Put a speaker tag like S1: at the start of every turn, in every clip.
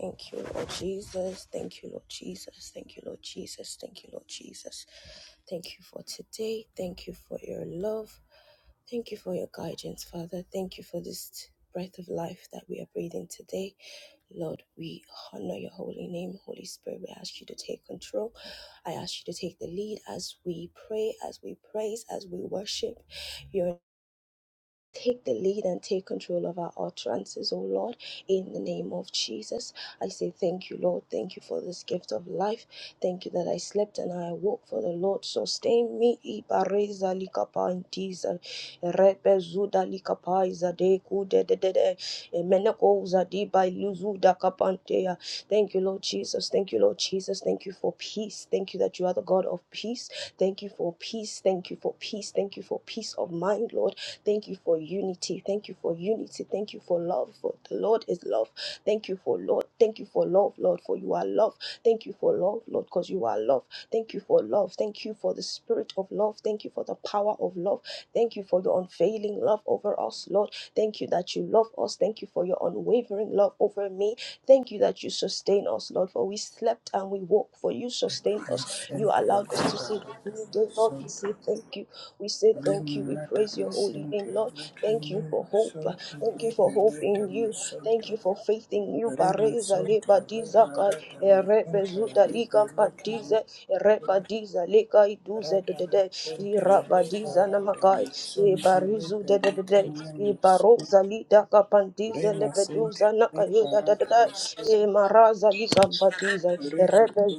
S1: Thank you, Lord Jesus. Thank you, Lord Jesus. Thank you, Lord Jesus. Thank you, Lord Jesus. Thank you for today. Thank you for your love. Thank you for your guidance, Father. Thank you for this breath of life that we are breathing today. Lord, we honor your holy name. Holy Spirit, we ask you to take control. I ask you to take the lead as we pray, as we praise, as we worship. Take the lead and take control of our utterances, O Lord, in the name of Jesus. I say thank you, Lord. Thank you for this gift of life. Thank you that I slept and I awoke, for the Lord sustain me. Ibareza likapa intiza, repe zuda likapa izade kude de de de, emeneko uzadi ba iluzuda kapantea. Thank you, Lord Jesus. Thank you, Lord Jesus. Thank you for peace. Thank you that you are the God of peace. Thank you for peace. Thank you for peace. Thank you for peace of mind, Lord. Thank you for unity. Thank you for unity. Thank you for love. For the Lord is love. Thank you for Lord. Thank you for love, Lord, for you are love. Thank you for love, Lord, because you are love. Thank you for love. Thank you for the spirit of love. Thank you for the power of love. Thank you for your unfailing love over us, Lord. Thank you that you love us. Thank you for your unwavering love over me. Thank you that you sustain us, Lord, for we slept and we woke, for you sustained us. You
S2: Asante
S1: allowed us to
S2: Baba
S1: see this new day, Lord. We
S2: Santo
S1: say thank you. We say thank you. We
S2: Limerata
S1: praise your holy
S2: Asante
S1: name, Lord. Thank
S2: Lekimi
S1: you for hope.
S2: Santo
S1: Thank you for hope
S2: Liberata
S1: in you. Thank
S2: Santo
S1: you for faith in you.
S2: Rima
S1: Bareza
S2: Santo
S1: leba dizaka.
S2: Liberata
S1: Erebe
S2: Santo
S1: zuda
S2: Liberata
S1: pantize. Ereba lika iduze de
S2: Rata
S1: de de.
S2: Santo Liberata
S1: namakai.
S2: Santo
S1: Ibarizu de de
S2: Liberata
S1: de
S2: Santo
S1: lida kapantize
S2: Rima Santo
S1: lebeduza nakayuda da da
S2: Liberata Rima Santo Rima
S1: Imaraza lika pantize. Erebe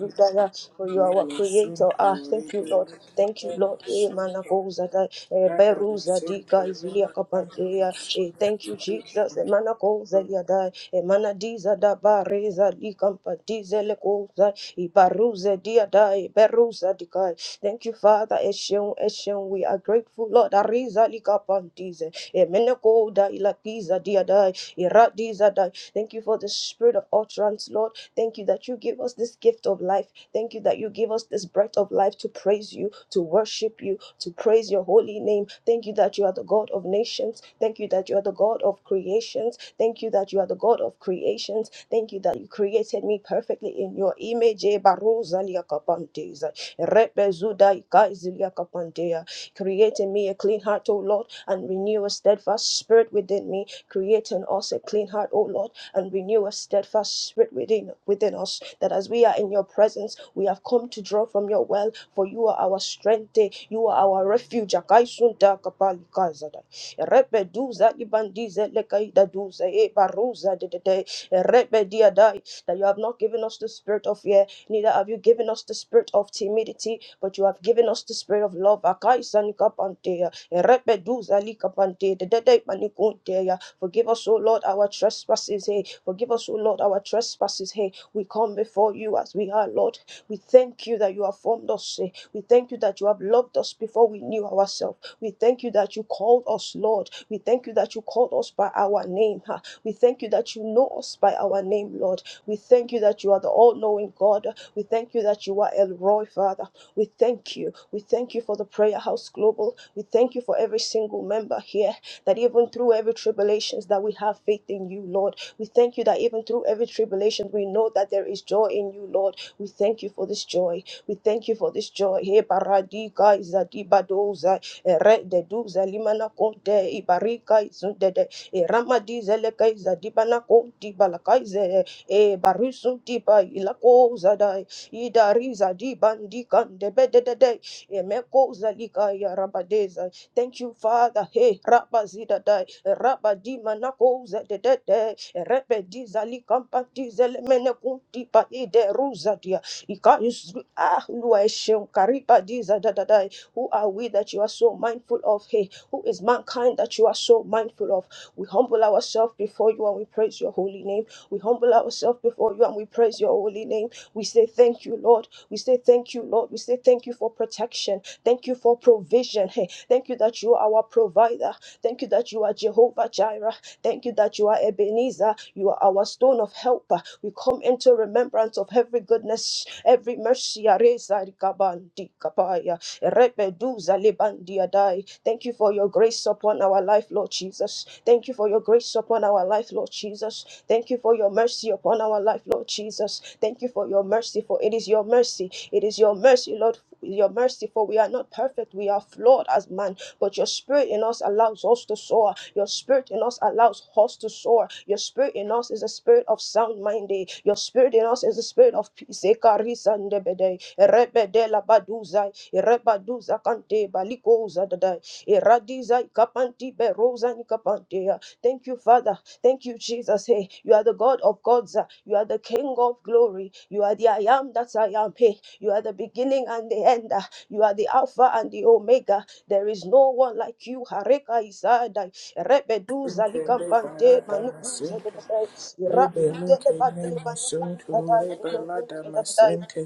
S1: For you are our creator.
S2: Santo
S1: Ah, thank you, Lord.
S2: Liberata
S1: Thank you, Lord.
S2: Santo
S1: Emanakoza da.
S2: That Dada
S1: Eberuza
S2: masente
S1: dika is zilia
S2: leba dada
S1: kapadea.
S2: masente
S1: Eh, Thank you, Jesus.
S2: leke
S1: Emana koza liadai. Emana diza da bareza di kampa dize le koza. Ibaruze diadai. Beruza dikai. Thank you, Father. Eshion, Eshion. We are grateful, Lord. Ariza li kapandize. Emene koda ilakiza diadai. Iradiza dai. Thank you for the spirit of utterance, Lord. Thank you that you give us this gift of life. Thank you that you give us this breath of life to praise you, to worship you, to praise your holy name. Thank you that you are the God of nations. Thank you that you are the God of creations. Thank you that you are the God of creations. Thank you that you created me perfectly in your image. Eh, Baruza liakapanteza. Repezuda ikaizi liakapantea. Create in me a clean heart, O Lord, and renew a steadfast spirit within me. Create in us a clean heart, O Lord, and renew a steadfast spirit within within us. That as we are in your presence, we have come to draw from your well for you are our strength, eh, you are our refuge. Akaisunta kapali kazada. Repeduza ibandize lekaida duza e baruza de de de. Repedia dai. That you have not given us the spirit of fear, neither have you given us the spirit of timidity, but you have given us the spirit of love. Akaisan kapantea. Repeduza likapante de de de manikuntea. Forgive us, O Lord, our trespasses. Hey, forgive us, O Lord, our trespasses. Hey, we come before you as we are, Lord. We thank you that you have formed us. eh. We thank you that you have loved us before we knew ourselves. We thank you that you called us, Lord. We thank you that you called us by our name. ah. We thank you that you know us by our name, Lord. We thank you that you are the all knowing God. We thank you that you are El Roy, Father. We thank you. We thank you for the Prayer House Global. We thank you for every single member here that even through every tribulations that we have faith in you, Lord. We thank you that even through every tribulation we know that there is joy in you, Lord. We thank you for this joy. We thank you for this joy. Hey, paradika izadi badoza, ere de duza limana konte, ibarika izunde de, eramadi zeleka izadi bana konti balaka ize, e barisunti ba ilako zadai, idari zadi bandi kande bede de de, emeko zalika ya rabadeza. Thank you, Father. Hey, rabazida rabadi manakoza de de de rebedi zali kampati zelemene kunti pa ide ruzadia Ika ikayus ah luaishem karipa diza da da da who are we that you are so mindful of hey who is mankind that you are so mindful of we humble ourselves before you and we praise your holy name we humble ourselves before you and we praise your holy name we say thank you lord we say thank you lord we say thank you for protection thank you for provision hey thank you that you are our provider Thank you that you are Jehovah Jireh. Thank you that you are Ebenezer. You are our stone of help. We come into remembrance of every goodness, every mercy. Areza rikabandi kapaya, erebeduza lebandi adai. Thank you for your grace upon our life, Lord Jesus. Thank you for your grace upon our life, Lord Jesus. Thank you for your mercy upon our life, Lord Jesus. Thank you for your mercy, for it is your mercy. It is your mercy, Lord, your mercy, for we are not perfect. We are flawed as man, but your spirit in us allows us to soar. Your spirit in us allows us to soar. Your spirit in us is a spirit of sound mind. eh. Your spirit in us is a spirit of peace. eh. Karisa ndebede, erebede labaduzai, erebaduza kante balikoza dadai. Eradiza ikapanti berosa nikapantea. Thank you, Father. Thank you, Jesus. Hey, you are the God of gods. ah. You are the King of glory. You are the I am that I am. Hey, you are the beginning and the end. ah. You are the Alpha and the Omega. There is no one like you. Hareka Isadai. Rebeduza
S2: Sunto le
S1: likampante
S2: barada
S1: manukuze
S2: masente.
S1: dededai.
S2: Le belete
S1: Irazudele bade
S2: nemo
S1: manukuze
S2: sunto
S1: dadai.
S2: le
S1: Irazude lebade
S2: balada
S1: manukuze dadai.
S2: masente.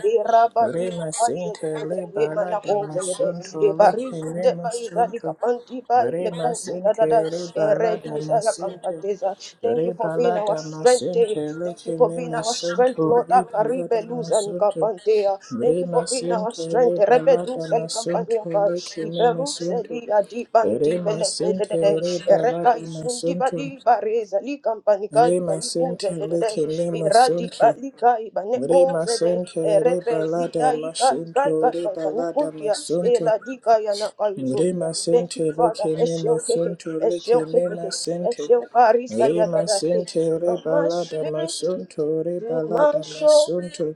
S2: Re
S1: Irabadila Paiza
S2: masente le
S1: de Hemana Cosa de
S2: masunto le
S1: Ebaris de
S2: kenemo
S1: Paiza de
S2: sunto.
S1: Capanti by
S2: Re
S1: the Cosa
S2: masente
S1: da
S2: re balada masente.
S1: Campateza. Thank you for being our strength. eh. Thank you for being our strength, Lord Akaribe Luza
S2: masunto.
S1: Nicapantea.
S2: Re
S1: Thank you for being our
S2: masente
S1: strength. Rebedusa
S2: masunto
S1: Campania by Iberus adi bandi
S2: Rema
S1: veles de
S2: sente
S1: de de
S2: reba
S1: reka
S2: lada
S1: isundi badi
S2: masunto.
S1: bareza li kampani kai
S2: Rema
S1: kai buze
S2: sente
S1: de de de
S2: leke nema
S1: iradi
S2: sunto.
S1: bali kai bane
S2: Rema
S1: koze de
S2: sente
S1: rebe
S2: reba
S1: zida
S2: lada
S1: i kai kai
S2: masunto
S1: kai kai
S2: reba
S1: bani
S2: lada
S1: kuntia
S2: masunto.
S1: ela di kai ana kai zotia
S2: Rema
S1: thank
S2: sente
S1: you father
S2: leke nema
S1: eshel he
S2: sunto leke
S1: eshel he
S2: nema sente.
S1: eshel parisa ya da
S2: Rema
S1: da he
S2: sente
S1: from
S2: reba
S1: my
S2: lada
S1: spirit
S2: masunto
S1: to
S2: reba
S1: my
S2: lada
S1: soul
S2: masunto.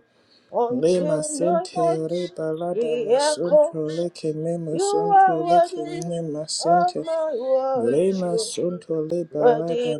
S2: Rema
S1: until my
S2: sente
S1: voice
S2: reba lada masunto
S1: re-echoes
S2: leke nema
S1: you are
S2: sunto leke
S1: worthy
S2: nema
S1: of
S2: sente.
S1: my
S2: Rema
S1: worship,
S2: Sunto Liberata
S1: worthy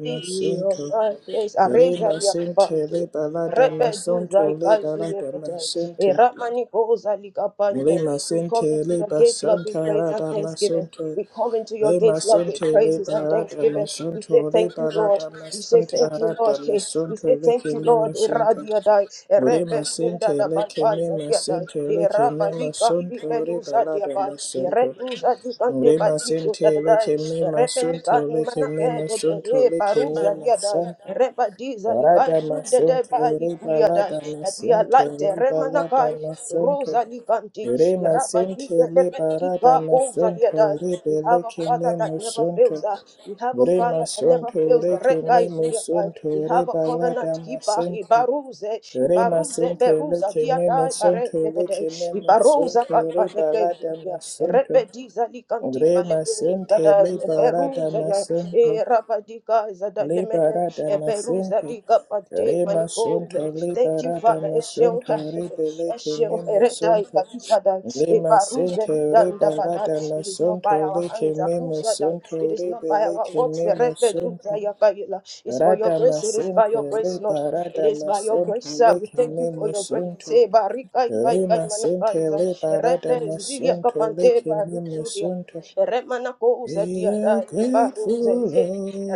S1: of
S2: Masunto
S1: my praise. Areza
S2: Rema
S1: ya
S2: Sente
S1: kapande,
S2: Liberata
S1: rebe du zai
S2: Masunto
S1: kazulia
S2: Liberata
S1: kete,
S2: Masente
S1: eramani koza likapande.
S2: Rema
S1: We come
S2: Sente
S1: to your
S2: Liba
S1: gates, Lord,
S2: Santa
S1: with praise and
S2: Rata
S1: thanksgiving.
S2: masonto,
S1: We come into your
S2: Rema
S1: gates, Lord, with
S2: Sente
S1: praises and
S2: Liberata
S1: thanksgiving. We say
S2: Masunto
S1: thank you, Lord.
S2: Liberata
S1: We say
S2: Masanta
S1: thank you,
S2: Rata
S1: Lord. Hey, we say
S2: masonto, Leke
S1: thank you, Lord.
S2: Memasunto
S1: Eradiadai, erebe
S2: Rema Sente
S1: da
S2: Leke
S1: balkai zadiadai,
S2: Memasunto Leke
S1: erabali kandi
S2: Memasunto
S1: beluza
S2: Liberata
S1: diabai,
S2: masonto.
S1: ereduza di kandi
S2: Rema
S1: badizu
S2: sente
S1: dadadai,
S2: leke mema
S1: erebe
S2: sunto
S1: nikani
S2: leke mema
S1: manake dede
S2: sunto
S1: e
S2: leke
S1: paruza
S2: mema
S1: diadai,
S2: santa.
S1: ereba
S2: Rada
S1: ikanzu dede
S2: masunto
S1: ba
S2: reba
S1: ikuliadai.
S2: lada
S1: That we are
S2: masente reba
S1: light,
S2: lada
S1: Nakai,
S2: masunto.
S1: Rosa Nikanti,
S2: Rema
S1: Rabadi
S2: sente leba
S1: Elementi
S2: rada
S1: Babosa
S2: masunto
S1: Yadai. We
S2: rebe
S1: have a
S2: leke
S1: father that
S2: mema
S1: never
S2: sunto.
S1: fails us. We have a father
S2: Rema
S1: that never
S2: sunto
S1: fails the red
S2: leke
S1: guy
S2: mema
S1: Zuliakai. We
S2: sunto
S1: have a
S2: reba lada
S1: covenant keeper,
S2: masente.
S1: Ibaruze,
S2: Rema
S1: Ibaruze,
S2: sente
S1: Beruza,
S2: leke mema
S1: Diadai, Bare
S2: sunto
S1: Lebede,
S2: leke mema
S1: Ibarosa
S2: sunto
S1: Kaipa
S2: reba lada
S1: Nekezia,
S2: masunto.
S1: Repedi Zalikanti,
S2: Re masente,
S1: Balebuza,
S2: liberata
S1: Beruza,
S2: masento
S1: Erabadika Zada
S2: liberata
S1: Eberuza
S2: masente
S1: diga pante
S2: re
S1: manigold.
S2: masonto,
S1: Thank you,
S2: liberata
S1: Father. Eshel,
S2: masonto rebele rebeleke
S1: Eshel, Ereda, Ikahizada,
S2: le
S1: Ebaruza
S2: masente,
S1: lidanda bada.
S2: liberata
S1: It is not by
S2: masonto
S1: our
S2: leke
S1: hands, Akuzada. It
S2: nemasonto
S1: is not by our
S2: rebeleke
S1: works, Erebeduza
S2: nemasonto
S1: yakayela. It's for your
S2: rata
S1: grace. It is by your
S2: masente
S1: grace, Lord. It
S2: liberata
S1: is by your grace,
S2: masonto
S1: sir. We
S2: leke
S1: thank you for your grace.
S2: nemasonto
S1: Ebarika, Ikaikai,
S2: remasente
S1: Manakaiza,
S2: liberata
S1: Erebe, Zidia,
S2: masonto
S1: Kapante,
S2: leke
S1: Baruzudia.
S2: nemasonto
S1: Remanakoza
S2: we
S1: diada
S2: are
S1: ibaruze.
S2: grateful,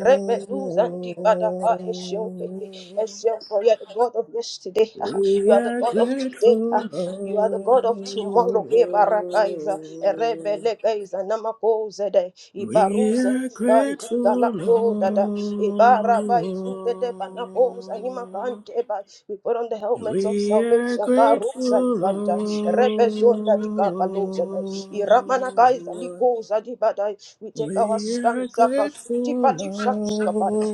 S1: Rebeduza dibada eshenke.
S2: Lord.
S1: Eshenko, you are the God of yesterday. You
S2: We
S1: are the
S2: are
S1: God of today.
S2: grateful,
S1: You are the God of tomorrow.
S2: Lord.
S1: He barakaiza. Rebelekaiza namakoze de.
S2: We
S1: Ibaruze
S2: are
S1: kanti
S2: grateful,
S1: kalapzo dada ibara bai zude de banapos anima
S2: Lord.
S1: kante bai. We put on the helmets of
S2: We are
S1: salvation. Karusa
S2: grateful,
S1: likanta repesonda di kapaloza dai iramana kaiza
S2: Lord.
S1: likoza di badai. We take our
S2: We are
S1: stance. Akasuti
S2: grateful,
S1: palusa
S2: Lord.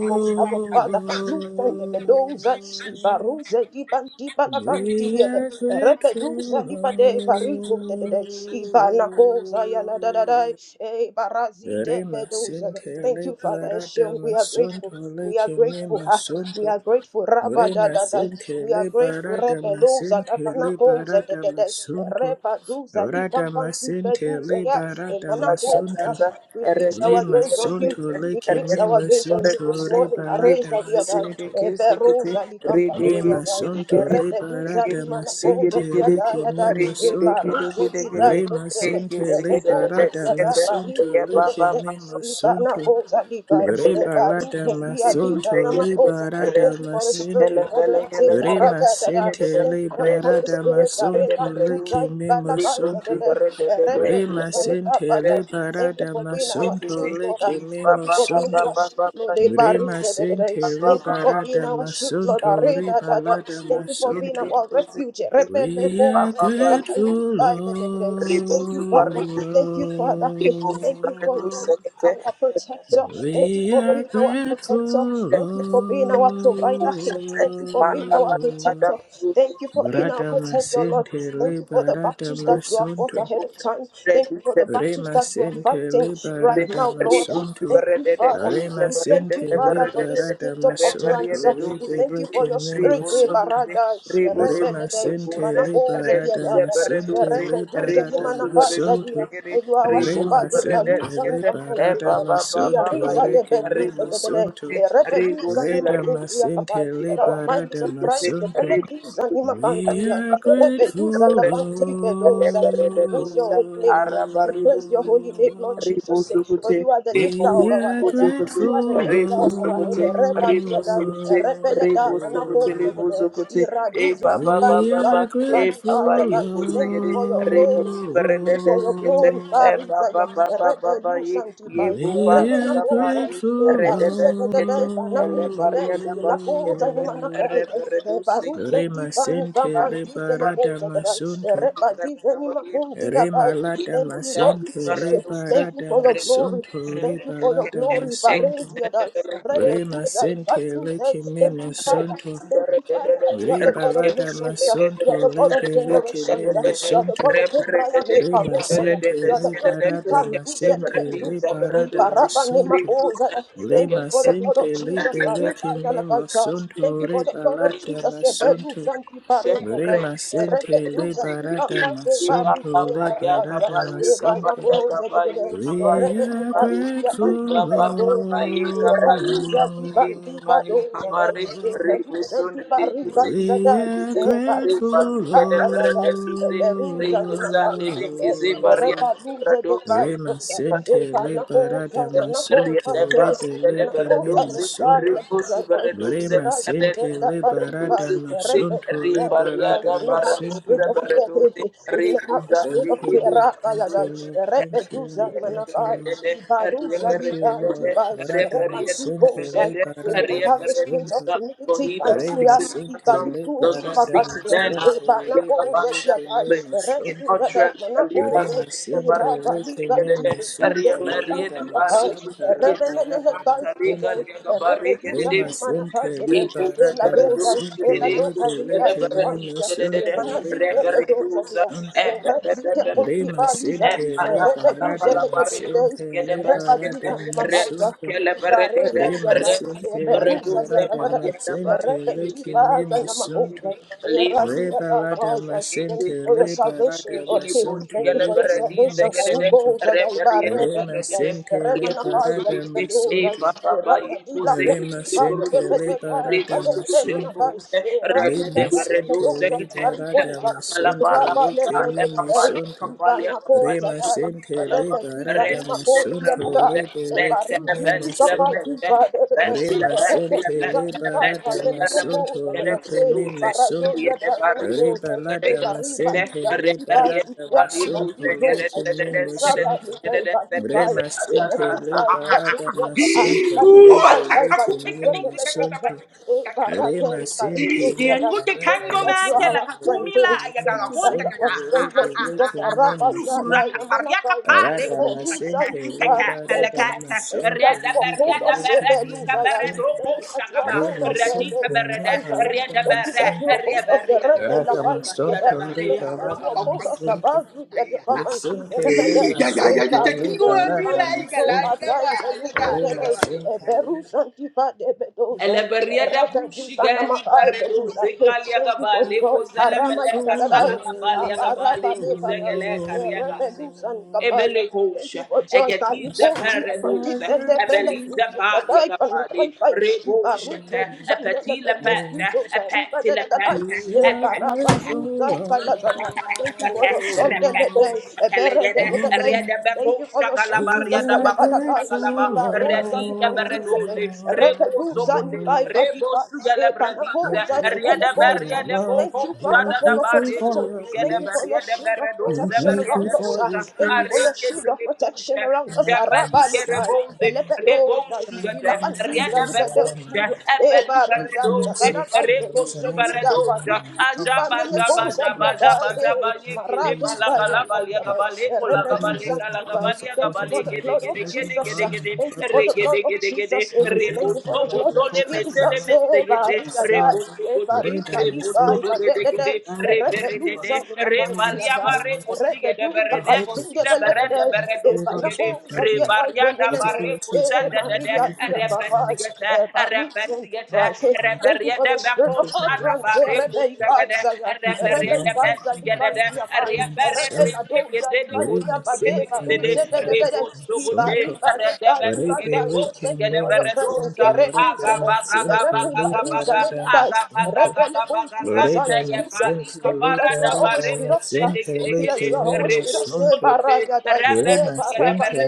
S1: for we have a father, Kalufa, the Bedoza, Ibaruze, Diban, Dibala,
S2: We
S1: Cantia,
S2: are grateful,
S1: Rebeduza,
S2: Lord.
S1: Libade, Parizo, de de, Ibana Goza, Yala, da da da, eh, Barazi, de
S2: Rema
S1: Bedoza. Thank
S2: sentele
S1: you, Father
S2: barada
S1: Eshion. We are
S2: masonto
S1: grateful. We are
S2: lekeme
S1: grateful. Ha. We
S2: masonto.
S1: are grateful, Rabba, da
S2: Rema
S1: da da. We are
S2: sentele
S1: grateful,
S2: barada
S1: Rebeloza,
S2: masentele
S1: Dabana Goza, the.
S2: barada
S1: de de,
S2: masonto.
S1: Rebaduza,
S2: Rada
S1: Likampanti, Beduza,
S2: masentele
S1: Ya,
S2: barada
S1: Emana Goza.
S2: masonto.
S1: We fix
S2: Le
S1: our gaze on you.
S2: masunto le
S1: We
S2: que
S1: fix
S2: me
S1: our gaze on you this
S2: masunto re
S1: morning.
S2: balada
S1: Areza diada,
S2: masente.
S1: eberosa
S2: Re
S1: likampantea zai,
S2: masunto le
S1: erebeduza
S2: barada
S1: limana oza
S2: masente le
S1: diada
S2: que
S1: yada,
S2: me masunto.
S1: ebaruza dida
S2: Re
S1: kutele,
S2: masente le
S1: emekoza
S2: barada
S1: diada barizu
S2: masunto le que
S1: dedede,
S2: me
S1: ibana
S2: masunto.
S1: oza liga,
S2: Re balada
S1: ebaruza diada
S2: masunto
S1: nama
S2: le
S1: oza.
S2: barada
S1: Thank you for the spirit of
S2: masente.
S1: Father Isaac
S2: Re
S1: Araga dada.
S2: masente
S1: Thank you
S2: le
S1: for the Holy
S2: barada
S1: Spirit.
S2: masunto
S1: Areba
S2: le
S1: duza
S2: que me
S1: ibala kaiza
S2: masunto.
S1: dede,
S2: Rema sente le
S1: Thank you
S2: barada
S1: for being our
S2: masonto
S1: shield,
S2: le
S1: Lord.
S2: keme
S1: Thank you for being our
S2: masonto.
S1: shield, Lord. Eh,
S2: Rema sente le
S1: Thank you for being
S2: barada
S1: our shield, Lord.
S2: masonto re balada
S1: Thank you for being
S2: masonto.
S1: our refuge.
S2: We are grateful,
S1: Thank you, Father. Thank you, Father. Eh, Thank you for
S2: Lord.
S1: being our protector. Thank you
S2: We
S1: for
S2: are
S1: being our protector.
S2: grateful,
S1: Thank you for being our
S2: Lord.
S1: provider. Hey, Thank you for being our protector. Thank you for being our
S2: Barada
S1: protector, Lord.
S2: masente
S1: Thank
S2: le
S1: you for the
S2: barada
S1: battles that you have fought
S2: masonto.
S1: ahead of time. Thank you for the battles
S2: Rema
S1: that you are
S2: sente
S1: fighting
S2: libera
S1: right now, Lord.
S2: damasunto.
S1: Thank you, Father.
S2: Rema
S1: We thank
S2: sente
S1: you, Father, for this
S2: libera
S1: gift of
S2: damasunto.
S1: utterance. We
S2: Rebe
S1: thank you for
S2: lekim
S1: your spirit, eh,
S2: nemosunto.
S1: Barada,
S2: Rema
S1: Rebelde,
S2: sente
S1: Manako,
S2: libera
S1: Zadia,
S2: damasente
S1: Rebedu,
S2: libera
S1: Zanimanaka, Zadia,
S2: damasunto.
S1: and you are our shepherd,
S2: Rema
S1: the
S2: sente
S1: Baluza,
S2: libera
S1: Nikampante,
S2: damasunto.
S1: Iariza, the
S2: Rekim
S1: Bedu, Zedede,
S2: nemosunto.
S1: Rebedu,
S2: Reda
S1: Zanimakuntia,
S2: masente
S1: Kapai, that our
S2: libera
S1: mind is of Christ, the
S2: damasunto.
S1: Beletu,
S2: We
S1: Zanimakantia,
S2: are
S1: Rebedu
S2: grateful,
S1: we praise your holy name. huh? We praise your holy name, Lord
S2: Lord.
S1: Jesus. eh, For you are the lifter
S2: We
S1: of our
S2: are
S1: head. eh. You are the
S2: grateful,
S1: lifter of our head. eh. Reba diada, rebele manako
S2: Lord.
S1: zedede. Iradu zedi ba di
S2: We
S1: ba
S2: are
S1: li
S2: grateful,
S1: Thank you for your
S2: Lord.
S1: glory. Thank you for your glory. Parizaya, rebelu santipai,
S2: We are
S1: remenako zai.
S2: grateful,
S1: Baruze
S2: Lord.
S1: zede Manapuzade, Lapoza, Manakaide, Paruzen
S2: Rema
S1: Divani
S2: sente
S1: Campantize, Lepoza,
S2: masunto.
S1: Repadize, Nimakundi Abai.
S2: Remalata
S1: Thank you, Lord
S2: masente
S1: Jesus. Thank you
S2: lebarata
S1: for your glory.
S2: masonto
S1: Thank you for your
S2: rebalata
S1: glory,
S2: masonto
S1: Barenzia, Repeduza,
S2: remasente leke
S1: Batuze. Thank you, Father.
S2: masonto. sonto
S1: Thank you, Father, that you are the God of
S2: rebalata
S1: nations. uh, You are
S2: masonto
S1: the God of
S2: lebe leke
S1: generations. uh,
S2: memo
S1: You are the
S2: sonto
S1: God of Abraham, eh, Parousia.
S2: remasente
S1: You're the blood he
S2: lebarata
S1: can do
S2: masente
S1: zelebenduze.
S2: lebarata
S1: Ibaraba
S2: masonto
S1: nemakoza. Thank you for the blood
S2: lemasente
S1: of Jesus.
S2: lebe leke
S1: Arriba
S2: masonto.
S1: yalakaita. Thank
S2: sonto
S1: you for the blood of
S2: rebalata
S1: Jesus.
S2: masonto
S1: Ebeduza antipareza dai.
S2: Rema sente le
S1: Erebeduza
S2: barada
S1: tipapase bariza
S2: masonto le
S1: yebarakaita.
S2: barada masente.
S1: Ebanakoze dede.
S2: We are
S1: Erebenefaidia
S2: grateful,
S1: mantimbelekoza.
S2: Lord.
S1: Eradiza di bandi badoza dai, e peruze di barriga
S2: We
S1: zadai,
S2: are
S1: e baruze di
S2: grateful,
S1: dava dadai, e peruza di macanti dai, e
S2: Lord.
S1: repaluze de vai
S2: Rema
S1: dai, e
S2: sente le
S1: panacoza
S2: barada
S1: manacoza
S2: masonto rebele me
S1: that
S2: masonto. Rema sente le barada masonto le barada
S1: we do not have the
S2: masente.
S1: spirit of fear. We do not have the spirit
S2: Thank
S1: of
S2: you,
S1: fear.
S2: Lord. Thank you,
S1: Rakayadai.
S2: Lord. Thank you,
S1: Repedusa
S2: Lord. Thank you,
S1: manakai.
S2: Lord.
S1: Ibaruza
S2: Thank you, Lord.
S1: lidantibai.
S2: Rada masente
S1: Repantibosai.
S2: le
S1: We
S2: barada
S1: don't have the spirit of
S2: masonto.
S1: timidity, and
S2: Re
S1: we are
S2: masente
S1: eagerly
S2: le
S1: to indeed
S2: barada
S1: Bakante,
S2: masonto. Re
S1: Banacos,
S2: bele
S1: Yatai,
S2: kele
S1: Resu,
S2: masonto.
S1: that as Manacos,
S2: Re masente le
S1: Irabali,
S2: kele
S1: Ganti, the two, the two
S2: masonto. Re da
S1: country of us,
S2: masanta la
S1: Revenant and
S2: barada
S1: a guy for the
S2: masonto.
S1: guys today, Repetus
S2: Re
S1: and Manacas
S2: masente le
S1: today, Ella
S2: barada
S1: Dozai, Ella
S2: masonto. Re
S1: Dozai,
S2: bele
S1: Riba di
S2: kele
S1: Pantia,
S2: masonto. Re
S1: Manazita, the Dozadia,
S2: balada
S1: Razita,
S2: Rima
S1: Pontipa, Lizai,
S2: sente le
S1: Repetus, and
S2: ma
S1: the
S2: sente le barada
S1: Repadita, Mabaita.
S2: masunda.
S1: Bareza
S2: Rima
S1: diadai,
S2: sente le
S1: Peruza
S2: barada
S1: diadai,
S2: masente le
S1: Rebendiva
S2: kimi masuntu.
S1: namahoza,
S2: Le
S1: Eradia
S2: balada
S1: diadai. Thank
S2: masente
S1: you for your
S2: le ma
S1: salvation, Lord. Hey,
S2: masuntu
S1: Thank you for
S2: leki
S1: your
S2: kimi
S1: salvation.
S2: masuntu.
S1: Karukoza daibare
S2: Rima
S1: beluza,
S2: sente le
S1: Remanakaza
S2: ma
S1: dibedoza,
S2: masuntu.
S1: Erakadila
S2: Rema
S1: kotiva,
S2: sente
S1: Rebedekari,
S2: liberata masonto.
S1: Badelemanakai, Eradila
S2: Rema sente
S1: bedoza,
S2: liberata
S1: Barikoza,
S2: masonto.
S1: Irapa
S2: Reke me
S1: lezededei, Ibanakoza dai,
S2: masonto.
S1: e vana coisa
S2: Rema
S1: dai,
S2: sente
S1: e Repetiza
S2: liberata
S1: numa
S2: masonto.
S1: Thank
S2: Rebe leke me masonto. Remasente lebarada masonto lekele masunto. rebalada masente lebarada masonto lekele masonto remasente lebarada masonto rebelekele masunto. Re masente le barada
S1: you that you are our
S2: masente le
S1: strength. eh.
S2: kene
S1: Thank you that you
S2: masonto
S1: are our
S2: re
S1: strength, Lord
S2: bele
S1: Jesus.
S2: kene
S1: Rabba, Yada,
S2: masonto
S1: Yamana, Kai,
S2: rada
S1: Thank you
S2: masente le barada masonto
S1: that
S2: re
S1: you uphold
S2: bele
S1: us,
S2: kene
S1: Ebeluza.
S2: masonto
S1: Thank you that you
S2: re
S1: uphold us,
S2: masente le
S1: Ebeluza.
S2: barada
S1: Thank you that you
S2: masente
S1: uphold us,
S2: rada
S1: Rebelakanzia.
S2: masonto re
S1: Thank you that you
S2: barada
S1: uphold us
S2: masonto
S1: above you, dear the Papa and Kiz,
S2: Masente re
S1: Elebeda.
S2: masonto le
S1: Ebarize,
S2: barada
S1: Libantizo,
S2: masonto
S1: Patai, Beluza,
S2: re
S1: Debe,
S2: masente
S1: Eberus, Antipa, Debedoza, Rebedi, Panama, Beluza. Thank you for God, Harama,
S2: Grateful,
S1: Yadadai.
S2: Lord.
S1: Abaraba nebada, erebeluzan Thank you for joy that you
S2: Yes, we
S1: won't hear from
S2: are
S1: this and the
S2: grateful,
S1: belletus that I can fight. Ibaruze di bandele pendent
S2: Lord.
S1: viso da riba da da da da.
S2: We
S1: E
S2: are grateful, Lord.
S1: Thank you for your son, Emede, Ebere de de de
S2: Oh,
S1: de. Thank you for your son,
S2: We
S1: Jesus, the
S2: are
S1: Lebadadai,
S2: grateful,
S1: Ibarosa, Ivandizebe,
S2: Lord.
S1: Repeduza, Nikai, Badika,
S2: We are
S1: Ebanakosa,
S2: grateful for your
S1: Dibelekosa.
S2: love.
S1: Thank you,
S2: We are
S1: Father, for your
S2: grateful for
S1: protection.
S2: your
S1: Thank you
S2: grace.
S1: for your shield of
S2: We are
S1: protection
S2: grateful
S1: around us.
S2: for
S1: ah.
S2: your
S1: Thank you for
S2: peace.
S1: your shield of protection around
S2: And I
S1: us.
S2: don't
S1: Araba, Lebai,
S2: see
S1: Elepedoza,
S2: I'm coming
S1: Ilakantiza,
S2: favor over my
S1: Libedozu,
S2: life. I'm
S1: Ebariza,
S2: coming safe
S1: Ndakanakai,
S2: to those resonating
S1: Beluzedita,
S2: environment.
S1: Baluku,
S2: I'm coming peace and
S1: Reposa
S2: common language. I'm
S1: diadae,
S2: coming ease
S1: marade
S2: and
S1: paira
S2: common
S1: paira,
S2: laughter. I'm coming
S1: erepedusa
S2: hope. I'm coming
S1: dibai. Thank
S2: support
S1: you for
S2: into
S1: the
S2: my
S1: blood
S2: life.
S1: of
S2: Every
S1: Jesus.
S2: burn
S1: ah.
S2: and
S1: Thank you for
S2: infertile
S1: the
S2: time,
S1: blood of Jesus. eh.
S2: every area
S1: Thank you
S2: of my
S1: for the
S2: life
S1: blood
S2: where
S1: of
S2: hope has been
S1: Jesus.
S2: lost.
S1: eh, Maria
S2: Prophesy,
S1: die, eh, Maria
S2: read and my
S1: die,
S2: sin
S1: bai,
S2: to
S1: ba de de de,
S2: prophesy the breath of God
S1: erepedusa
S2: from
S1: die,
S2: all winds of
S1: diadai,
S2: my life.
S1: erepedusa
S2: Her
S1: ai
S2: hope is
S1: zinde bele de de,
S2: restored,
S1: de,
S2: and
S1: eh,
S2: favor
S1: bana
S2: is
S1: die,
S2: redoubled.
S1: die, kemene
S2: His
S1: de,
S2: ability is
S1: eh, eh,
S2: heightened and
S1: Maria
S2: lifted in my
S1: diabai.
S2: Columbus
S1: Eh, but look Ebalusen
S2: realm of
S1: Christ. Eh,
S2: economic.
S1: Thank you for the spirit
S2: Not
S1: of
S2: just my realm of
S1: utterance. Eh,
S2: partners,
S1: Rebe Isaiah.
S2: use
S1: Eh,
S2: my
S1: Rebe
S2: realm of
S1: Isaiah
S2: incredible abundance.
S1: Libandia Bai.
S2: I am
S1: Eh, Rebe
S2: discerning.
S1: Ladoza
S2: Where my
S1: Libandia
S2: sin
S1: Bade
S2: can lay
S1: Baruze de de de
S2: parada
S1: de.
S2: my
S1: Iba
S2: son to.
S1: Riba de God
S2: Where it be
S1: Ibandai. Thank
S2: leaking
S1: you
S2: me
S1: for your
S2: my son
S1: presence.
S2: to.
S1: Rebe
S2: Rada my
S1: Zada.
S2: sin can
S1: Reku
S2: lay
S1: bariza le
S2: parada my
S1: dadai.
S2: son to.
S1: Rebele konti
S2: Where
S1: bazai.
S2: da my
S1: Hallelujah.
S2: sin can
S1: Thank you
S2: lay
S1: that you are
S2: parada
S1: always with
S2: my
S1: us. uh,
S2: sin can
S1: Thank you that you
S2: leaking
S1: are
S2: me
S1: always
S2: my
S1: with us.
S2: son
S1: Eh,
S2: to.
S1: bara yadai. Eh, bara ba
S2: Remasente
S1: le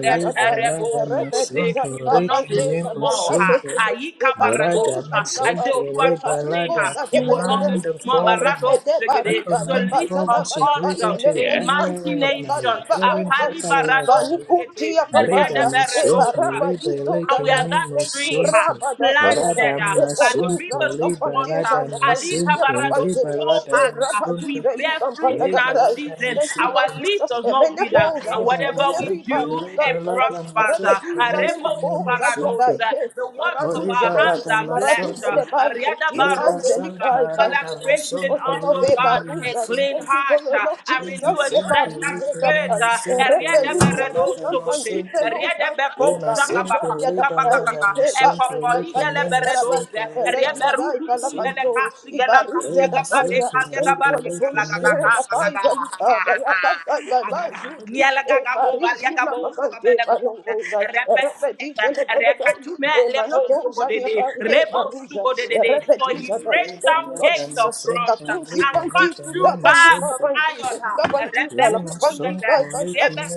S1: Eh,
S2: liberada masunto
S1: pante
S2: rekimi
S1: la boza. Eh,
S2: masunto.
S1: eh, eh. Eh,
S2: Borada masente
S1: Eh,
S2: liberada command the four winds.
S1: Repete
S2: I
S1: bariba de
S2: command the four
S1: bazada
S2: winds to
S1: bana
S2: breathe
S1: pantele
S2: into the every area of
S1: pantuze
S2: my life,
S1: badiba
S2: every
S1: oza
S2: fertile area of
S1: ibanu
S2: my
S1: punti
S2: life. Borada
S1: akapaya e
S2: masunto
S1: baraba dizo
S2: liberada
S1: dada thank you
S2: masunto.
S1: raba da bayada
S2: Borada
S1: e peruza
S2: masunto
S1: li kampante
S2: liberada
S1: bala
S2: masente liberada
S1: e
S2: masunto. Breda la da
S1: thank you Lord
S2: masunto,
S1: Jesus emene koza
S2: Rema
S1: emene
S2: Sente,
S1: riba
S2: Rema
S1: li kaza da
S2: Sente,
S1: repetuza ni makoza di da e potia bai zeli kai Thank you for your love, Ebaruza. Thank you for your love, Jesus. Ebaruza,
S2: Rebeleke
S1: Dabai. Rebeluza, Ukampanti, Pelosa. Ebaruza, Yadabai. Ebabai, Bai, Bai, Darabai. Thank you for the Holy
S2: Nemo
S1: Spirit.
S2: Sente,
S1: Apaizalikabayakasakabaizuti. Evarizunapapandepalongozai. Erepeditelebedebei. Emanakozanyepareparuza.
S2: Reba
S1: Erepeduzadai. Thank you, Lord
S2: lada
S1: Jesus.
S2: masonto,
S1: Sekatunzi
S2: leke
S1: pantisu tapanuka pantuza. Kapantuza la
S2: memo
S1: kapantika ikai.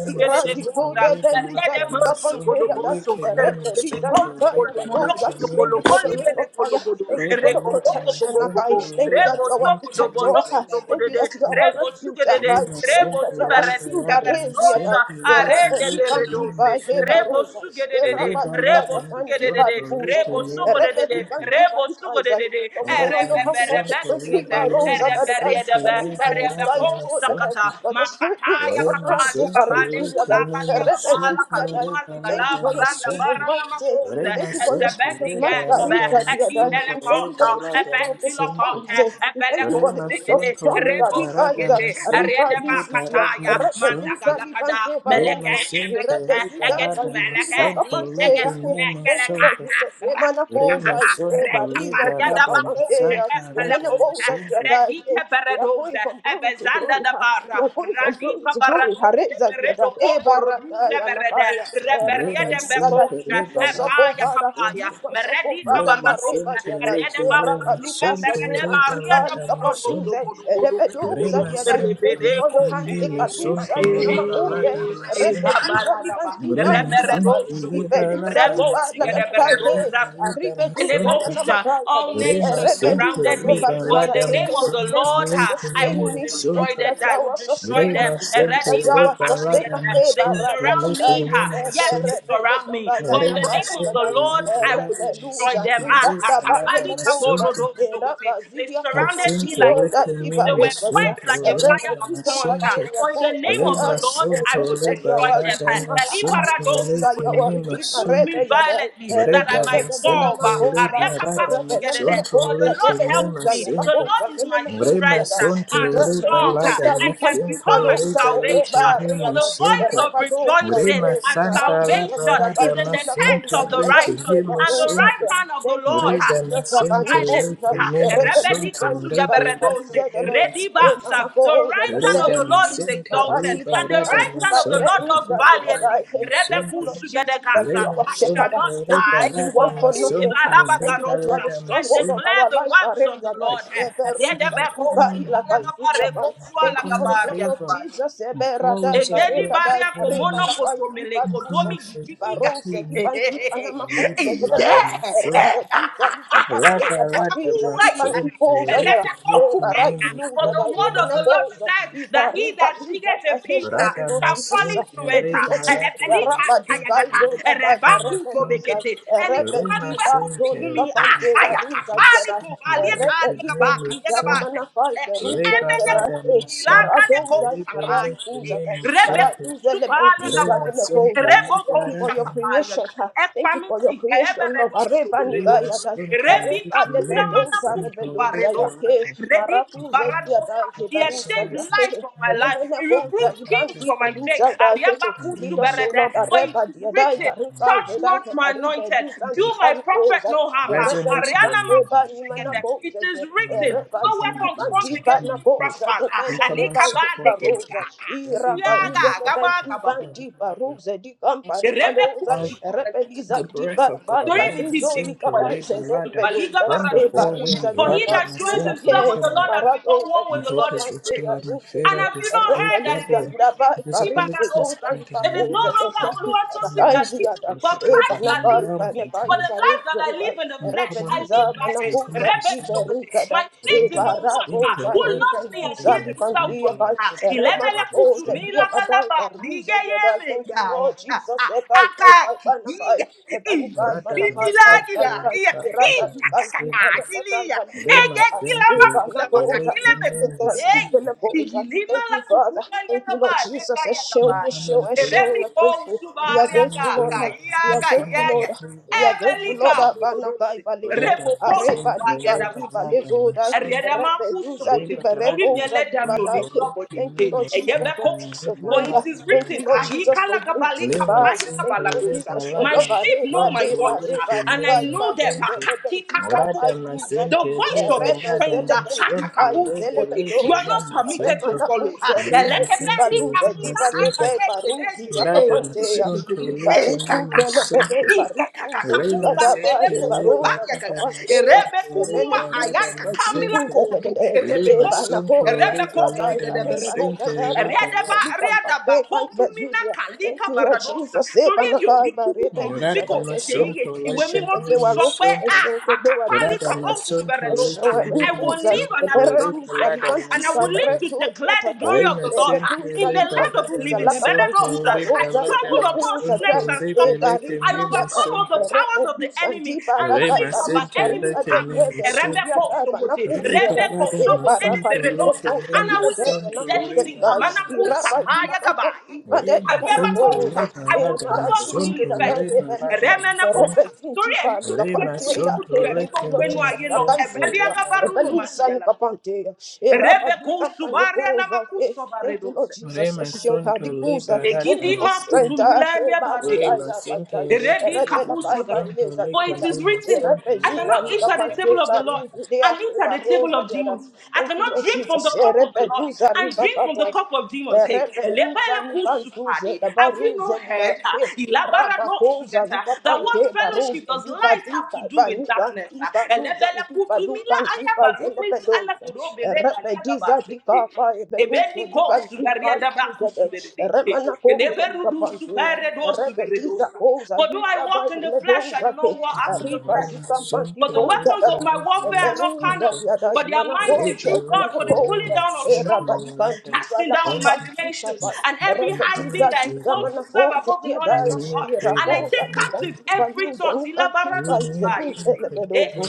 S1: Iradizo debeluza dukapanteya. Erepelizan kaya badoza. Thank you for the the ring of fire. Thank you for the protection,
S2: sonto,
S1: Akai. Thank you that you are our protector. ah. Thank you that you are our refuge, Akai. Thank you that you are our shield, Arezi, Adai. Erebe likanti ba heba rosa. Eraba likaza kandi ba ribuza. Erebe likanti ba ribaiza. But we do
S2: Orata
S1: not know how we have
S2: mason
S1: to
S2: to
S1: break Riba
S2: libere
S1: Rosa that
S2: mason to
S1: I Riba
S2: liberata
S1: Dubai for that
S2: mason
S1: I
S2: to
S1: but the spirit gives us
S2: re
S1: utterance
S2: mason to
S1: Zekarindulia
S2: likimi
S1: die
S2: mason to
S1: Rebezulia
S2: re
S1: die We thank you
S2: balada
S1: for your
S2: mason
S1: spirit of
S2: to
S1: might eh.
S2: re
S1: We thank you for your spirit of might my God, is God, dear God. We thank you for the gift of the
S2: mason to
S1: tongues. eh. We thank you for the
S2: Rema
S1: gift of the tongues. God, we guys, uh, Riva Lizudia, Repeduza Libante Barosa,
S2: sente
S1: Repesuda Izulia
S2: mason to leke
S1: Capantea.
S2: mema
S1: Thank you, Lord
S2: sonto
S1: Jesus. eh,
S2: Rema
S1: Manaposa, eh,
S2: Santo
S1: Bariza Dia
S2: Liberata
S1: Capantea,
S2: Santa
S1: eh,
S2: Rada
S1: Manaposa Dia
S2: Santo
S1: Dai. eh. We are going from glory to glory. ha. We are going from glory to glory. Hareza Dia Dai, eh, Barataya Nakaya, eh,
S2: Rema
S1: Repeduza Dai.
S2: Santo
S1: Lift us up,
S2: Liberata
S1: O Father.
S2: Santo
S1: Lucas of Vada
S2: Rema
S1: Mareba
S2: Santo
S1: Diada,
S2: Lete
S1: Rabba
S2: Memo
S1: Lucas,
S2: Santo
S1: Ade Mantica,
S2: Liberata
S1: Licapantuze,
S2: Santo
S1: Rebedosa
S2: Rema
S1: Diada.
S2: Santo
S1: Thank you for
S2: Lete
S1: your hand,
S2: Memo Santo
S1: Decadusa, Yanamakode,
S2: Liberata Santo
S1: Repediza Libanti
S2: Rema
S1: Bantiapa,
S2: Santo
S1: Ibedusa
S2: Liberata
S1: Riba, La Da
S2: Santo Liberata
S1: Ribedusa
S2: Santo
S1: Yanamakaya,
S2: Rema Santo
S1: Rebeluza De Baduza.
S2: Liberata Santo
S1: Thank you for
S2: Lete
S1: sustaining
S2: Memo
S1: me. Thank you
S2: Santo
S1: that you are our sustainer.
S2: Rema
S1: Thank you
S2: sente
S1: that you are our
S2: leba lada
S1: sustainer. Eba
S2: masunto
S1: Rada Da
S2: leke
S1: Dai.
S2: me masunto.
S1: Eberebelebeba
S2: Rema
S1: yadaba
S2: sente
S1: yadada.
S2: leba lada
S1: Repelusa,
S2: masunto
S1: Ibanda
S2: leba lada
S1: Bayele Ponta,
S2: masunto.
S1: Eraba Zilia
S2: Lesente
S1: Pampantino,
S2: leke
S1: that
S2: me
S1: Ibareza,
S2: masunto lada
S1: Repelusa
S2: masente.
S1: Pampatia, Ponta, that
S2: Rema
S1: I
S2: sunto
S1: thank you that you
S2: leba
S1: are
S2: lada
S1: Redeemer,
S2: masunto
S1: thank you that you
S2: leke
S1: are
S2: me
S1: Redeemer,
S2: masunto.
S1: Rebeya,
S2: Breda
S1: Rebele
S2: masente
S1: Benama Ponta,
S2: liberada
S1: Rebele
S2: masonto
S1: Ponta,
S2: leke ne
S1: Repelusa, Yala
S2: masente.
S1: Ponta, Memele
S2: Re
S1: Puntia,
S2: masonto
S1: Repelusa,
S2: liberada
S1: that we can keep
S2: masente
S1: alone, that
S2: libe
S1: the
S2: leke ne
S1: Baria,
S2: masonto.
S1: Repadosa,
S2: Re masanta
S1: Maracuza, Vida
S2: liberada masonto
S1: Bandila,
S2: leke
S1: Thank
S2: ne masonto.
S1: you, Lord
S2: Breda
S1: Jesus.
S2: masente
S1: Abanikoza,
S2: leke ne masonto
S1: Rebeluza,
S2: libe leke ne
S1: Antipalpalizedele,
S2: masonto.
S1: Emanakoza,
S2: Breda
S1: Thank you.
S2: masente
S1: Maradi,
S2: liberada
S1: Balibanti,
S2: masonto
S1: Baleruza,
S2: libe leke
S1: Lebadai. Thank you,
S2: masonto.
S1: Lord Jesus, that you are our shepherd.
S2: Remasonto,
S1: Thank you that we
S2: Ribalada
S1: want for nothing.
S2: Masonto,
S1: Thank you that you are the
S2: Rebalada
S1: stronghold of
S2: Masonto.
S1: our life. Areza, da,
S2: I prophesy
S1: Eberuza,
S2: of coming
S1: Antibaila,
S2: direction,
S1: Baisuliaban.
S2: of
S1: Thank you for
S2: uncommon
S1: the blood of
S2: favor,
S1: Jesus.
S2: the four
S1: Eberadai,
S2: winds of the earth are
S1: Baredadai,
S2: blowing me
S1: Barebalabai, Ibaruse,
S2: uncommon favor into
S1: Ibarose,
S2: new
S1: kandi anama
S2: territory.
S1: koza ya da
S2: Rebalada
S1: bay
S2: Masonto,
S1: rebe duza li kapate ya
S2: Rebalada
S1: bariza li kandi
S2: Masonto,
S1: koza ya e
S2: Rebalada
S1: barai luza da
S2: Masonto,
S1: ye mena koza
S2: Rebalada
S1: i bari baduza da se thank you Lord Jesus
S2: Radamasuntia
S1: thank you
S2: Libra
S1: Lord Jesus ya raba
S2: Radamasuntia
S1: duza i zo da da
S2: Libra
S1: barebe
S2: Sunta
S1: luza e
S2: Lima Sintia Libra Radamasuntia Libra Nima reba Libra Radamasuntia Libra Libra Nima Sunta Lima Sunta Libra
S1: Thank you for your
S2: Radam
S1: creation. ha. Thank you for your creation, Lord. Areba
S2: Lima
S1: nikaya da.
S2: Sunta
S1: Areba
S2: Libra Nima
S1: lebedoza
S2: Sunta
S1: lebedoza
S2: Libra
S1: ya ke
S2: Radam
S1: marakuze
S2: Declare
S1: ya
S2: the
S1: da heberuza
S2: professor
S1: ya
S2: is
S1: ke.
S2: commanded
S1: Elemene
S2: in
S1: koza
S2: breath and
S1: ibanti
S2: Christmas.
S1: beluza da ke.
S2: And
S1: Lead us,
S2: email
S1: O Lord.
S2: contact,
S1: Areba ya da
S2: platform
S1: ibaruka dai a dai be lu san ti
S2: contact,
S1: pan ko za re be lu
S2: resonating
S1: san ke ba
S2: and
S1: ni ma na
S2: common,
S1: ko za de
S2: common
S1: re
S2: lack,
S1: ba
S2: and
S1: zi li
S2: common
S1: pan
S2: ease,
S1: ti
S2: and
S1: ba na
S2: common
S1: ko
S2: hope,
S1: za de be
S2: and
S1: le be
S2: common
S1: ba i ba
S2: support
S1: ro
S2: and
S1: za
S2: common
S1: i ra
S2: every
S1: ka
S2: dying
S1: i
S2: and
S1: ze le ben
S2: affected
S1: ti ban
S2: person
S1: ti ba
S2: life
S1: ro
S2: will
S1: za di kam pa re
S2: prosper
S1: ka lo za
S2: all
S1: re be li za
S2: the
S1: ti ba
S2: breath
S1: la
S2: of
S1: ba i
S2: God or
S1: ba
S2: in
S1: ru
S2: the
S1: zo li
S2: sink
S1: ka ba i
S2: labor
S1: sen de be
S2: ladder
S1: do za
S2: from the
S1: e ba
S2: four
S1: ri za
S2: winds
S1: di ba ka
S2: ladder my
S1: ti za
S2: sink
S1: he
S2: and came out.
S1: Marado
S2: and
S1: Zadika
S2: hope is
S1: Pantea
S2: restored. My favorite is redoubled.
S1: Ruzedia, Laba Ifari
S2: Visibility is
S1: Fezuta
S2: heightened and
S1: Ifakuze.
S2: with
S1: They thank
S2: better
S1: you for the
S2: family
S1: kind yada.
S2: supported. This is my
S1: Ebanaba
S2: realm of
S1: Ibaneba
S2: uncommon,
S1: Ifari Zuda.
S2: uncommon
S1: Rebeliza
S2: abundance, uncommon
S1: Manakuza
S2: pursuit.
S1: Iberuzada.
S2: Red and center,
S1: Ebaragoza
S2: red blood and
S1: Ribentuza
S2: my
S1: Lipantia Pai.
S2: center, red blood and my
S1: Remanakoza
S2: center,
S1: Diabadai Baruze Yada. Thank you, Lord Jesus. Ebai Pai Pai Banabai. Ebanikai
S2: red and my
S1: Banabai Pai Pai
S2: center,
S1: Pai.
S2: red blood
S1: Irada
S2: and my
S1: Likanti
S2: center,
S1: Panatai
S2: red my center,
S1: Balizuda.
S2: red the
S1: Panabosa,
S2: lake and
S1: Ripanabosa. Thank you, Father. Thank you, Lord Jesus. Eshew,
S2: my
S1: Eshew,
S2: center.
S1: Eshew. We are grateful. We are
S2: Uncommon
S1: grateful, Lord.
S2: favor,
S1: We are grateful,
S2: uncommon
S1: Lord.
S2: favor,
S1: We are
S2: uncommon
S1: grateful, Lord.
S2: favor.
S1: Abana kai balezai.
S2: Rita
S1: Areba
S2: Masenta, Leba
S1: liganti
S2: Rada
S1: balezodai.
S2: Masonto,
S1: Rebeduza di
S2: Leba Rada
S1: berepoza di badai.
S2: Masonto, Leki
S1: Thank you, Lord
S2: Memo
S1: Jesus,
S2: Sonto,
S1: for peace of
S2: Leba
S1: mind.
S2: Rada
S1: Thank you, Lord
S2: Masonto,
S1: Jesus, for unity.
S2: Lema
S1: Bye. Thank
S2: Sente,
S1: you, Lord
S2: Leba
S1: Jesus, for
S2: Rada
S1: love. Areba
S2: Masonto, Leki
S1: deba
S2: Memo
S1: iba juze
S2: Sonto,
S1: lebe diva
S2: Rada
S1: pai luza dan
S2: Masente, Leba
S1: rebe
S2: Rada
S1: zele kenti
S2: Masonto,
S1: pai zele
S2: Lebe
S1: bedoza
S2: Memo Sonto,
S1: remana uze ribe
S2: Lema
S1: diva
S2: Sente,
S1: luze
S2: Lema
S1: diva deke
S2: Sente,
S1: baruzi ya
S2: Lada
S1: kapantea
S2: masonto
S1: iba
S2: leke ndi
S1: nikuze lebe de
S2: masonto
S1: baru uze
S2: le
S1: diva daba
S2: masente
S1: e
S2: le
S1: baroza ni
S2: barada
S1: kapantea
S2: masonto le
S1: emene zudi
S2: barada
S1: e kanti
S2: masente
S1: de
S2: le
S1: eba na
S2: masonto
S1: koza
S2: le
S1: lada e
S2: barada
S1: bareba
S2: masente
S1: igada
S2: le
S1: baruze
S2: barada
S1: ni kampate pai bezudia Thank you, Lord Jesus. Eba na pai barebe luza
S2: rada
S1: da
S2: masonto leke
S1: eshekebewaru
S2: masonto rada
S1: eshekebewadidikakesu
S2: masonto leke
S1: eshewemenipuza
S2: masonto le
S1: ebereluza
S2: barada
S1: livantika
S2: masente le
S1: berezodiatatai
S2: masente
S1: eletuza
S2: le barada
S1: livantuza
S2: masonto le
S1: lakapankibaroza
S2: barada
S1: ebelekuza
S2: masonto
S1: rai
S2: le leke
S1: ebarizudiata
S2: masonto
S1: ereeluza
S2: Re
S1: ndibadakai baluza
S2: masente leke me
S1: ribadebede
S2: musunto. Re
S1: tudiata
S2: balada
S1: e
S2: masunto
S1: barabadile
S2: leke me
S1: cosa di bedella
S2: musunto.
S1: na
S2: Re
S1: cunte di cai
S2: balada
S1: i
S2: masunto.
S1: rabazila campati
S2: Re
S1: badella bana
S2: masente re
S1: code e
S2: balada masunto.
S1: maradunza da
S2: Re
S1: e
S2: balada
S1: velusa e
S2: masente.
S1: repesunti pali
S2: Re
S1: capantea
S2: masunto
S1: e
S2: leke
S1: cantillo
S2: me
S1: cisa fracai
S2: musunto. Re
S1: suntia e
S2: balada.
S1: velusa ni capantea e rabadita pane cosa Thank you, Lord
S2: Re
S1: Jesus. Eshion
S2: masunto le
S1: Hadiguza. Thank
S2: balada
S1: you for strength.
S2: masunto.
S1: Ah, Eba
S2: Re
S1: Isaiah by
S2: masente
S1: die.
S2: re balada
S1: Repela by by
S2: masunto
S1: Leza
S2: leke
S1: Dibadai.
S2: me musunto. Re
S1: Repezuda
S2: balada
S1: Nikapante Barin
S2: masunto.
S1: Judea Eba Rosa Yada. Thank you, Lord Jesus. Repezuza Ribakata. Rebeluza ni bantuze da baruze li da te. Raba koza di kapante baruze di badika baniga di baluza di balukan di bazele pedoza. Rebediza di kapa beruze di badika luze de. Remana koza di kapante. Rebediza koza di da baile doza te. Riba zi
S2: Lima
S1: kampante
S2: Santo
S1: koza
S2: Lima
S1: da.
S2: Lima
S1: Eberuza
S2: Santo
S1: diada
S2: Rebe
S1: imanakoze
S2: Lake
S1: manakoze
S2: Lima Santo
S1: erabadi
S2: Lada
S1: kanti pala kapa
S2: Santo
S1: kapa
S2: I'm
S1: repetiza
S2: coming
S1: diga
S2: favor.
S1: manakoze diada
S2: You You need favor.
S1: irakoza di kanti paluza ni kanti
S2: We
S1: paize
S2: need
S1: duze
S2: your grace, we need
S1: lebedozo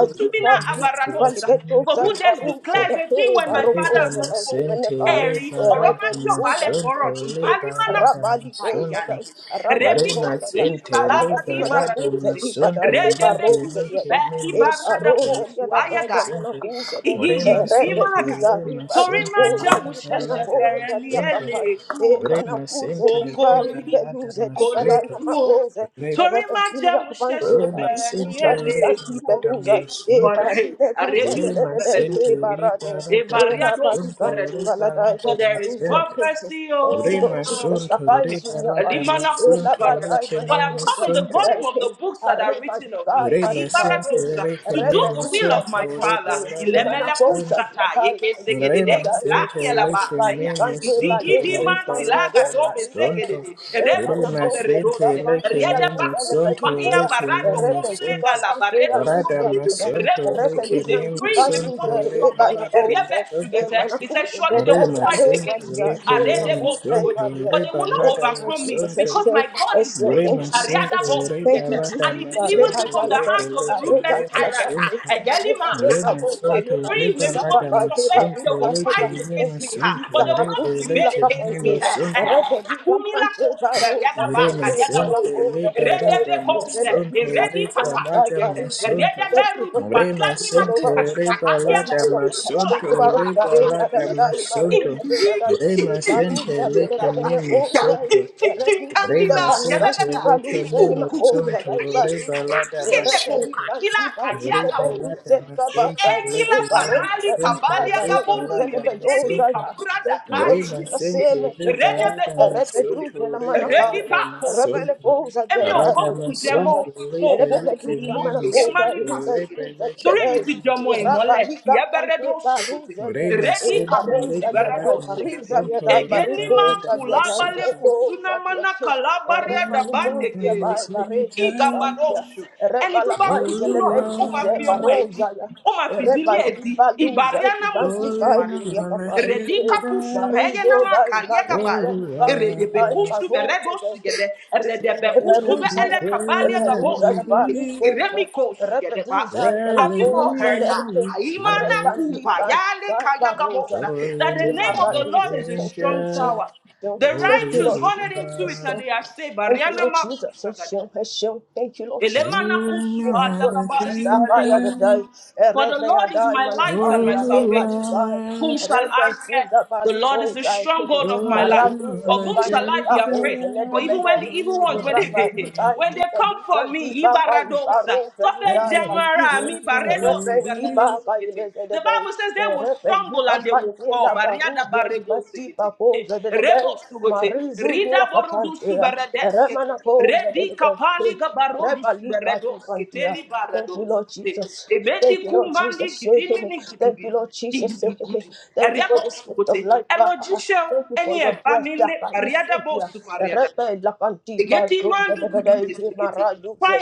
S2: your favor, we need
S1: kanti pali
S2: grace, we need
S1: betoza ibaruze
S2: protection.
S1: da te barokoze
S2: Liberadama
S1: da
S2: sente,
S1: hemenekai
S2: liberadama
S1: repelikoza ni
S2: sunto,
S1: kanti
S2: liberadama
S1: rabali koza da
S2: sunto.
S1: rabali
S2: Rema
S1: koza da
S2: sente,
S1: rabali manakoze
S2: liberadama
S1: di pada
S2: sunto,
S1: he baroze diada
S2: liberadama memo
S1: Eba
S2: sunto,
S1: rose yada
S2: liberadama
S1: bada mana
S2: sunto.
S1: huse de
S2: Rema
S1: eh, rebe
S2: sente,
S1: diza
S2: rema
S1: riba di
S2: sunto,
S1: poza di bana
S2: liberadama
S1: poza di
S2: sunto.
S1: akapai. Eba na
S2: Rema
S1: huse
S2: sente,
S1: di bari de luze
S2: liberadama
S1: di bada na
S2: sunto.
S1: ma huse. Rebe sili akupante
S2: Ore
S1: bari
S2: masente
S1: diza di
S2: ore
S1: tanti peluza.
S2: baradamu sunto.
S1: Eba ribe huse
S2: Ore
S1: de de de de
S2: masente
S1: eba
S2: ore
S1: rade.
S2: baradamu
S1: Era badi
S2: sunto.
S1: ganti
S2: Ore
S1: balada eba
S2: baradamu
S1: ruse. Thank
S2: Ore
S1: you Lord Jesus.
S2: masunto
S1: Akai
S2: ore
S1: sunya bai.
S2: baradamu
S1: Ela
S2: sunto. Ore
S1: badai mana
S2: kemenu
S1: huse de de
S2: sunto.
S1: de. eh, Arriba di gai
S2: Ore
S1: pari bai
S2: masente
S1: pehe.
S2: ore
S1: Rebe
S2: kemenu
S1: luza di
S2: Ore
S1: bakante.
S2: baradamu
S1: Emana fonza
S2: sunto.
S1: di gai pari duya
S2: Grema
S1: dai.
S2: sente lete
S1: Arriba di
S2: meme
S1: kante
S2: sonto
S1: bale beli
S2: reba
S1: banti
S2: lada
S1: fonza riba dai.
S2: masonto
S1: Emana
S2: Grema
S1: fonza di
S2: sente
S1: bakante
S2: leke
S1: ya
S2: meme
S1: duya le
S2: sonto
S1: pehe ya.
S2: leke meme
S1: Rebe di
S2: sonto
S1: bakante ya
S2: Rada
S1: duya da.
S2: masonto
S1: Rebe di
S2: leke meme
S1: zanti banti
S2: sonto
S1: ya.
S2: reba
S1: Emana
S2: lada
S1: fonza.
S2: masonto
S1: Emana fonza de de ya
S2: Grema
S1: reza
S2: sente
S1: di da.
S2: leke
S1: Emana
S2: meme
S1: fonza e bari
S2: sonto
S1: ya da.
S2: reba
S1: Thank
S2: lada
S1: you, Lord Jesus.
S2: masonto
S1: Excel, excel. Thank
S2: Grema
S1: you,
S2: sente
S1: Jesus. Thank
S2: reba
S1: you, Jesus.
S2: lada
S1: Areba
S2: masonto
S1: yalada,
S2: reba leke
S1: areba
S2: meme
S1: yalada,
S2: sonto
S1: ayela reba
S2: Rema
S1: diga
S2: Santo
S1: leba
S2: Reba
S1: liza papa
S2: Madama
S1: heba
S2: Santo
S1: ruza
S2: Lake
S1: heba. Thank
S2: Rema
S1: you for this
S2: Santo Rebe
S1: zakatusi la
S2: Lake Rema
S1: kapantera.
S2: Santo
S1: Rebe di kampante baruza da
S2: Rema
S1: e
S2: Santo
S1: manakonda de de
S2: Reba
S1: de.
S2: Radama
S1: Rebe yuza
S2: Santo Reba
S1: manafai
S2: Madama
S1: parize de.
S2: Santo
S1: Thank you for your
S2: Rema
S1: protection
S2: Santo
S1: over us.
S2: Reba
S1: Thank you for your
S2: Ladama
S1: protection over
S2: Santo
S1: us.
S2: Reba
S1: Dare yada da da
S2: Ladama
S1: ibare
S2: Santo
S1: de da da
S2: Rema Santo
S1: ibaruza de de
S2: Lake
S1: de de ne
S2: Rema
S1: o de.
S2: Santo
S1: Eredu
S2: Rema Santo
S1: zinda
S2: Lake
S1: baruze ni
S2: Rema
S1: makoza
S2: Santo
S1: dai
S2: Reba
S1: baruze e
S2: Ladama
S1: repeli
S2: Santo
S1: kanti bazite
S2: Riba lada
S1: benduze
S2: masunto
S1: kabada
S2: leke
S1: e barosa di
S2: masunto
S1: kabare
S2: riba
S1: duze le
S2: lada
S1: bedoza
S2: masunto
S1: ha thank you Lord
S2: riba
S1: Jesus
S2: sente
S1: seme kuza
S2: riba lada
S1: repedu
S2: masunto
S1: de la
S2: riba
S1: manahai
S2: lada
S1: rebele
S2: masunto
S1: koza dia dai
S2: rada masunto lebe leke me masunto lebe leke me masunto rima sente riba lada masunto riba lada masunto Olúwa ṣe ń jẹ́ Olúwa Glory and honor to God.
S1: Marizo dai baru ben
S2: Glory and
S1: ganti dai
S2: honor.
S1: baru
S2: Every
S1: Eberuzaya,
S2: share, every
S1: Eberuzaya,
S2: week,
S1: Baribosa, Repeduza,
S2: every
S1: Malaposa,
S2: week, every share.
S1: Rebantiban, Barosa,
S2: Glory and honor
S1: Imaraduza,
S2: to
S1: thank you, Lord
S2: God.
S1: Jesus. Thank you, Lord
S2: Holy
S1: Jesus.
S2: one.
S1: Thank you, Lord Jesus. Thank you, Lord Jesus. Thank you, Lord Jesus.
S2: Glory and
S1: Thank you, Lord
S2: honor
S1: Jesus.
S2: to
S1: Afaya da dai,
S2: God.
S1: erebe ya manafai,
S2: Holy
S1: zare bali
S2: one.
S1: erebe sunda bali kozai,
S2: Glory and
S1: maradu
S2: honor
S1: feliban
S2: to
S1: diba koze,
S2: God.
S1: iraba di tai, di felusan diba bai, baro erebe diba bai, leze erebe diba bante la baru feli ban diba marizu diya papantea, erebe na Rebalika Tupantia. Thank you, Lord Jesus. Thank you, Lord Jesus. hey. Thank you, Lord Jesus. hey, hey. Thank you for this gift of life. Ah, ah, ah. Thank you for your breath. Ah, ah. You say here. Rebalika Tupantia. Da, da, da, da. Hey, Mara, you say.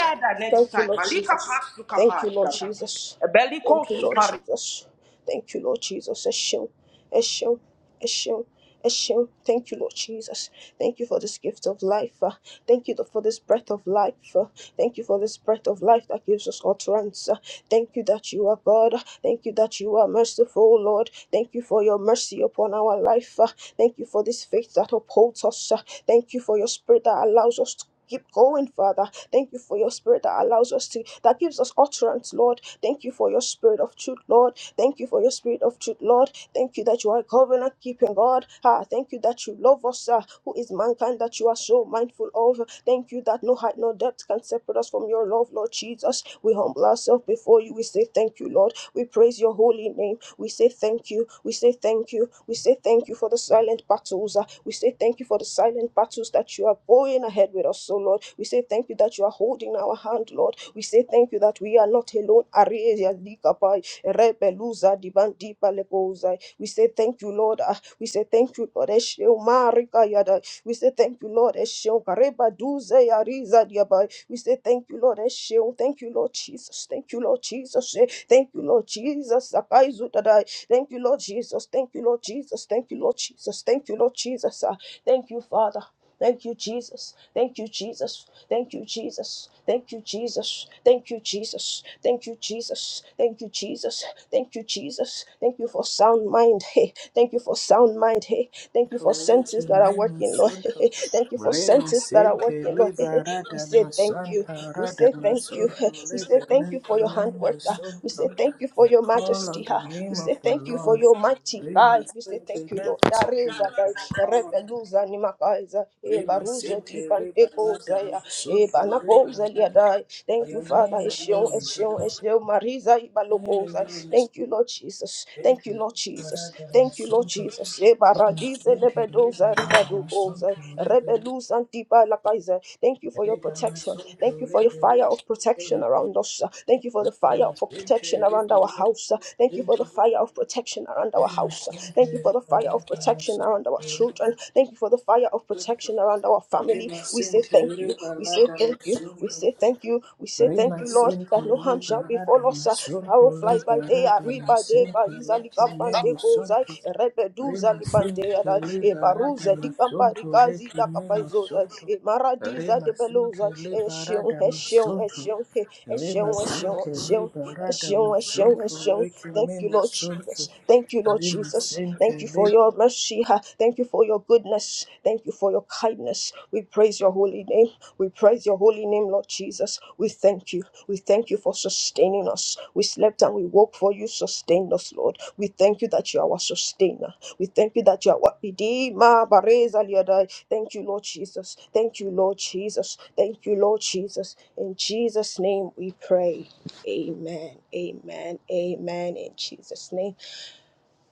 S1: Thank you, Lord Jesus. Thank you, Lord Jesus. Thank you, Lord Jesus. Thank you, Lord Jesus. Eshem, Eshem, Eshem, Eshem. Thank you, Lord Jesus. Thank you for this gift of life. uh, Thank you for this breath of life. uh, Thank you for this breath of life that gives us utterance. uh, Thank you that you are God. Thank you that you are merciful, Lord. Thank you for your mercy upon our life. uh, Thank you for this faith that upholds us. uh, Thank you for your spirit that allows us to keep going, Father. Thank you for your spirit that allows us to, that gives us utterance, Lord. Thank you for your spirit of truth, Lord. Thank you for your spirit of truth, Lord. Thank you that you are a covenant keeping God. Ah, thank you that you love us, ah, who is mankind that you are so mindful of. Thank you that no height, no depth can separate us from your love, Lord Jesus. We humble ourselves before you. We say thank you, Lord. We praise your holy name. We say thank you. We say thank you. We say thank you for the silent battles. uh, We say thank you for the silent battles that you are going ahead with us, so Lord. We say thank you that you are holding our hand, Lord. We say thank you that we are not alone. Areya likapai, rebeluza dibandipa lepoza. We say thank you, Lord. uh, We say thank you, Lord. Eshe umarika yada we say thank you, Lord. Esheon. Kareba duze ya riza diabai. We say thank you, Lord. Esheon. Thank you, Lord Jesus. Thank you, Lord Jesus. Eh, Thank you, Lord Jesus. Sakai zutadai. Thank you, Lord Jesus. Thank you, Lord Jesus. Thank you, Lord Jesus. Thank you, Lord Jesus. Ah, Thank you, Father. Thank you, Jesus. Thank you, Jesus. Thank you, Jesus. Thank you, Jesus. Thank you, Jesus. Thank you, Jesus. Thank you, Jesus. Thank you, Jesus. Thank you for sound mind. Hey, thank you for sound mind. Hey. Thank you for
S2: Toliki
S1: senses that are working, Lord.
S2: Masunto
S1: Thank you for
S2: Rema
S1: senses that are
S2: Sente
S1: working, Lord. We
S2: Liberada
S1: say thank you.
S2: Masanta
S1: We
S2: Rada
S1: say thank you.
S2: Masunto
S1: We say thank you for your
S2: Liberada
S1: handwork. ah. We
S2: Masunto.
S1: say thank you for
S2: We
S1: your
S2: call on
S1: majesty.
S2: the
S1: ah. We
S2: name
S1: say
S2: of the
S1: thank you for
S2: Lord.
S1: your mighty
S2: Rema
S1: God. We say thank
S2: Sente
S1: you, Lord.
S2: Level
S1: There is
S2: Situation. We call
S1: a-
S2: on
S1: peluza ni makaiza e
S2: Rema
S1: baruze di
S2: Sente
S1: pande
S2: Liberada
S1: ya e
S2: Masunto
S1: bana
S2: Liberada.
S1: liadai
S2: For
S1: thank you
S2: your
S1: father
S2: name
S1: eshion
S2: alone is
S1: eshion
S2: enough.
S1: eshion mariza
S2: Your name
S1: ibalokoza
S2: alone is
S1: thank you lord jesus thank you
S2: Sente
S1: lord jesus
S2: Liberada
S1: thank you lord
S2: Masunto.
S1: jesus e
S2: Rema
S1: baradize
S2: Sente
S1: lebedoza
S2: Liberada
S1: ribadu
S2: Masunto
S1: Rebelu Santipa Lakaize. Thank you for your
S2: Rema
S1: protection. Thank you for your fire of protection around us. Thank you for the fire of protection around our house. Thank you for the fire of protection around our house. Thank you for the fire of protection around our children. Thank you for the fire of protection around our family. We say thank you. We say thank you you. We say thank you. We say
S2: Rima
S1: thank you, Lord,
S2: sente
S1: that no harm shall
S2: liberada
S1: befall us. uh, The
S2: masonto
S1: arrow flies by day, I
S2: liberada
S1: read by day,
S2: masente
S1: ka izali
S2: leke
S1: kampante
S2: memo
S1: kozai,
S2: sonto.
S1: rebedu
S2: Rima
S1: zali pante
S2: sente
S1: yada, e
S2: liberada
S1: baruze di kampari
S2: masonto
S1: kazi
S2: leke
S1: la
S2: memo
S1: kapaizoda,
S2: sonto.
S1: a maradiza
S2: Rima
S1: de
S2: sente
S1: belosa. e shion,
S2: liberada
S1: a shion, e
S2: masonto.
S1: shion, e
S2: Rima
S1: shion, e
S2: sente
S1: shion,
S2: liberada
S1: Eshion, Eshion,
S2: masonto
S1: Eshion.
S2: leke
S1: Thank you,
S2: memo
S1: Lord
S2: sonto.
S1: Jesus. Thank you, Lord
S2: Rima
S1: Jesus.
S2: sente
S1: Thank you for
S2: lib-
S1: your mercy. ha. Thank you for your goodness. Thank you for your kindness. We praise your holy name. We praise your holy name, Lord Jesus. We thank you. We thank you for sustaining us. We slept and we woke for for you sustain us, Lord. We thank you that you are our sustainer. We thank you that you are our redeemer. Bareza liadai. Thank you, Lord Jesus. Thank you, Lord Jesus. Thank you, Lord Jesus. In Jesus' name we pray. Amen. Amen. Amen. In Jesus' name.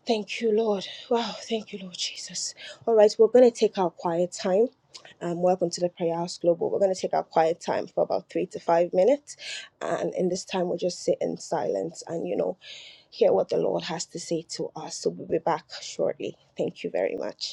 S1: Thank you, Lord. Wow, thank you, Lord Jesus. All right, we're going to take our quiet time. Um, welcome to the Prayer House Global. We're going to take our quiet time for about three to five minutes. And in this time, we'll just sit in silence and, you know, hear what the Lord has to say to us. So we'll be back shortly. Thank you very much.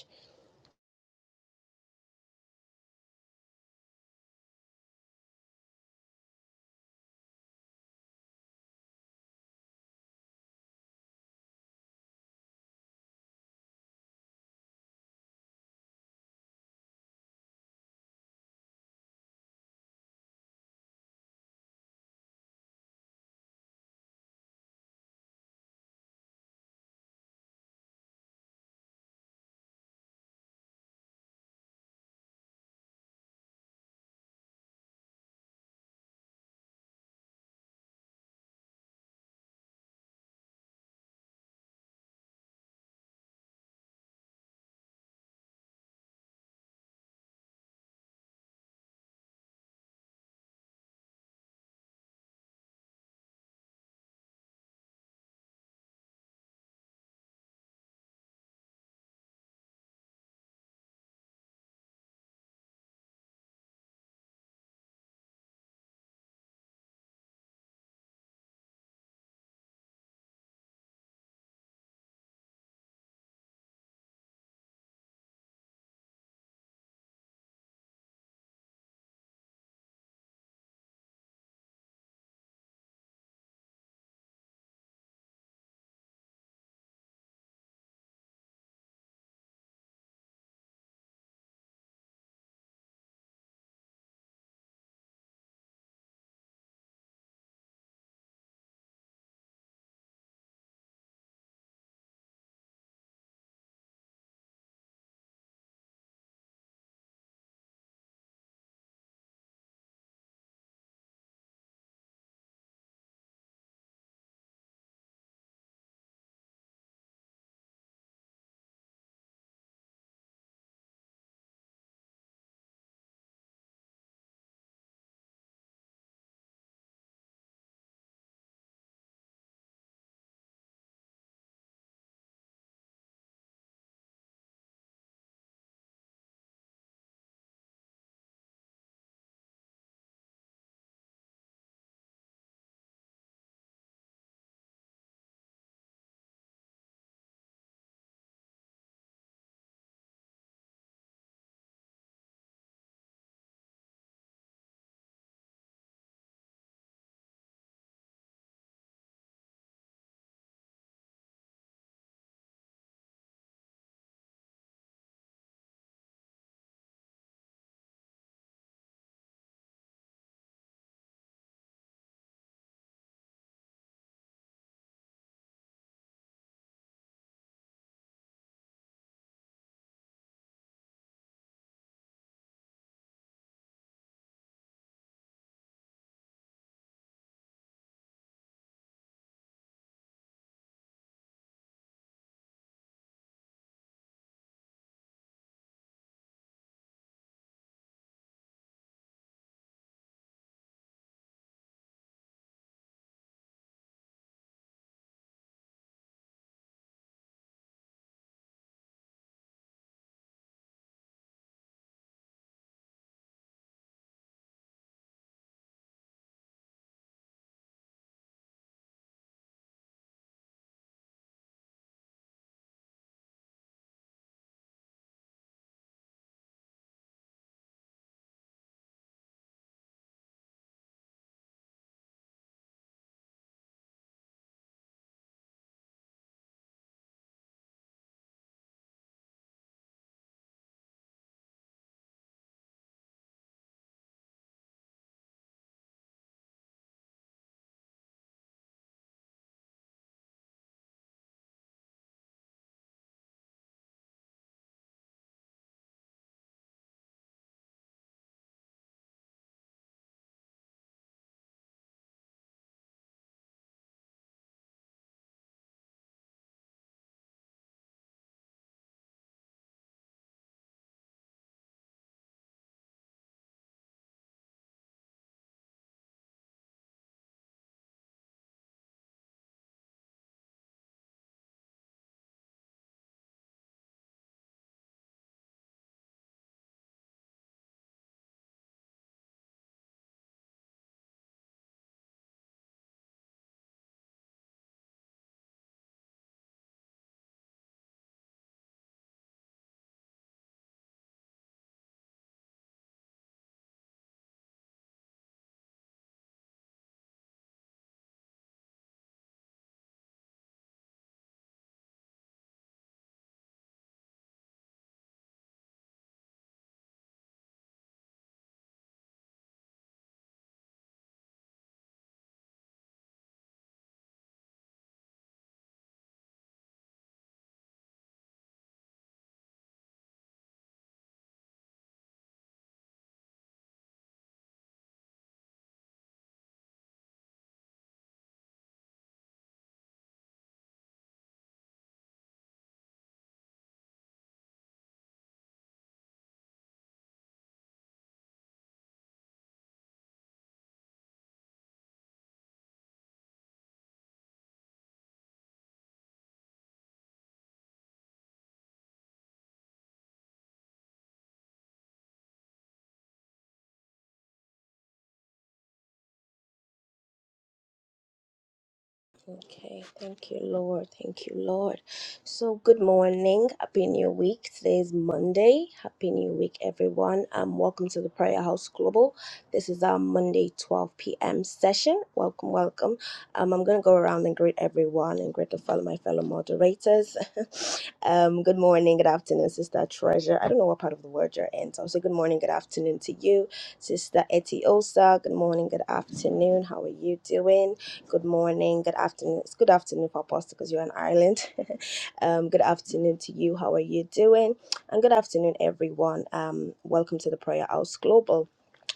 S1: Okay, thank you, Lord. Thank you, Lord. So, good morning. Happy New Week. Today is Monday. Happy New Week, everyone. Um, welcome to the Prayer House Global. This is our Monday 12 p.m. session. Welcome, welcome. Um, I'm gonna go around and greet everyone and greet the fellow my fellow moderators. um, good morning, good afternoon, Sister Treasure. I don't know what part of the world you're in, so I'll say good morning, good afternoon to you, Sister Etiosa. Good morning, good afternoon. How are you doing? Good morning, good afternoon. It's good afternoon for Apostle because you're in Ireland. um, good afternoon to you. How are you doing? And good afternoon, everyone. Um, welcome to the Prayer House Global.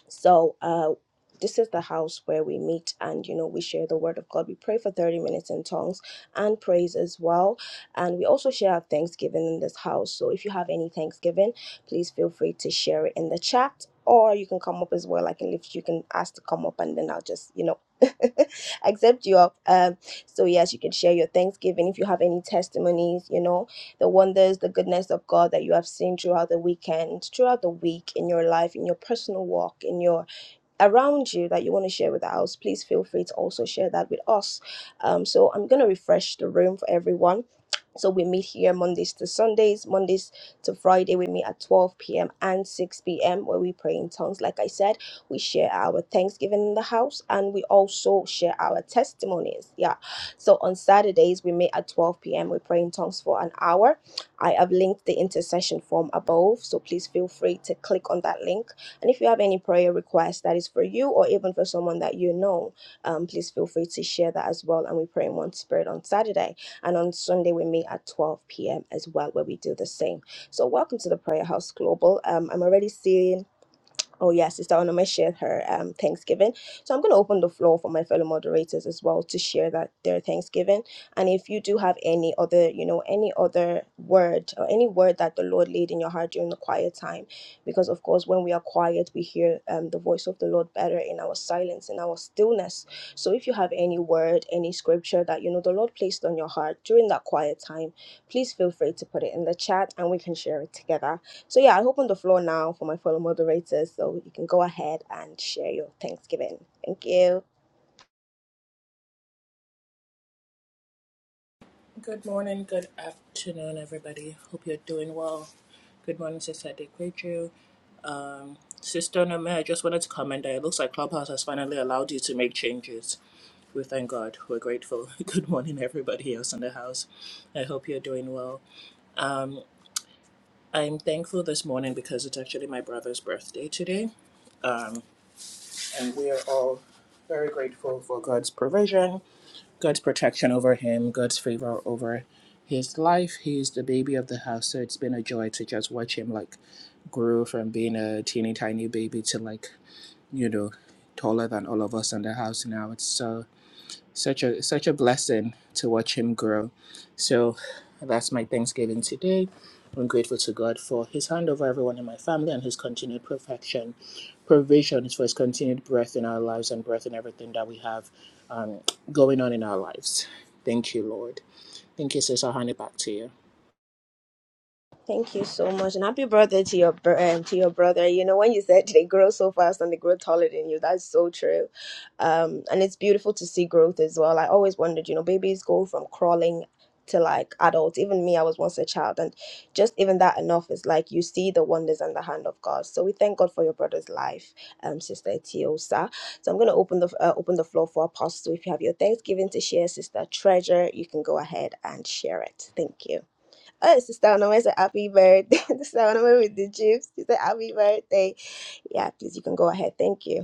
S1: So uh, this is the house where we meet and you know we share the word of God. We pray for 30 minutes in tongues and praise as well. And we also share our Thanksgiving in this house. So if you have any Thanksgiving, please feel free to share it in the chat. Or you can come up as well. I can lift you can ask to come up and then I'll just, you know, accept you up. Um so yes, you can share your Thanksgiving if you have any testimonies, you know the wonders, the goodness of God that you have seen throughout the weekend, throughout the week, in your life, in your personal walk, in your around you that you want to share with us, please feel free to also share that with us. Um, so I'm going to refresh the room for everyone so we meet here Mondays to Sundays, Mondays to Friday. We meet at 12 p.m. and 6 p.m. where we pray in tongues. Like I said, we share our Thanksgiving in the house and we also share our testimonies. Yeah. So on Saturdays, we meet at 12 p.m. We pray in tongues for an hour. I have linked the intercession form above. So please feel free to click on that link. And if you have any prayer request that is for you or even for someone that you know, um, please feel free to share that as well. And we pray in one spirit on Saturday. And on Sunday, we meet at 12 p.m. as well, where we do the same. So, welcome to the Prayer House Global. Um, I'm already seeing, oh, yeah, Sister Onoma shared her um, Thanksgiving. So, I'm going to open the floor for my fellow moderators as well to share that their Thanksgiving. And if you do have any other, you know, any other word or any word that the Lord laid in your heart during the quiet time, because of course, when we are quiet, we hear um, the voice of the Lord better in our silence, in our stillness so if you have any word, any scripture that you know the Lord placed on your heart during that quiet time, please feel free to put it in the chat and we can share it together. So yeah, I open the floor now for my fellow moderators so you can go ahead and share your Thanksgiving. Thank you.
S2: Good morning, good afternoon, everybody. Hope you're doing well. Good morning, Sister Adekweju. Um, Sister Nome, I just wanted to comment that it looks like Clubhouse has finally allowed you to make changes. We thank God. We're grateful. Good morning, everybody else in the house. I hope you're doing well. Um, I'm thankful this morning because it's actually my brother's birthday today. Um, and we are all very grateful for God's provision, God's protection over him, God's favor over his life. He's the baby of the house, so it's been a joy to just watch him like grew from being a teeny tiny baby to like you know, taller than all of us in the house now. It's so such a such a blessing to watch him grow. So that's my Thanksgiving today. I'm grateful to God for his hand over everyone in my family and his continued perfection, provisions for his continued breath in our lives and breath in everything that we have um, going on in our lives. Thank you, Lord. Thank you, sis. I'll hand it back to you.
S1: Thank you so much, and happy birthday to your br- um, to your brother. You know when you said they grow so fast and they grow taller than you, that's so true. Um, and it's beautiful to see growth as well. I always wondered, you know, babies go from crawling to like adults. Even me, I was once a child, and just even that enough is like you see the wonders and the hand of God. So we thank God for your brother's life, um, Sister Tiosa. So I'm gonna open the uh, open the floor for Apostle. If you have your Thanksgiving to share, Sister Treasure, you can go ahead and share it. Thank you. Oh, Sister Onome said, Happy birthday. Sister Onome with the chips. She said, Happy birthday. Yeah, please, you can go ahead. Thank you.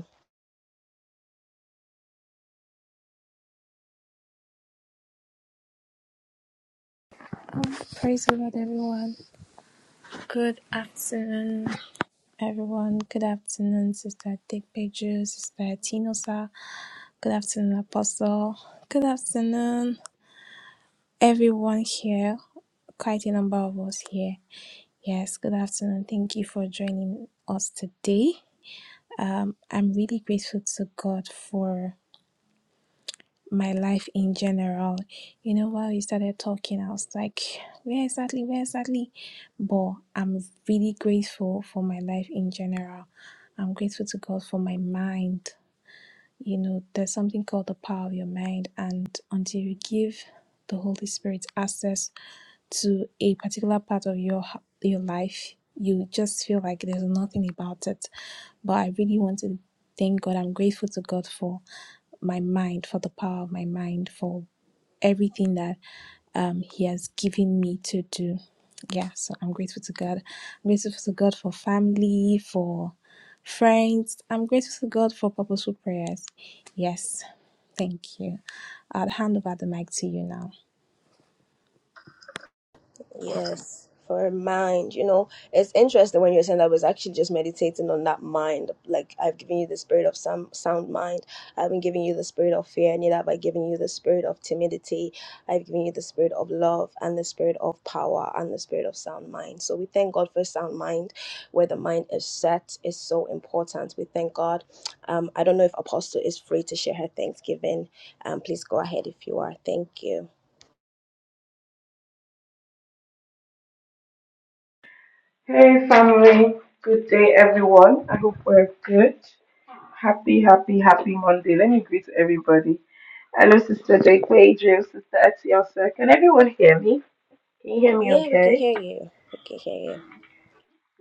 S3: Praise the Lord, everyone. Good afternoon, everyone. Good afternoon, Sister Dickpeju, Sister Tinosa. Good afternoon, Apostle. Good afternoon, everyone here. Quite a number of us here. Yes, good afternoon. Thank you for joining us today. Um, I'm really grateful to God for my life in general. You know, while you started talking, I was like, where exactly, where exactly? But I'm really grateful for my life in general. I'm grateful to God for my mind. You know, there's something called the power of your mind, and until you give the Holy Spirit access to a particular part of your your life, you just feel like there's nothing about it. But I really want to thank God. I'm grateful to God for my mind, for the power of my mind, for everything that um, He has given me to do. Yeah, so I'm grateful to God. I'm grateful to God for family, for friends. I'm grateful to God for purposeful prayers. Yes, thank you. I'll hand over the mic to you now.
S1: Yes, for a mind. You know, it's interesting when you're saying that. I was actually just meditating on that mind. Like I've given you the spirit of some sound mind. I've been giving you the spirit of fear, neither have I given you the spirit of timidity. I've given you the spirit of love and the spirit of power and the spirit of sound mind. So we thank God for sound mind, where the mind is set is so important. We thank God. Um, I don't know if Apostle is free to share her Thanksgiving. Um, please go ahead if you are. Thank you.
S4: Hey family, good day everyone. I hope we're good. Happy, happy, happy Monday. Let me greet everybody. Hello, Sister Jake Adrian, Sister Etiosa. Can everyone hear me? Can you hear me
S1: Yeah, we can
S4: okay?
S1: hear you. We can hear you.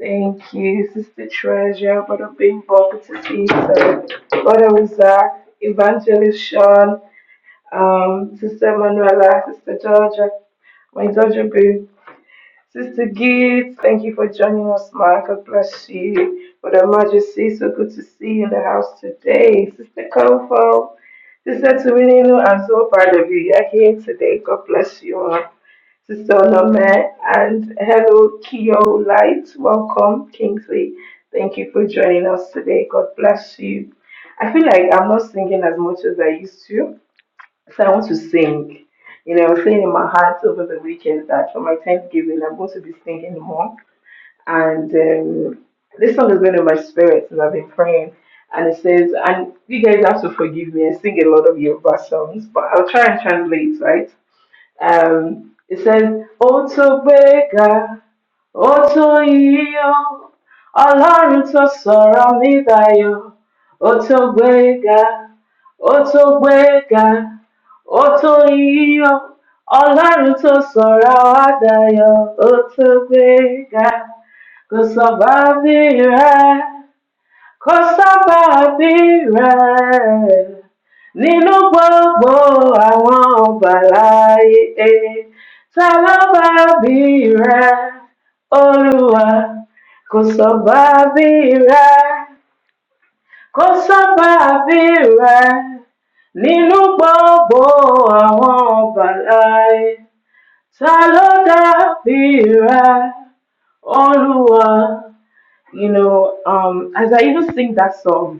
S4: Thank you, Sister Treasure, Brother Bing Bong, Sister Peter, Brother Isaac, Evangelist Sean, um, Sister Manuela, Sister Georgia, my daughter Boo. Sister Gibbs, thank you for joining us, ma. God bless you. Brother Majesty, so good to see you in the house today. Sister Kofo, Sister Tuminu, I'm so proud of you. You're here today. God bless you all. Sister Onome, and hello, Kyo Light. Welcome, Kingsley. Thank you for joining us today. God bless you. I feel like I'm not singing as much as I used to. So I want to sing. You know, I was saying in my heart over the weekend that for my Thanksgiving, I'm going to be singing more. And um, this song has been in my spirit and I've been praying. And it says, and you guys have to forgive me. I sing a lot of Yoruba songs, but I'll try and translate, right? Um, it says, Oto Bega, Oto Iyo, Alarun to Sora Midayo, Oto Bega, Oto Bega, Oto Iyo, Alarun to Sora Adayo, Oto Bega, Kò sọ̀bà kò sábà bírẹ̀ nínú gbogbo àwọn ọba láyé ta ló bá bírẹ̀ olúwa kò sọ́ba bírẹ̀ kò sábà bírẹ̀ nínú gbogbo àwọn ọba láyé ta ló dá bírẹ̀ olúwa. You know, um, as I even sing that song,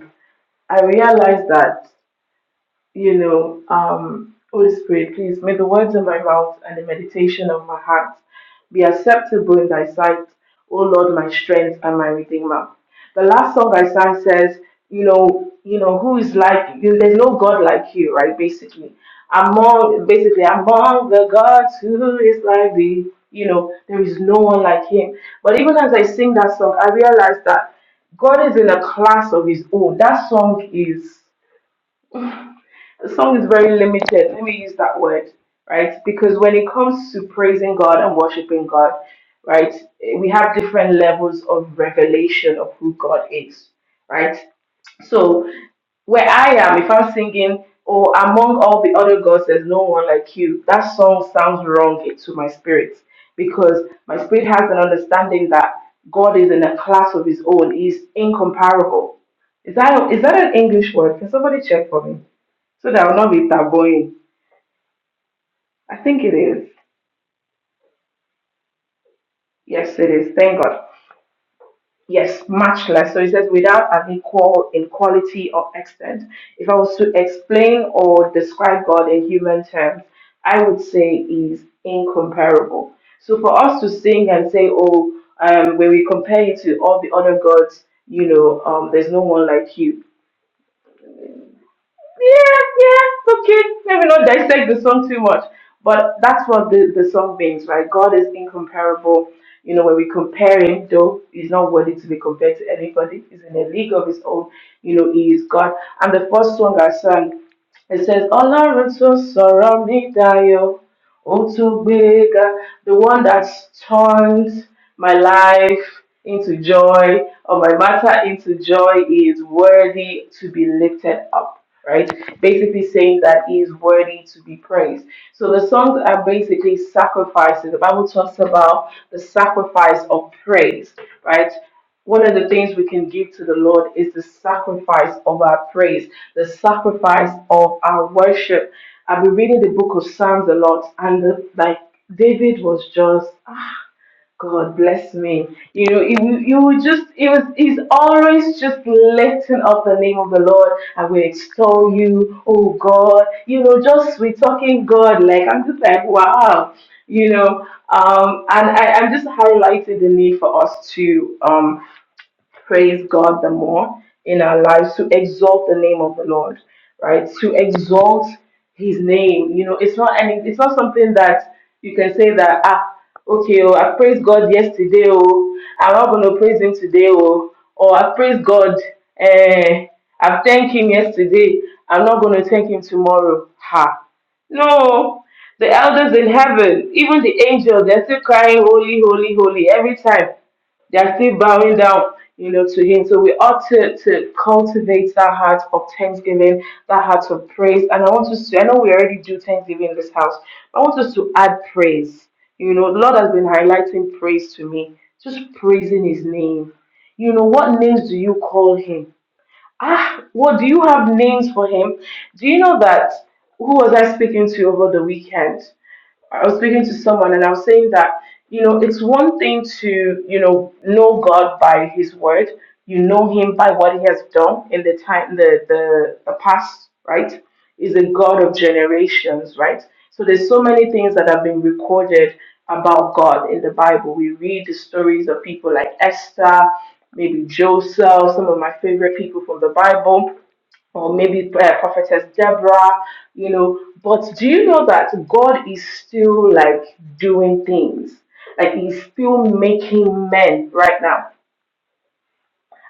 S4: I realized that, you know, um, Holy Spirit, please may the words of my mouth and the meditation of my heart be acceptable in thy sight, O Lord, my strength and my redeemer. The last song I sang says, you know, you know, who is like you? There's no God like you, right? Basically, among basically among the gods, who is like thee? You know, there is no one like him. But even as I sing that song, I realize that God is in a class of his own. That song is the song is very limited. Let me use that word, right? Because when it comes to praising God and worshiping God, right, we have different levels of revelation of who God is, right? So where I am, if I'm singing, oh, among all the other gods, there's no one like you, that song sounds wrong to my spirit because my spirit has an understanding that God is in a class of his own, he's incomparable. Is that, is that an English word? Can somebody check for me? so that I will not be tabooing. I think it is. Yes, it is. Thank God. Yes, much less. So it says without an equal in quality or extent. If I was to explain or describe God in human terms, I would say is incomparable. So for us to sing and say, oh, um, when we compare you to all the other gods, you know, um, there's no one like you. yeah, yeah, okay. Let me not dissect the song too much. But that's what the, the song means, right? God is incomparable. You know, when we compare him, though, he's not worthy to be compared to anybody. He's in a league of his own. You know, he is God. And the first song I sang it says, Ọlọ́run tó sọ̀rọ̀ mi dayọ̀, òun tó gbé e ga, the one that turns my life into joy, or my matter into joy, is worthy to be lifted up. Right? Basically saying that he is worthy to be praised. So the songs are basically sacrifices. The Bible talks about the sacrifice of praise, right? one of the things we can give to the Lord is the sacrifice of our praise, the sacrifice of our worship. I've been reading the book of Psalms a lot, and the, like David was just, ah, God bless me. You know, he, will- he would just, it was, he's always just lifting up the name of the Lord, and we extol you, oh God. You know, just we talking God, like I'm just like, wow you know um, and I, i'm just highlighting the need for us to um, praise God the more in our lives to exalt the name of the Lord, right? To exalt His name. You know, it's not any. It's not something that you can say that ah, okay, oh, I praised God yesterday, oh, I'm not going to praise Him today, oh, or I praised God, eh, I thanked Him yesterday, I'm not going to thank Him tomorrow. Ha. No, the elders in heaven, even the angels, they're still crying, Holy, holy, holy, every time. They are still bowing down, you know, to Him. So we ought to, to cultivate that heart of thanksgiving, that heart of praise. And I want us to, I know we already do thanksgiving in this house, but I want us to add praise. You know, the Lord has been highlighting praise to me, just praising His name. You know, what names do you call Him? Ah, what do you have names for Him? Do you know that? Who was I speaking to over the weekend? I was speaking to someone and I was saying that, you know, it's one thing to, you know, know God by his word. You know him by what he has done in the time the the, the past, right? Is a God of generations, right? So there's so many things that have been recorded about God in the Bible. We read the stories of people like Esther, maybe Joseph, some of my favorite people from the Bible or maybe uh, prophetess deborah you know but do you know that god is still like doing things like he's still making men right now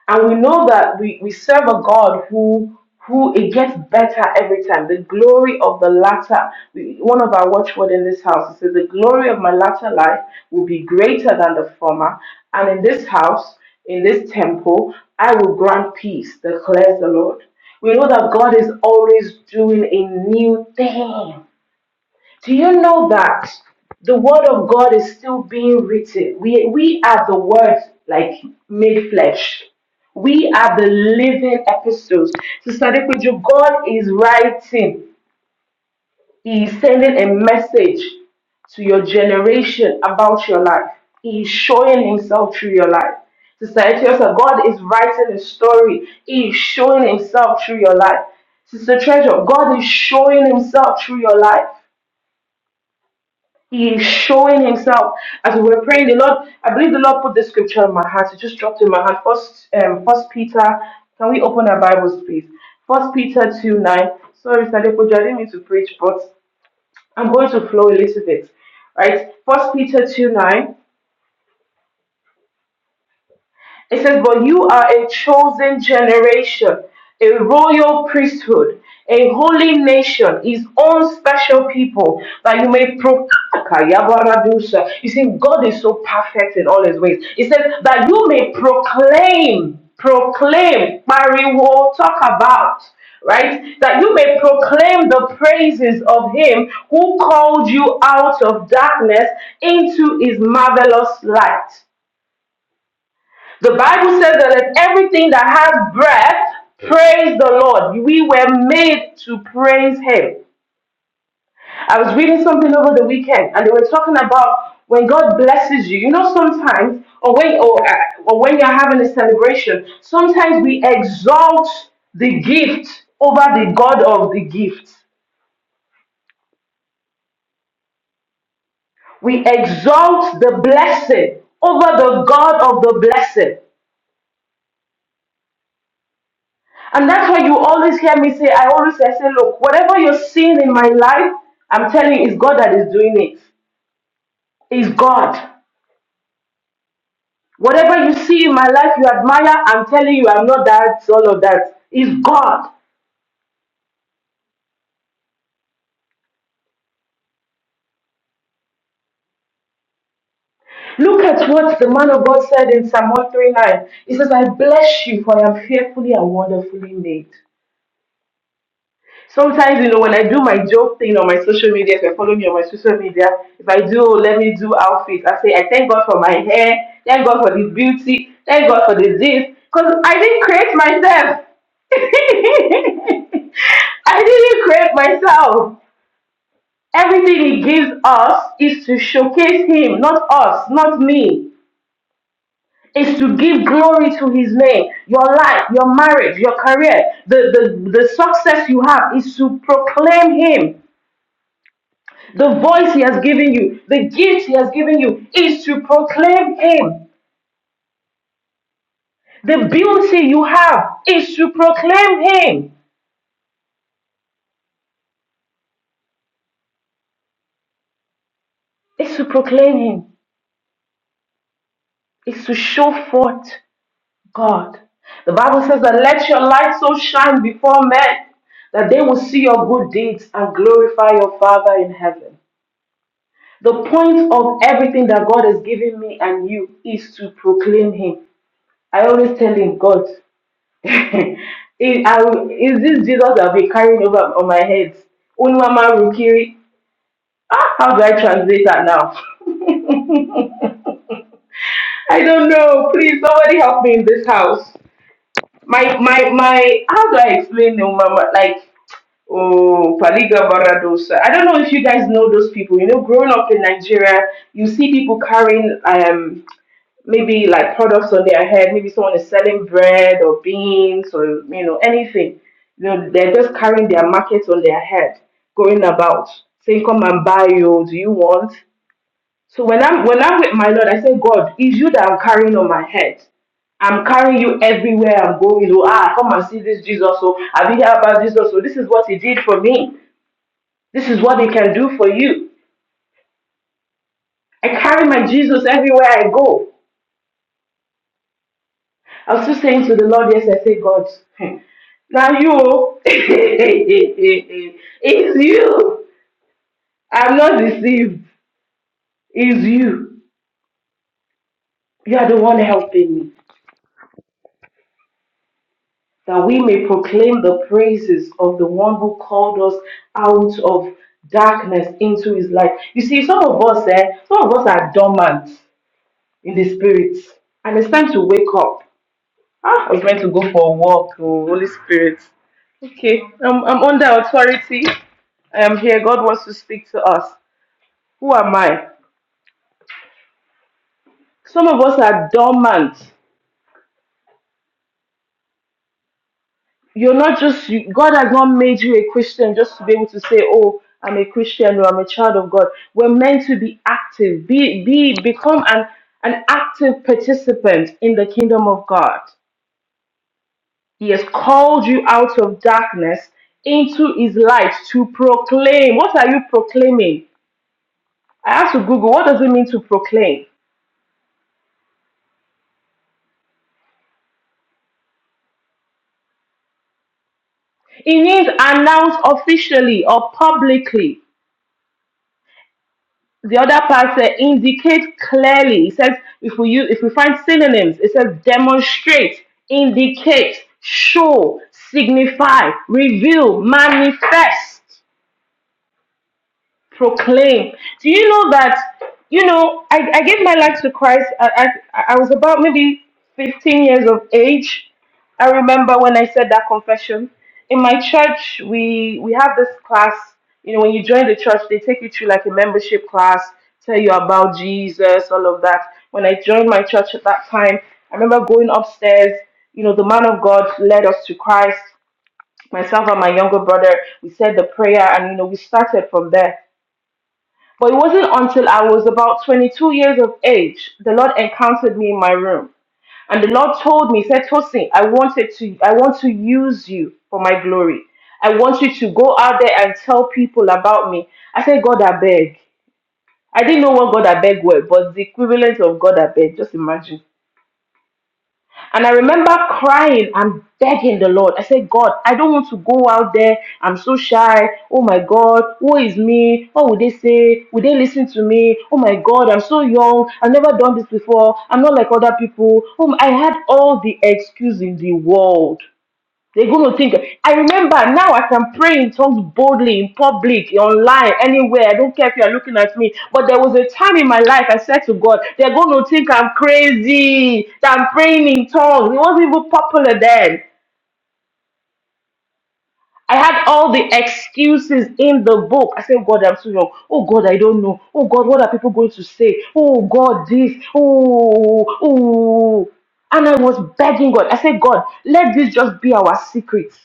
S4: and we know that we, we serve a God who who it gets better every time. The glory of the latter, we- one of our watchword in this house, it says, the glory of my latter life will be greater than the former. And in this house, in this temple, I will grant peace, declares the Lord. We know that God is always doing a new thing. Do you know that the word of God is still being written? We, we are the words like made flesh. We are the living epistles. Sister Dekuju, God is writing. He is sending a message to your generation about your life. He is showing himself through your life. Sister Etiosa, God is writing a story. He is showing himself through your life. Sister Treasure, God is showing himself through your life. He is showing himself as we were praying. The Lord, I believe the Lord put this scripture in my heart. It just dropped in my heart. First, um, First Peter. Can we open our Bibles, please? First Peter two nine. Sorry, Sadepoja, I didn't mean to preach, but I'm going to flow a little bit, right? First Peter two nine. It says, But you are a chosen generation, a royal priesthood, a holy nation, his own special people, that you may proclaim. You see, God is so perfect in all his ways. It says, That you may proclaim, proclaim, pariwo, talk about. Right? That you may proclaim the praises of him who called you out of darkness into his marvelous light the Bible says that let everything that has breath praise the Lord. We were made to praise Him. I was reading something over the weekend, and they were talking about when God blesses you. You know, sometimes, or when, or, uh, or when you're having a celebration, sometimes we exalt the gift over the God of the gift. We exalt the blessing over the God of the blessing. And that's why you always hear me say, I always I say, look, whatever you're seeing in my life, I'm telling you, it's God that is doing it. It's God. Whatever you see in my life you admire, I'm telling you, I'm not that, all of that. It's God. Look at what the man of God said in Psalm 139. He says, I bless you, for I am fearfully and wonderfully made. sometimes you know when i do my joke thing on my social media if you follow me on my social media if i do oh, let me do outfit i say i thank god for my hair thank god for the beauty thank god for the this because i didn't create myself i didn't create myself everything he gives us is to showcase him not us not me is to give glory to his name your life your marriage your career the, the the success you have is to proclaim him The voice He has given you, the gift He has given you, is to proclaim Him. The beauty you have is to proclaim Him. It's to proclaim Him. It's to show forth God. The Bible says that let your light so shine before men that they will see your good deeds and glorify your Father in heaven. The point of everything that God has given me and you is to proclaim Him. I always tell him, God, is, I will- is this Jesus I'll be carrying over on my head? Unwama Rukiri. Ah, how do I translate that now? I don't know. Please, somebody help me in this house. My, my, my, how do I explain Unwama? Like, Oh, Paliga Baradosa. I don't know if you guys know those people. You know, growing up in Nigeria, you see people carrying um maybe like products on their head. Maybe someone is selling bread or beans or you know anything. You know, they're just carrying their market on their head, going about saying, "Come and buy, you. Do you want?" So when I'm when I'm with my Lord, I say, "God, it's you that I'm carrying on my head." I'm carrying you everywhere I'm going. Oh, ah, come and see this Jesus. So have you heard about Jesus? So this is what he did for me. This is what he can do for you. I carry my Jesus everywhere I go. I was still saying to the Lord yesterday, I say, God, hmm, now you, oh. it's you. I'm not deceived. It's you. You are the one helping me. That we may proclaim the praises of the one who called us out of darkness into his light. You see, some of us, eh, some of us are dormant in the spirit. And it's time to wake up. Ah, I was meant to go for a walk. Oh, Holy Spirit. Okay, I'm, I'm under authority. I am here. God wants to speak to us. Who am I? Some of us are dormant. You're not just, you, God has not made you a Christian just to be able to say, oh, I'm a Christian or I'm a child of God. We're meant to be active, be, be, become an, an active participant in the kingdom of God. He has called you out of darkness into his light to proclaim. What are you proclaiming? I asked to Google, what does it mean to proclaim? It means announce officially or publicly. The other part says indicate clearly. It says if we use if we find synonyms, it says demonstrate, indicate, show, signify, reveal, manifest. proclaim. Do you know that? You know, I, I gave my life to Christ. I, I I was about maybe 15 years of age. I remember when I said that confession. In my church, we we have this class. You know, when you join the church, they take you through like a membership class, tell you about Jesus, all of that. When I joined my church at that time, I remember going upstairs. You know, the man of God led us to Christ. Myself and my younger brother, we said the prayer, and you know, we started from there. But it wasn't until I was about 22 years of age the Lord encountered me in my room. And the Lord told me, he said, Tosin, I wanted to, I want to use you for my glory. I want you to go out there and tell people about me. I said, God, I beg. I didn't know what God, I beg were, but the equivalent of God, I beg. Just imagine. And I remember crying and begging the Lord. I said, God, I don't want to go out there. I'm so shy. Oh my God, who is me? What would they say? Would they listen to me? Oh my God, I'm so young. I've never done this before. I'm not like other people. Oh, I had all the excuse in the world. They're going to think. I remember now I can pray in tongues boldly in public, online, anywhere. I don't care if you're looking at me. But there was a time in my life I said to God, they're going to think I'm crazy, that I'm praying in tongues. It wasn't even popular then. I had all the excuses in the book. I said, God, I'm so young. Oh, God, I don't know. Oh, God, what are people going to say? Oh, God, this. Oh, oh. And I was begging God. I said, God, let this just be our secret.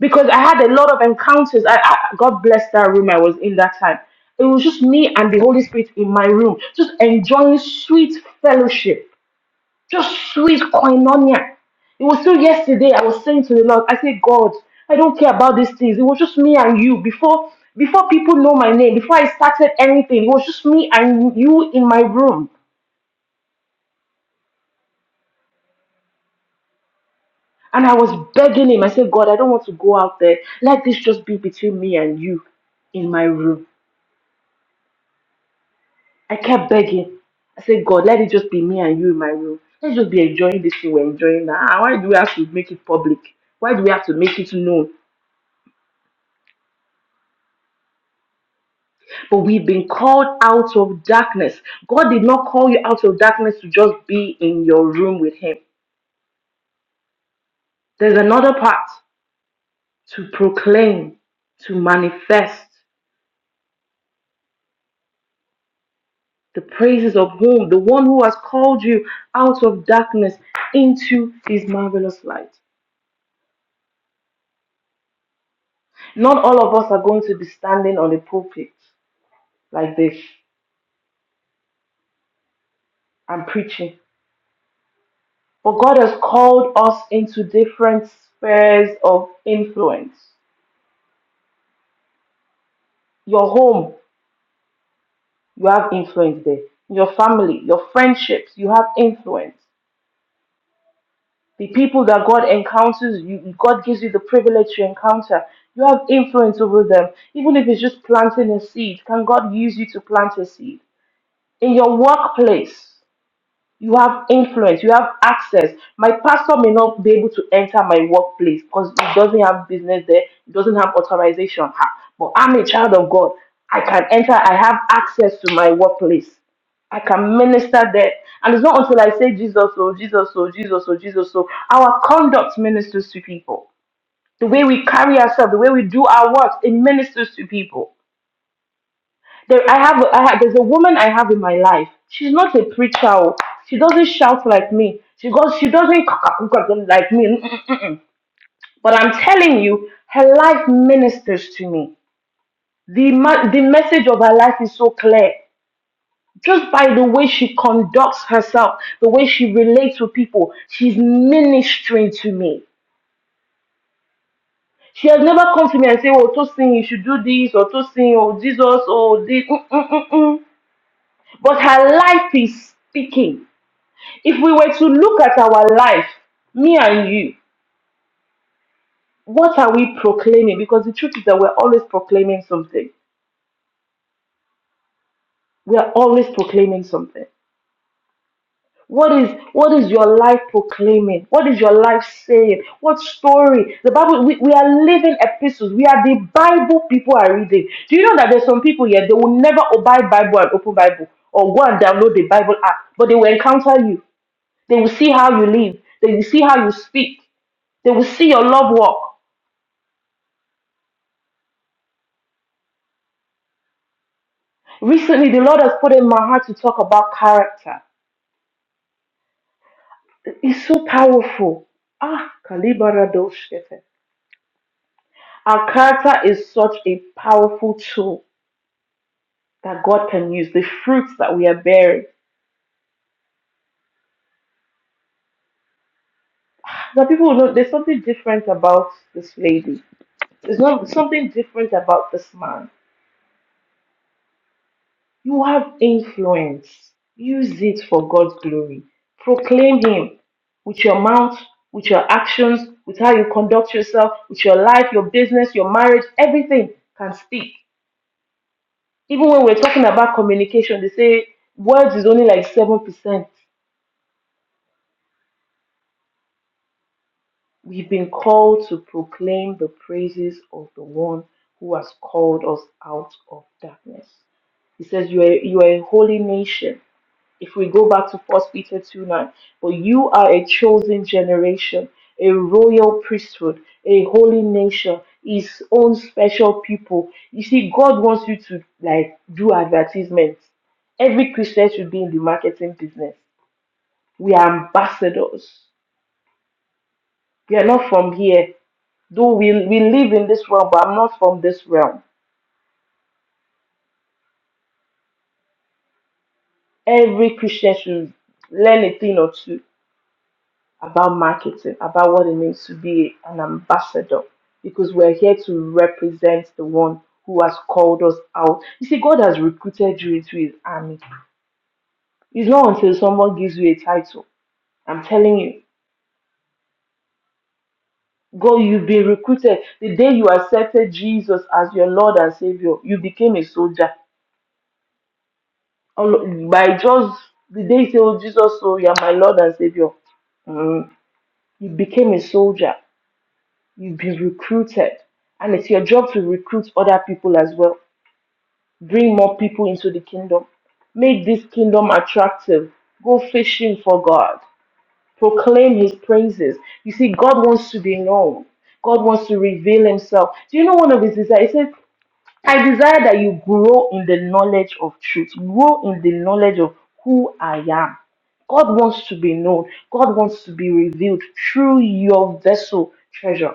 S4: because I had a lot of encounters. I, I God bless that room I was in that time. It was just me and the Holy Spirit in my room, just enjoying sweet fellowship, just sweet koinonia. It was still yesterday. I was saying to the Lord, I say, God, I don't care about these things. It was just me and you before before people know my name, before I started anything. It was just me and you in my room. And I was begging him. I said, God, I don't want to go out there. Let this just be between me and you in my room. I kept begging. I said, God, let it just be me and you in my room. Let's just be enjoying this thing we're enjoying now. Ah, Why do we have to make it public? Why do we have to make it known? But we've been called out of darkness. God did not call you out of darkness to just be in your room with Him. There's another part to proclaim, to manifest the praises of whom? The one who has called you out of darkness into His marvelous light. Not all of us are going to be standing on a pulpit like this. I'm preaching. But God has called us into different spheres of influence. Your home, you have influence there. Your family, your friendships, you have influence. The people that God encounters, you, God gives you the privilege to encounter. You have influence over them. Even if it's just planting a seed, can God use you to plant a seed? In your workplace, You have influence, you have access. My pastor may not be able to enter my workplace because he doesn't have business there, he doesn't have authorization. Ha, But I'm a child of God. I can enter, I have access to my workplace. I can minister there. And it's not until I say Jesus, oh, Jesus, oh, Jesus, oh, Jesus, oh, our conduct ministers to people. The way we carry ourselves, the way we do our works, it ministers to people. There, I have, I have, there's a woman I have in my life. She's not a preacher. oh. She doesn't shout like me. She goes, she doesn't like me. But I'm telling you, her life ministers to me. The, ma- the message of her life is so clear. Just by the way she conducts herself, the way she relates with people, she's ministering to me. She has never come to me and say, "Oh, Tosin, you should do this," or "Tosin, oh Jesus, oh this." Mm-mm-mm-mm. But her life is speaking. If we were to look at our life, me and you, what are we proclaiming? Because the truth is that we're always proclaiming something. We are always proclaiming something. What is what is your life proclaiming? What is your life saying? What story? The Bible we, we are living epistles. We are the Bible people are reading. Do you know that there's some people here they will never buy Bible and open Bible or go and download the Bible app, but they will encounter you. They will see how you live. They will see how you speak. They will see your love walk. Recently, the Lord has put in my heart to talk about character. It's so powerful. Ah, kalibaradoshkete. Our character is such a powerful tool that God can use. The fruits that we are bearing. Now, people, know there's something different about this lady. There's not something different about this man. You have influence. Use it for God's glory. Proclaim Him with your mouth, with your actions, with how you conduct yourself, with your life, your business, your marriage. Everything can speak. Even when we're talking about communication, they say words is only like 7%. We've been called to proclaim the praises of the one who has called us out of darkness. He says, You are, you are a holy nation. if we go back to First Peter 2 9, but you are a chosen generation, a royal priesthood, a holy nation, his own special people. You see, God wants you to like do advertisements. Every Christian should be in the marketing business. We are ambassadors. We are not from here. Though we, we live in this realm, but I'm not from this realm. Every Christian should learn a thing or two about marketing, about what it means to be an ambassador, because we're here to represent the one who has called us out. You see, God has recruited you into his army. It's not until someone gives you a title. I'm telling you, God, you've been recruited. The day you accepted Jesus as your Lord and Savior, you became a soldier. All- By just the day you say, Oh, Jesus, so you're my Lord and Savior, mm, you became a soldier. You've been recruited. And it's your job to recruit other people as well. Bring more people into the kingdom. Make this kingdom attractive. Go fishing for God. Proclaim his praises. You see, God wants to be known. God wants to reveal himself. Do you know one of his desires? He says, I desire that you grow in the knowledge of truth. Grow in the knowledge of who I am. God wants to be known. God wants to be revealed through your vessel treasure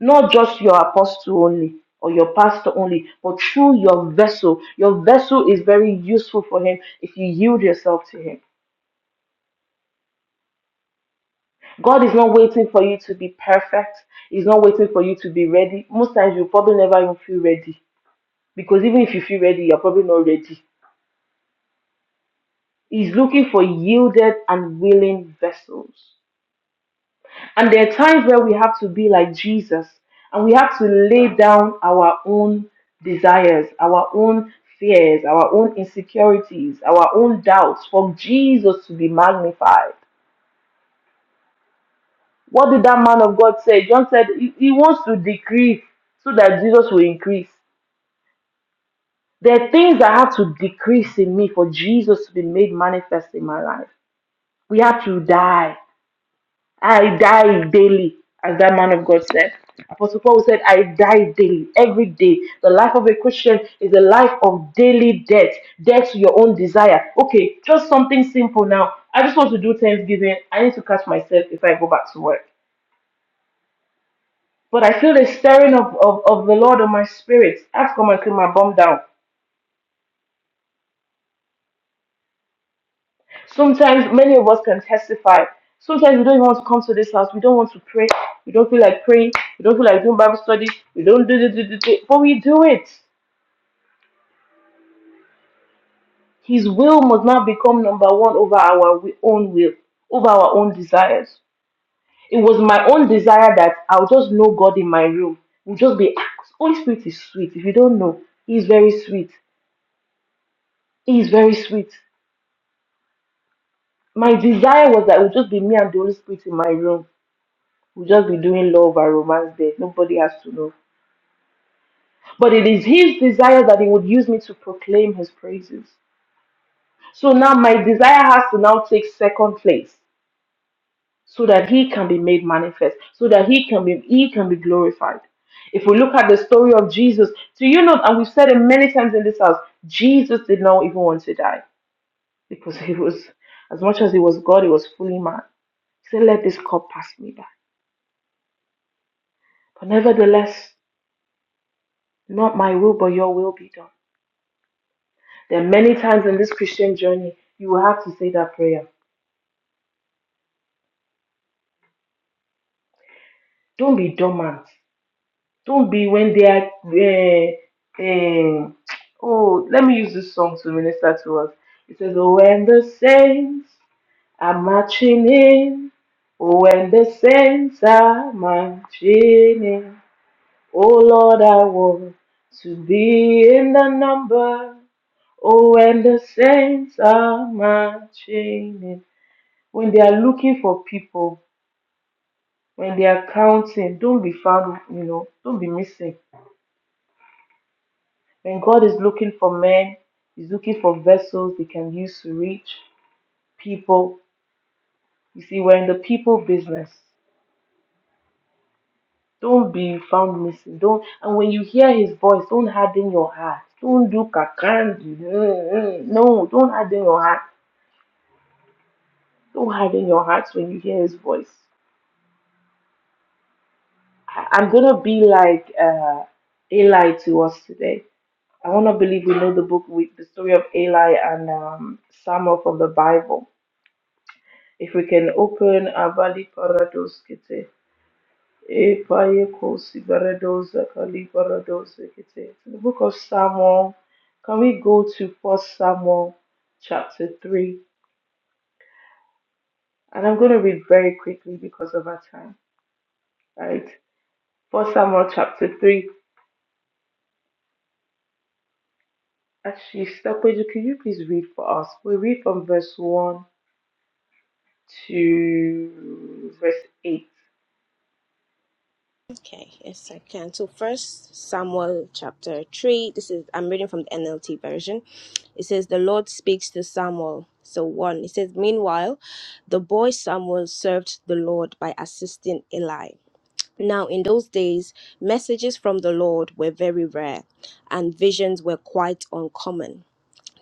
S4: not just your apostle only or your pastor only, but through your vessel. Your vessel is very useful for him if you yield yourself to him. God is not waiting for you to be perfect. He's not waiting for you to be ready. Most times you probably never even feel ready because even if you feel ready, you're probably not ready. He's looking for yielded and willing vessels. And there are times where we have to be like Jesus and we have to lay down our own desires, our own fears, our own insecurities, our own doubts for Jesus to be magnified. What did that man of God say? John said he, he wants to decrease so that Jesus will increase. There are things that have to decrease in me for Jesus to be made manifest in my life. We have to die I die daily, as that man of God said. Apostle Paul said, I die daily, every day. The life of a Christian is a life of daily death, death to your own desire. Okay, just something simple now. I just want to do Thanksgiving. I need to catch myself if I go back to work. But I feel the stirring of, of, of the Lord on my spirit. Ask come and clean my bum down. Sometimes many of us can testify. Sometimes we don't even want to come to this house. We don't want to pray. We don't feel like praying. We don't feel like doing Bible study. We don't do do, do, do, do. But we do it. His will must not become number one over our wi- own will, over our own desires. It was my own desire that I'll just know God in my room. We'll just be Holy Spirit is sweet. If you don't know, He's very sweet. He's very sweet. My desire was that it would just be me and the Holy Spirit in my room. We'll just be doing love and romance there. Nobody has to know But it is his desire that he would use me to proclaim his praises. So now my desire has to now take second place so that he can be made manifest, so that he can be he can be glorified. If we look at the story of Jesus, do you know, and we've said it many times in this house, Jesus did not even want to die because he was, as much as he was God, he was fully man. He said, Let this cup pass me by. But nevertheless, not my will, but your will be done. There are many times in this Christian journey, you will have to say that prayer. Don't be dormant. Don't be when they are. Uh, um, oh, let me use this song to minister to us. It says, "Oh, when the saints are marching in, oh, when the saints are marching in, oh Lord, I want to be in the number. Oh, when the saints are marching in, when they are looking for people, when they are counting, don't be found, you know, don't be missing When God is looking for men, He's looking for vessels they can use to reach people. You see, we're in the people business. Don't be found missing. Don't and when you hear his voice, don't harden your heart. Don't do kakandi. Mm, mm. No, don't harden your heart. Don't harden your hearts when you hear his voice. I- I'm gonna be like uh, Eli to us today. I wanna believe we know the book with the story of Eli and um, Samuel from the Bible If we can open Avali Parados Kete, E Payekos Ibarados Akali Parados Kete. The book of Samuel, can we go to First Samuel chapter 3? And I'm going to read very quickly because of our time, right? First Samuel chapter 3. Actually, Stapeju, can you please read for us? We read from verse 1 to verse 8.
S1: Okay, yes, I can. So, first Samuel chapter 3, this is I'm reading from the NLT version. It says, The Lord speaks to Samuel. So, one, it says, Meanwhile, the boy Samuel served the Lord by assisting Eli. Now, in those days, messages from the Lord were very rare and visions were quite uncommon.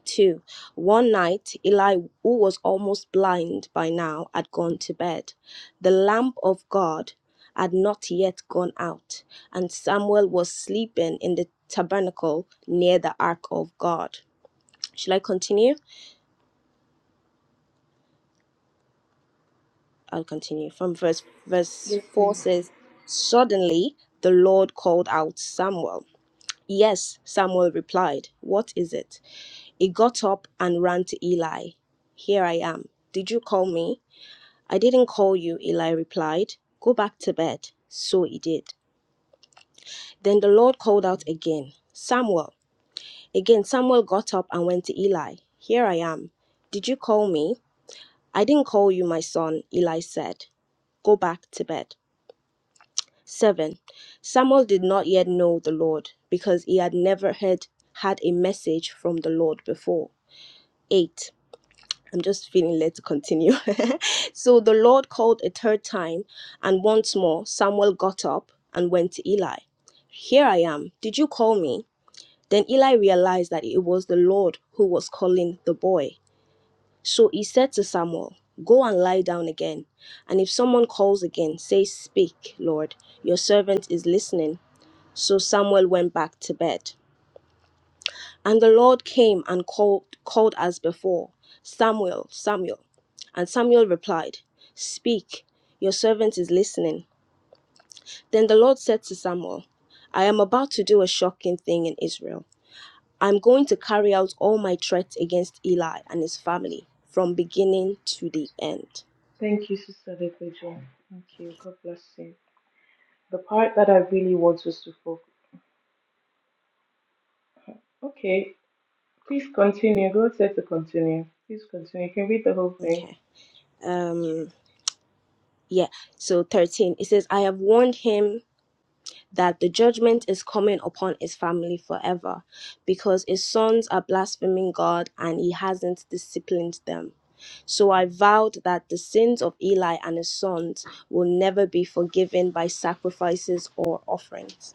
S1: 2. One night, Eli, who was almost blind by now, had gone to bed. The lamp of God had not yet gone out, and Samuel was sleeping in the tabernacle near the ark of God. Shall I continue? I'll continue. From verse, verse
S4: Yes,
S1: 4
S4: please.
S1: says, Suddenly the Lord called out Samuel. Yes, Samuel replied, What is it? He got up and ran to Eli. Here I am. Did you call me? I didn't call you, Eli replied. Go back to bed. So he did. Then the Lord called out again, Samuel. Again, Samuel got up and went to Eli. Here I am. Did you call me? I didn't call you, my son, Eli said. Go back to bed. 7. Samuel did not yet know the Lord because he had never heard had a message from the Lord before. 8. I'm just feeling led to continue. so the Lord called a third time, and once more Samuel got up and went to Eli. Here I am. Did you call me? Then Eli realized that it was the Lord who was calling the boy. So he said to Samuel, Go and lie down again. And if someone calls again, say, 'Speak, Lord, your servant is listening. So Samuel went back to bed. And the Lord came and called, called as before, Samuel, Samuel. And Samuel replied, Speak, your servant is listening. Then the Lord said to Samuel, I am about to do a shocking thing in Israel. I'm going to carry out all my threats against Eli and his family from beginning to the end.
S4: Thank you, Sister Depejo. Thank you. God bless you. The part that I really want was to focus. Okay, please continue. Go ahead to continue. Please continue. You can read the whole thing.
S1: Okay. Um yeah, so 13 it says I have warned him that the judgment is coming upon his family forever because his sons are blaspheming God and he hasn't disciplined them. So I vowed that the sins of Eli and his sons will never be forgiven by sacrifices or offerings.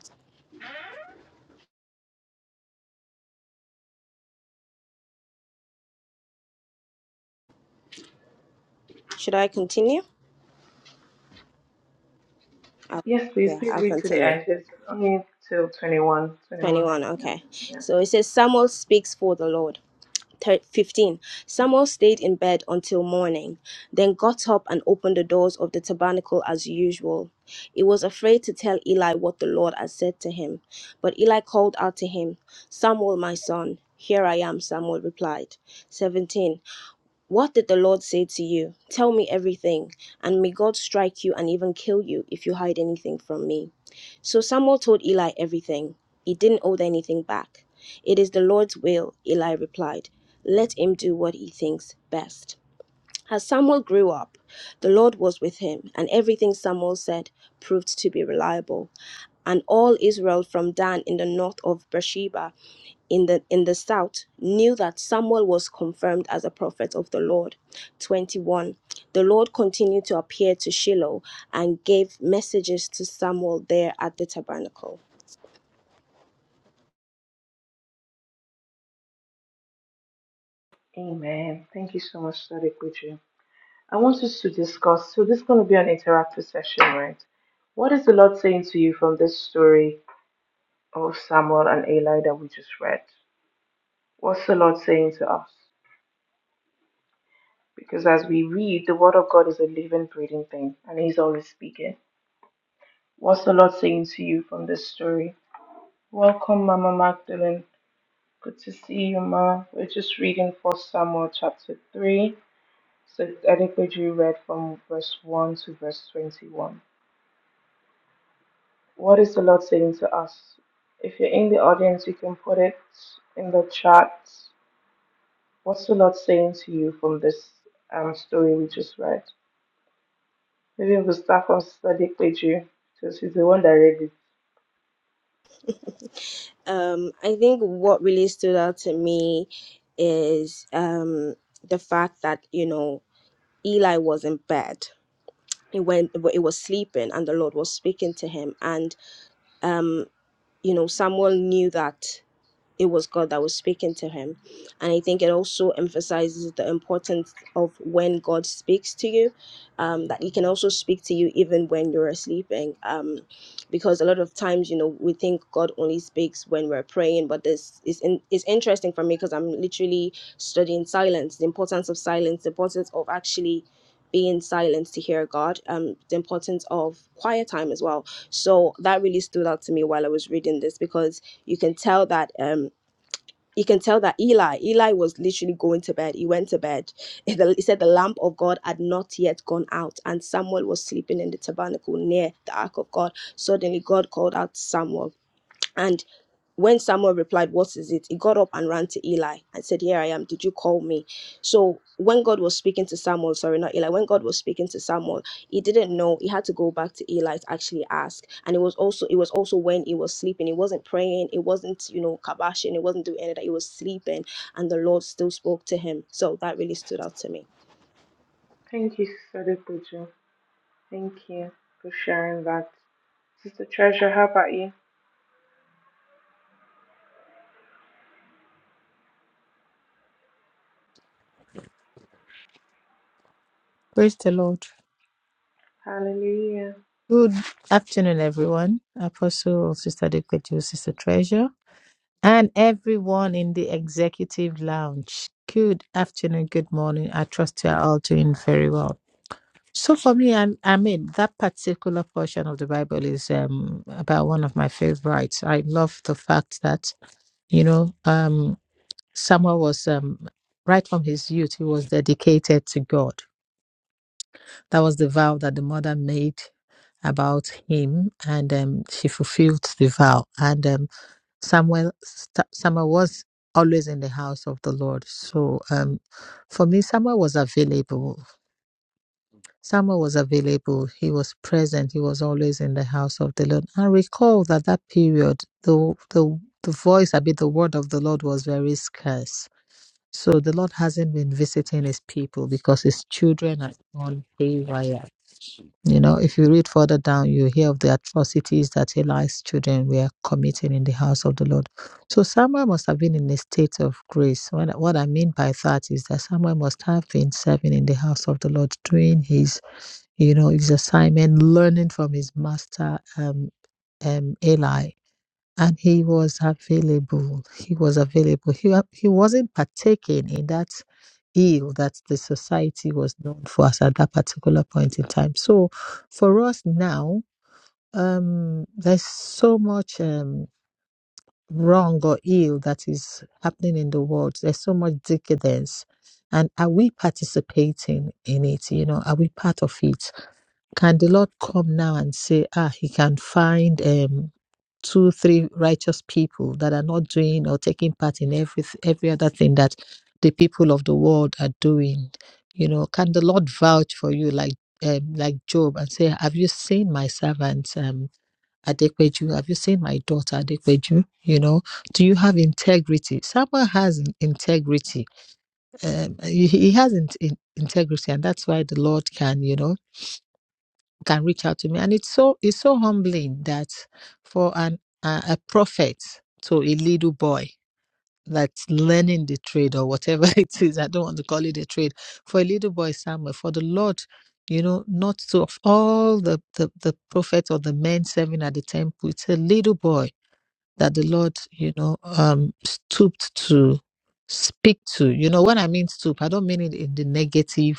S1: Should I continue? I'll,
S4: Yes, please.
S1: yeah,
S4: Please
S1: I'll
S4: read to the
S1: continue.
S4: end. It's only till 21. 21.
S1: 21,
S4: Yeah.
S1: okay.
S4: Yeah.
S1: So it says Samuel speaks for the Lord. 15 Samuel stayed in bed until morning, then got up and opened the doors of the tabernacle as usual. He was afraid to tell Eli what the Lord had said to him. But Eli called out to him, Samuel, my son. Here I am, Samuel replied. 17 what did the Lord say to you? Tell me everything, and may God strike you and even kill you if you hide anything from me. So Samuel told Eli everything. He didn't hold anything back. It is the Lord's will, Eli replied. Let him do what he thinks best. As Samuel grew up, the Lord was with him, and everything Samuel said proved to be reliable. And all Israel from Dan in the north of Beersheba in the in the south knew that Samuel was confirmed as a prophet of the Lord. 21. The Lord continued to appear to Shiloh and gave messages to Samuel there at the tabernacle.
S4: Amen. Thank you so much, Daddy Kuchu. I want us to discuss. So, this is going to be an interactive session, right? What is the Lord saying to you from this story of Samuel and Eli that we just read? What's the Lord saying to us? Because as we read, the Word of God is a living, breathing thing, and He's always speaking. What's the Lord saying to you from this story? Welcome, Mama Magdalene. Good to see you, Ma. We're just reading First Samuel chapter 3. So I think we do read from verse 1 to verse 21. What is the Lord saying to us? If you're in the audience, you can put it in the chat. What's the Lord saying to you from this um, story we just read? Maybe we'll start from Sadiq Peju, because he's the one that read it.
S1: Um, I think what really stood out to me is um, the fact that you know Eli was in bed. He went, it was sleeping, and the Lord was speaking to him. And, um, you know, Samuel knew that it was God that was speaking to him. And I think it also emphasizes the importance of when God speaks to you, um, that He can also speak to you even when you're sleeping. Um, because a lot of times, you know, we think God only speaks when we're praying, but this is in, it's interesting for me because I'm literally studying silence, the importance of silence, the importance of actually being silent to hear God, um, the importance of quiet time as well. So that really stood out to me while I was reading this because you can tell that um you can tell that Eli, Eli was literally going to bed. He went to bed. He the- he said the lamp of God had not yet gone out, and Samuel was sleeping in the tabernacle near the ark of God. Suddenly, God called out to Samuel. and when Samuel replied, What is it? He got up and ran to Eli and said, Here I am. Did you call me? So when God was speaking to Samuel, sorry, not Eli, when God was speaking to Samuel, he didn't know. He had to go back to Eli to actually ask. And it was also it was also when he was sleeping. He wasn't praying. It wasn't, you know, kabashing. It wasn't doing any of that. He was sleeping. And the Lord still spoke to him. So that really stood out to me.
S4: Thank you, Sadiq Peju. Thank you for sharing that. Sister Treasure, how about you?
S5: Praise the Lord.
S4: Hallelujah.
S5: Good afternoon, everyone. Apostle, Sister Dekwetu, Sister Treasure, and everyone in the executive lounge. Good afternoon, good morning. I trust you are all doing very well. So for me, I, I mean, that particular portion of the Bible is um, about one of my favorites. I love the fact that, you know, um, Samuel was, um, right from his youth, he was dedicated to God That was the vow that the mother made about him, and um, she fulfilled the vow. And um, Samuel, st- Samuel was always in the house of the Lord. So um, for me, Samuel was available. Samuel was available. He was present. He was always in the house of the Lord. And recall that that period, the the the voice, I mean, the word of the Lord was very scarce. So the Lord hasn't been visiting His people because His children are on haywire you know, if you read further down, you hear of the atrocities that Eli's children were committing in the house of the Lord. So Samuel must have been in a state of grace. When, what I mean by that is that Samuel must have been serving in the house of the Lord, doing his, you know, his assignment, learning from his master, um, um, Eli and he was available. He was available. He, wa- he wasn't partaking in that ill that the society was known for us at that particular point in time. So for us now, um, there's so much um, wrong or ill that is happening in the world. There's so much decadence. And are we participating in it? You know, are we part of it? Can the Lord come now and say, ah, he can find um, two, three righteous people that are not doing or taking part in every every other thing that the people of the world are doing. You know, can the Lord vouch for you like um, like Job and say, "Have you seen my servant um, Adekweju? Have you seen my daughter Adekweju? You know, do you have integrity? Samuel has in- integrity. Um, he, he has in, in- integrity, and that's why the Lord can, you know." can reach out to me and it's so it's so humbling that for an a, a prophet to a little boy that's learning the trade or whatever it is i don't want to call it a trade for a little boy samuel for the lord you know not to of all the, the the prophets or the men serving at the temple it's a little boy that the lord you know um stooped to speak to you know when i mean stoop i don't mean it in the negative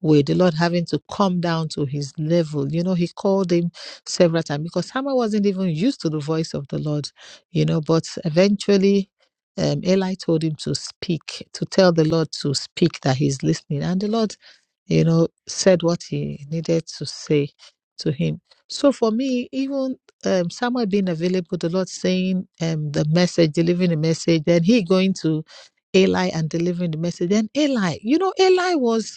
S5: way, the Lord having to come down to his level. You know, he called him several times because Samuel wasn't even used to the voice of the Lord, you know, but eventually um, Eli told him to speak, to tell the Lord to speak that he's listening. And the Lord, you know, said what he needed to say to him. So for me, even um, Samuel being available, the Lord saying um, the message, delivering the message, then he going to Eli and delivering the message. Then Eli, you know, Eli was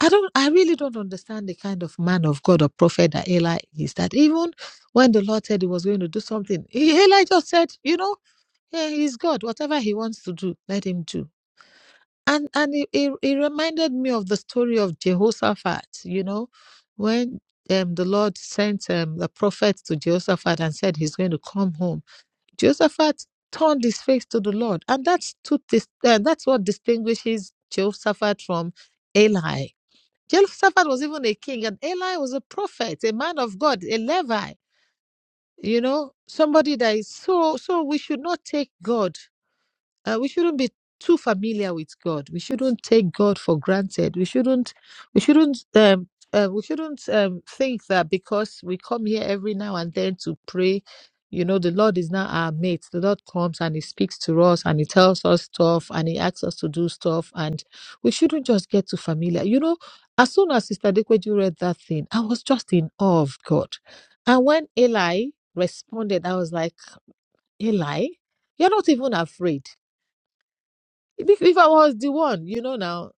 S5: I don't I really don't understand the kind of man of God or prophet that Eli is that even when the Lord said he was going to do something, he- Eli just said, you know, yeah, he's God. Whatever he wants to do, let him do. And and it, it, it reminded me of the story of Jehoshaphat, you know, when um, the Lord sent um, the prophet to Jehoshaphat and said he's going to come home. Jehoshaphat turned his face to the Lord. And that's, to dis- uh, that's what distinguishes Jehoshaphat from Eli Jehoshaphat was even a king, and Eli was a prophet, a man of God, a Levi. You know, somebody that is so. So we should not take God uh, we shouldn't be too familiar with God. We shouldn't take God for granted. We shouldn't we shouldn't um, uh, we shouldn't um, think that because we come here every now and then to pray, you know, the Lord is not our mate. The Lord comes and He speaks to us and He tells us stuff and He asks us to do stuff, and we shouldn't just get too familiar. You know, as soon as Sister Dekweju read that thing, I was just in awe of God, and when Eli responded, I was like, Eli, you're not even afraid if, if I was the one, you know now,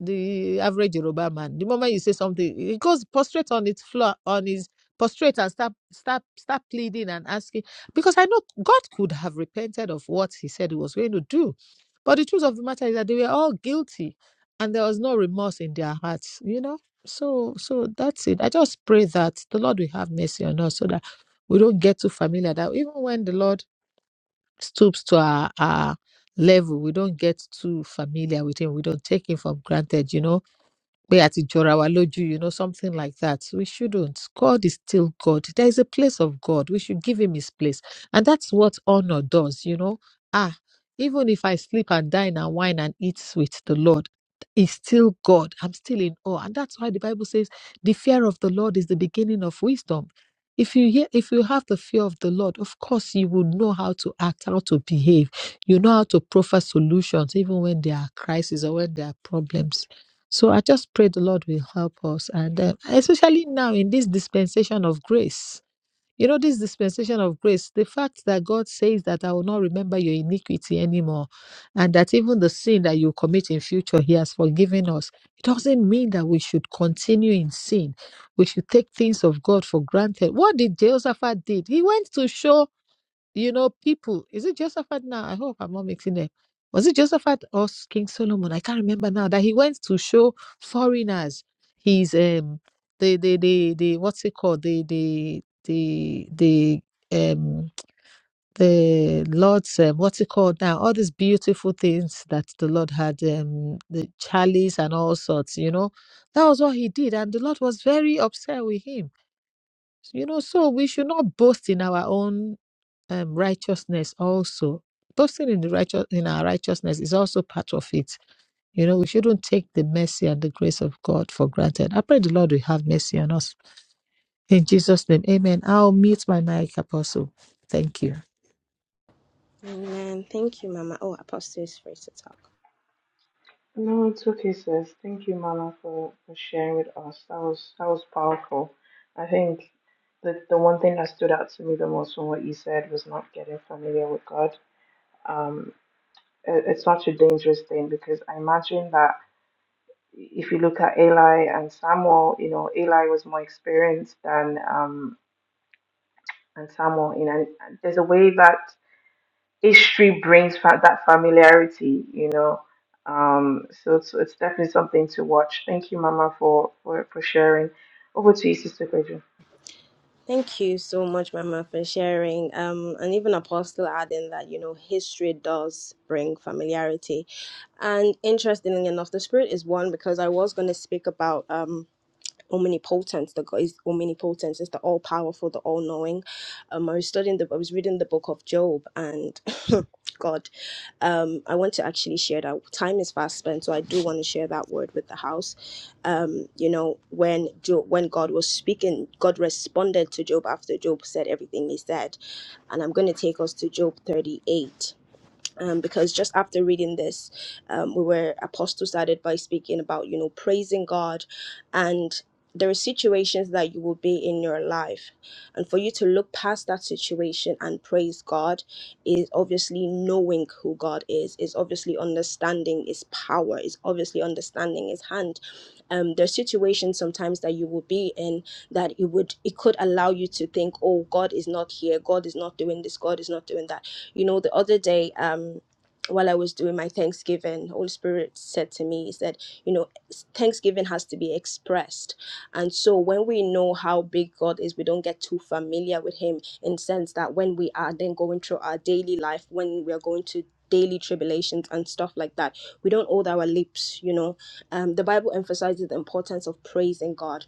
S5: the average Yoruba man, the moment you say something, he goes prostrate on its floor, on his prostrate and start start start pleading and asking. Because I know God could have repented of what he said he was going to do. But the truth of the matter is that they were all guilty and there was no remorse in their hearts, you know? So so that's it. I just pray that the Lord will have mercy on us so that we don't get too familiar that even when the Lord stoops to our our level we don't get too familiar with him we don't take him for granted you know pé a ti jọra wa lójú you know something like that we shouldn't god is still god there is a place of god we should give him his place and that's what honor does you know ah even if i sleep and dine and wine and eat with the lord He's still god i'm still in awe and that's why the bible says the fear of the lord is the beginning of wisdom if you hear if you have the fear of the lord of course you will know how to act how to behave you know how to proffer solutions even when there are crises or when there are problems so I just pray the Lord will help us. And uh, especially now in this dispensation of grace, you know, this dispensation of grace, the fact that God says that I will not remember your iniquity anymore, and that even the sin that you commit in future, He has forgiven us, it doesn't mean that we should continue in sin. We should take things of God for granted. What did Jehoshaphat did? He went to show you know, people, is it Josaphat now? I hope I'm not mixing them. Was it Josaphat or s- King Solomon? I can't remember now. That he went to show foreigners his um the the the, the what's it called? The the the the um the Lord's um, what's it called now? All these beautiful things that the Lord had um the chalice and all sorts, you know. That was what he did, and the Lord was very upset with him. You know, so we should not boast in our own um, righteousness also boasting in the righteous in our righteousness is also part of it you know we shouldn't take the mercy and the grace of god for granted i pray the lord will have mercy on us in jesus name amen i'll mute my mic apostle thank you
S1: Amen. Thank you, Mama. Oh, Apostle is free to talk.
S4: No, it's okay, sis. Thank you, Mama, for, for sharing with us. That was that was powerful. I think the the one thing that stood out to me the most from what you said was not getting familiar with God. Um, it, it's such a dangerous thing because I imagine that if you look at Eli and Samuel, you know, Eli was more experienced than um and Samuel. You know, and there's a way that history brings fa- that familiarity, you know. Um, so it's, it's definitely something to watch. Thank you, Mama, for, for, for sharing. Over to you, Sister Pedro.
S1: Thank you so much, Mama, for sharing. Um, and even Apostle adding that, you know, history does bring familiarity. And interestingly enough, the Spirit is one because I was going to speak about. Um, omnipotent the god is omnipotent is the all-powerful the all-knowing um i was studying the i was reading the book of job and god um i want to actually share that time is fast spent so i do want to share that word with the house um you know when job when god was speaking god responded to job after job said everything he said and i'm going to take us to job 38 um, because just after reading this, um, we were apostle started by speaking about you know praising God, and there are situations that you will be in your life, and for you to look past that situation and praise God is obviously knowing who God is, is obviously understanding His power, is obviously understanding His hand. Um, there are situations sometimes that you will be in that it would it could allow you to think, oh, God is not here, God is not doing this, God is not doing that you know, the other day, um, while I was doing my Thanksgiving, Holy Spirit said to me, He said, you know, Thanksgiving has to be expressed. And so when we know how big God is, we don't get too familiar with Him in the sense that when we are then going through our daily life, when we are going to daily tribulations and stuff like that, we don't hold our lips, you know. Um, the Bible emphasizes the importance of praising God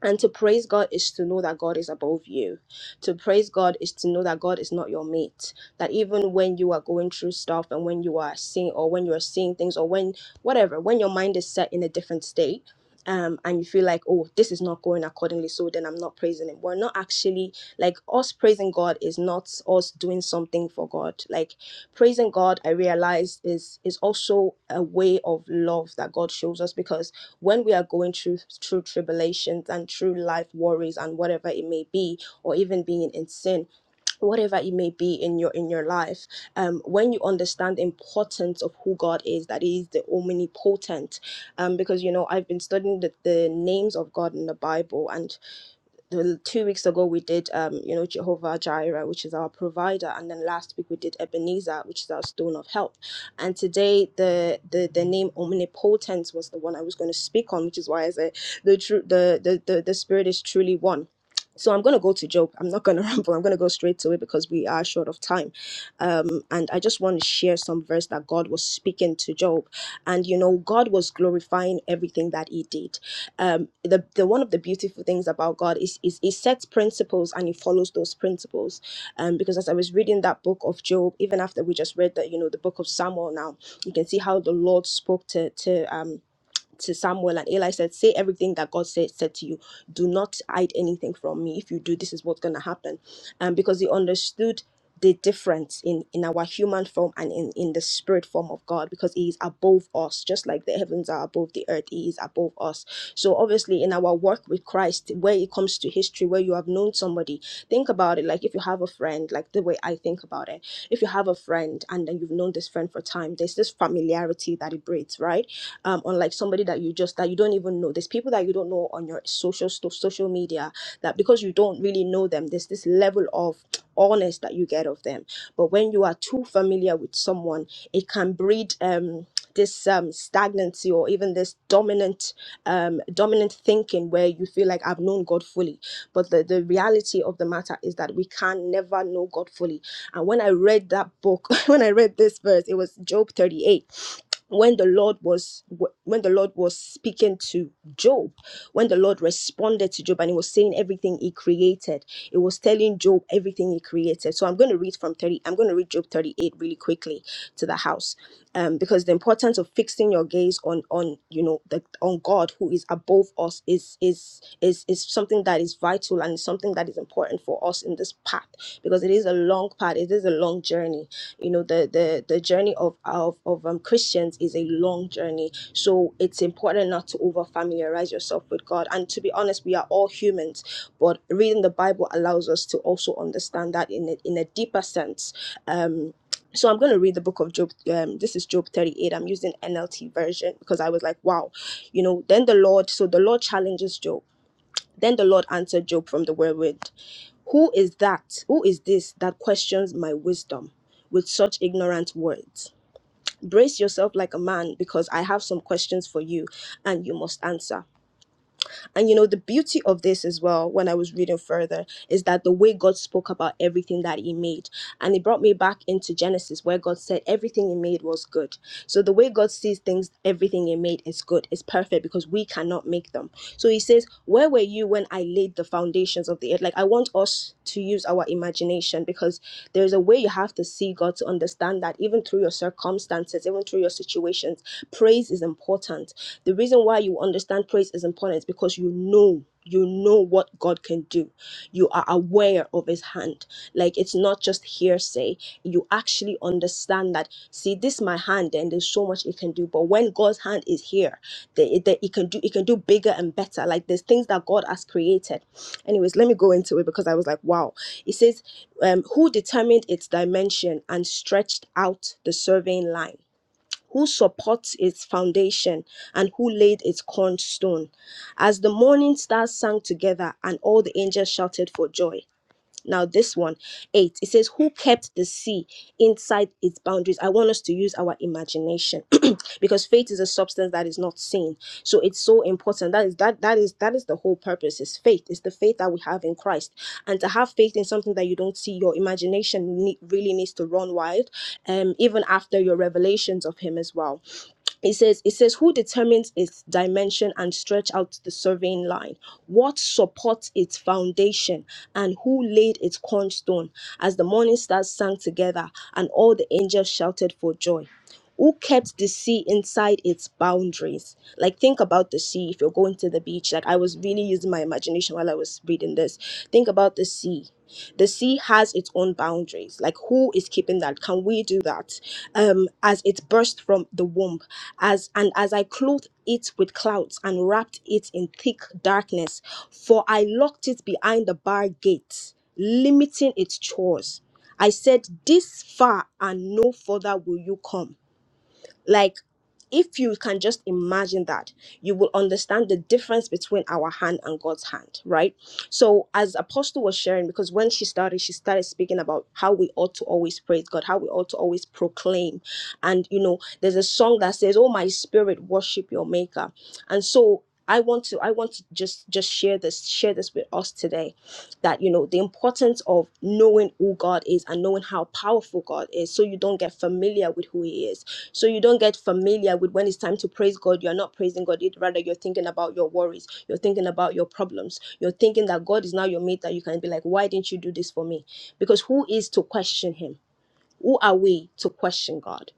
S1: and to praise God is to know that God is above you. To praise God is to know that God is not your mate. That even when you are going through stuff and when you are seeing or when you are seeing things or when whatever, when your mind is set in a different state, um, and you feel like, oh, this is not going accordingly, so then I'm not praising him. We're not actually like us praising God is not us doing something for God. Like praising God, I realize is is also a way of love that God shows us because when we are going through through tribulations and through life worries and whatever it may be or even being in sin whatever it may be in your in your life um when you understand the importance of who god is that he is the omnipotent um because you know i've been studying the, the names of god in the bible and the two weeks ago we did um you know jehovah jireh which is our provider and then last week we did ebenezer which is our stone of help and today the the, the name omnipotent was the one i was going to speak on which is why i said the true the, the the the spirit is truly one so i'm going to go to job i'm not going to ramble i'm going to go straight to it because we are short of time um and i just want to share some verse that god was speaking to job and you know god was glorifying everything that he did um the, the one of the beautiful things about god is, is he sets principles and he follows those principles um because as i was reading that book of job even after we just read that you know the book of samuel now you can see how the lord spoke to to um to Samuel and Eli said, Say everything that God said said to you. Do not hide anything from me. If you do, this is what's gonna happen. Um, because he understood the difference in in our human form and in in the spirit form of God because he is above us just like the heavens are above the earth he is above us so obviously in our work with Christ where it comes to history where you have known somebody think about it like if you have a friend like the way I think about it if you have a friend and then you've known this friend for time there's this familiarity that it breeds right um, unlike somebody that you just that you don't even know. There's people that you don't know on your social stuff, social media that because you don't really know them, there's this level of honest that you get of them. But when you are too familiar with someone, it can breed um this um stagnancy or even this dominant um dominant thinking where you feel like I've known God fully. But the, the reality of the matter is that we can never know God fully and when I read that book, when I read this verse, it was Job 38 when the lord was when the lord was speaking to job when the lord responded to job and he was saying everything he created it was telling job everything he created so i'm going to read from 30 i'm going to read job 38 really quickly to the house um, because the importance of fixing your gaze on on you know the on god who is above us is is is is something that is vital and something that is important for us in this path because it is a long part. It is a long journey. You know, the the the journey of of of um, Christians is a long journey. So it's important not to over familiarize yourself with God. And to be honest, we are all humans, but reading the Bible allows us to also understand that in a, in a deeper sense. Um, so I'm going to read the book of Job. Um, this is Job 38. I'm using NLT version because I was like, wow, you know. Then the Lord, so the Lord challenges Job. Then the Lord answered Job from the whirlwind Who is that? Who is this that questions my wisdom with such ignorant words? Brace yourself like a man because I have some questions for you and you must answer. And you know, the beauty of this as well, when I was reading further, is that the way God spoke about everything that He made. And it brought me back into Genesis, where God said everything He made was good. So the way God sees things, everything He made is good, is perfect because we cannot make them. So He says, Where were you when I laid the foundations of the earth? Like, I want us to use our imagination because there's a way you have to see God to understand that even through your circumstances, even through your situations, praise is important the reason why you understand praise is important is because you know, you know what God can do. You are aware of His hand. Like it's not just hearsay. You actually understand that. See, this is my hand, and there's so much it can do. But when God's hand is here, that that it can do, it can do bigger and better. Like there's things that God has created. Anyways, let me go into it because I was like, wow. It says, um, "Who determined its dimension and stretched out the surveying line?" who supports its foundation and who laid its cornerstone. As the morning stars sang together and all the angels shouted for joy, now, this one, eight, it says, Who kept the sea inside its boundaries? I want us to use our imagination because faith is a substance that is not seen. So it's so important. That is that that is that is the whole purpose, is faith. It's the faith that we have in Christ. And to have faith in something that you don't see, your imagination ne- really needs to run wild, um, even after your revelations of him as well it says it says who determines its dimension and stretch out the surveying line what supports its foundation and who laid its cornerstone as the morning stars sang together and all the angels shouted for joy who kept the sea inside its boundaries like think about the sea if you're going to the beach like i was really using my imagination while i was reading this think about the sea the sea has its own boundaries. Like, who is keeping that? Can we do that? Um, as it burst from the womb, as and as I clothed it with clouds and wrapped it in thick darkness, for I locked it behind the bar gate, limiting its chores. I said, This far and no further will you come. Like, if you can just imagine that, you will understand the difference between our hand and God's hand, right? So, as Apostle was sharing, because when she started, she started speaking about how we ought to always praise God, how we ought to always proclaim. And, you know, there's a song that says, Oh, my spirit, worship your maker. And so, I want to I want to just just share this share this with us today that you know the importance of knowing who God is and knowing how powerful God is so you don't get familiar with who he is so you don't get familiar with when it's time to praise god you're not praising god it rather you're thinking about your worries you're thinking about your problems you're thinking that god is now your mate that you can be like why didn't you do this for me because who is to question him who are we to question god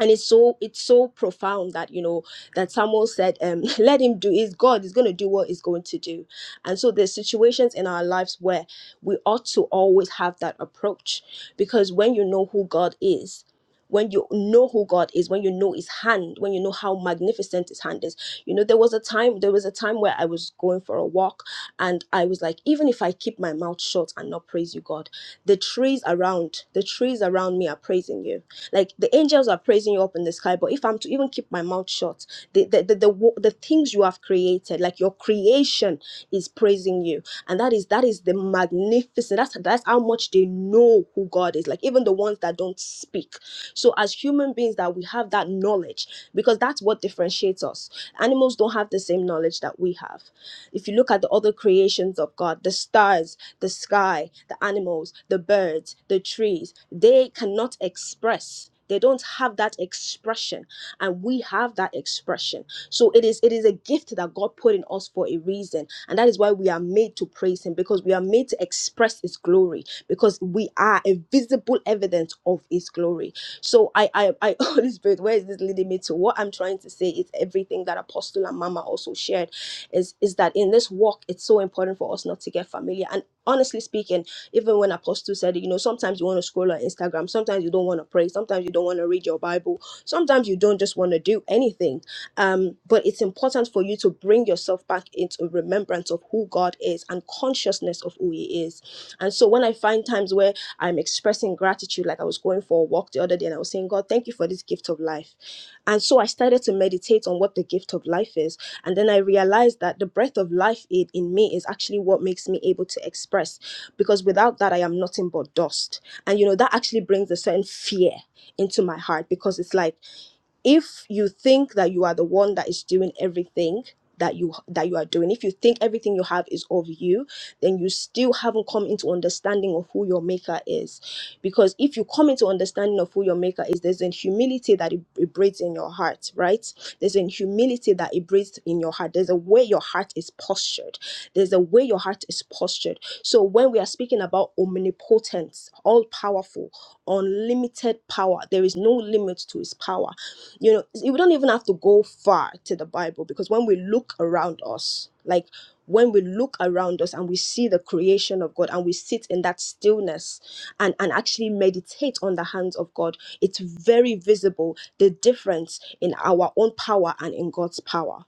S1: and it's so it's so profound that you know that samuel said um let him do is god is going to do what he's going to do and so there's situations in our lives where we ought to always have that approach because when you know who god is when you know who God is, when you know His hand, when you know how magnificent His hand is. You know, there was a time, there was a time where I was going for a walk, and I was like, even if I keep my mouth shut and not praise you, God, the trees around, the trees around me are praising you. Like the angels are praising you up in the sky, but if if I'm to even keep my mouth shut, the the, the the wo- the things you have created, like your creation, is praising you, and that is that is the magnificent. That's that's how much they know who God is. Like even the ones that don't speak. So as human beings, that we have that knowledge because that's what differentiates us. Animals don't have the same knowledge that we have. If you look at the other creations of God, the stars, the sky, the animals, the birds, the trees, they cannot express. They don't have that expression and we have that expression. So it is it is a gift that God put in us for a reason, and that is why we are made to praise Him because we are made to express His glory because we are a visible evidence of His glory. So I I, I Holy Spirit, where is this leading me to? What I'm trying to say is everything that Apostle and Mama also shared is is that in this walk, it's so important for us not to get familiar. And honestly speaking, even when Apostle said, it, you know, sometimes you want to scroll on Instagram, sometimes you don't want to pray, sometimes you don't want to read your Bible sometimes you don't just want to do anything um, but it's important for you to bring yourself back into remembrance of who god is and consciousness of who he is and so when i find times where i'm expressing gratitude like i was going for a walk the other day and i was saying god thank you for this gift of life and so i started to meditate on what the gift of life is and then i realized that the breath of life in, in me is actually what makes me able to express because without that i am nothing but dust and you know that actually brings a certain fear into my heart because it's like if you think that you are the one that is doing everything that you that you are doing if you think everything you have is of you then you still haven't come into understanding of who your maker is because if you come into understanding of who your maker is there's a humility that it, it breeds in your heart right there's a humility that it breeds in your heart there's a way your heart is postured there's a way your heart is postured so when we are speaking about omnipotent all powerful unlimited power there is no limit to his power you know, we don't even have to go far to the Bible because when we look around us, like when we look around us and we see the creation of God and we sit in that stillness and, and actually meditate on the hands of God, it's very visible the difference in our own power and in God's power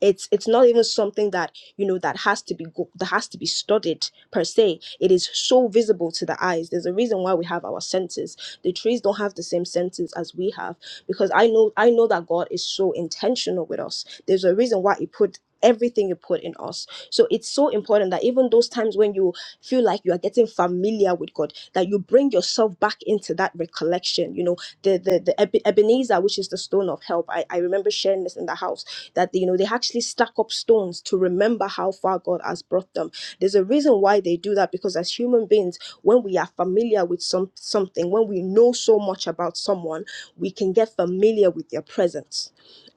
S1: it's it's not even something that you know that has to be go- that has to be studied per se it is so visible to the eyes there's a reason why we have our senses the trees don't have the same senses as we have because i know i know that god is so intentional with us there's a reason why he put everything you put in us so it's so important that even those times when you feel like you are getting familiar with god that you bring yourself back into that recollection you know the the, the Ebe- ebenezer which is the stone of help I, I remember sharing this in the house that you know they actually stack up stones to remember how far God has brought them. There's a reason why they do that because as human beings, when we are familiar with some something, when we know so much about someone, we can get familiar with their presence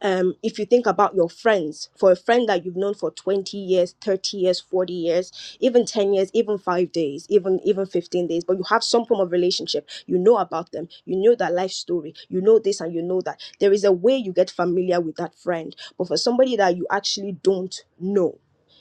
S1: um, if you think about your friends, for a friend that you've known for 20 years, 30 years, 40 years, even 10 years, even five days, even even 15 days, but you have some form of relationship, you know about them, you know that life story, you know this and you know that. There is a way you get familiar with that friend. But for somebody that you actually don't know,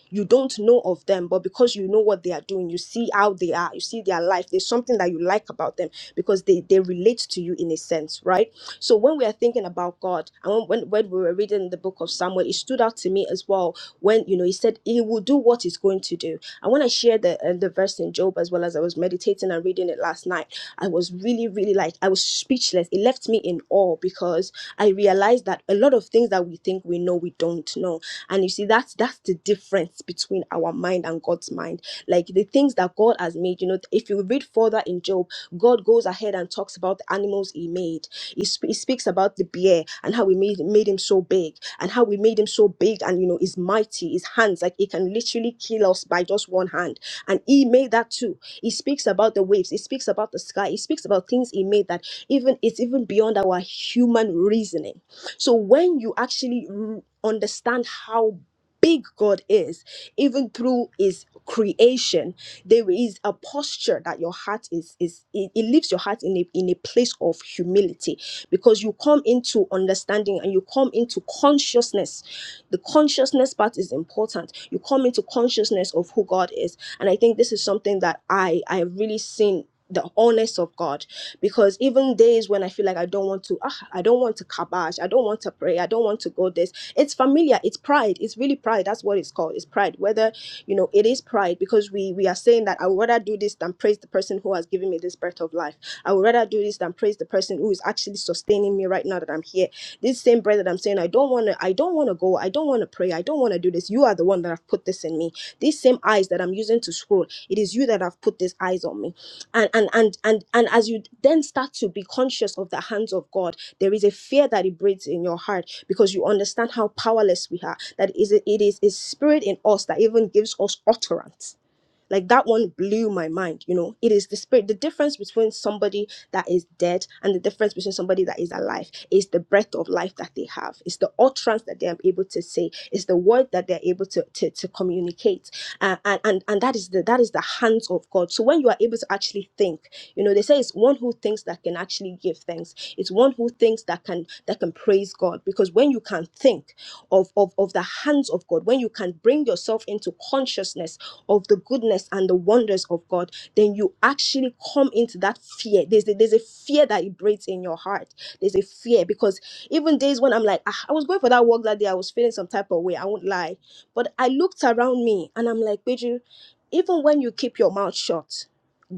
S1: you don't know of them but because you know what they are doing you see how they are you see their life there's something that you like about them because they they relate to you in a sense right so when we are thinking about god and when when, when we were reading the book of samuel it stood out to me as well when you know he said he will do what he's going to do and when i shared the, uh, the verse in job as well as i was meditating and reading it last night i was really really like i was speechless it left me in in awe because I realized that a lot of things that we think we know, we don't know. And you see, that's that's the difference between our mind and God's mind. Like the things that God has made, you know, if you read further in Job, God goes ahead and talks about the animals he made. He, sp- he speaks about the bear and how we made made him so big and how we made him so big and you know is mighty, his hands, like he can literally kill us by just one hand. And he made that too. He speaks about the waves, he speaks about the sky, he speaks about things he made that even it's even beyond our human reasoning so when you actually r- understand how big god is even through his creation there is a posture that your heart is is it, it leaves your heart in a, in a place of humility because you come into understanding and you come into consciousness the consciousness part is important you come into consciousness of who god is and i think this is something that i i have really seen the honest of god because even days when I feel like I don't want to, ah, I don't want to kabash, I don't want to pray, I don't want to go this. It's familiar, it's pride, it's really pride. That's what it's called. It's pride. Whether you know, it is pride because we we are saying that I would rather do this than praise the person who has given me this breath of life. I would rather do this than praise the person who is actually sustaining me right now that I'm here. This same breath that I'm saying, I don't want to, I don't want to go, I don't want to pray, I don't want to do this. You are the one that have put this in me. These same eyes that I'm using to scroll, it is you that have put these eyes on me and and and and and as you then start to be conscious of the hands of God, there is a fear that it breeds in your heart because you understand how powerless we are. That is it is a spirit in us that even gives us utterance like that one blew my mind, you know. It is the spirit, the difference between somebody that is dead and the difference between somebody that is alive is the breath of life that they have, it's the utterance that they are able to say, it's the word that they're able to, to, to communicate. Uh, and, and and that is the that is the hands of God. So when you are able to actually think, you know, they say it's one who thinks that can actually give thanks. It's one who thinks that can that can praise God because when you can think of of, of the hands of God, when you can bring yourself into consciousness of the goodness and the wonders of God, then you actually come into that fear. There's a, there's a fear that it breeds in your heart. There's a fear because even days when I'm like, "Ah, I was going for that walk that day, I was feeling some type of way. I won't lie, but I looked around me and I'm like, Beju, even when you keep your mouth shut.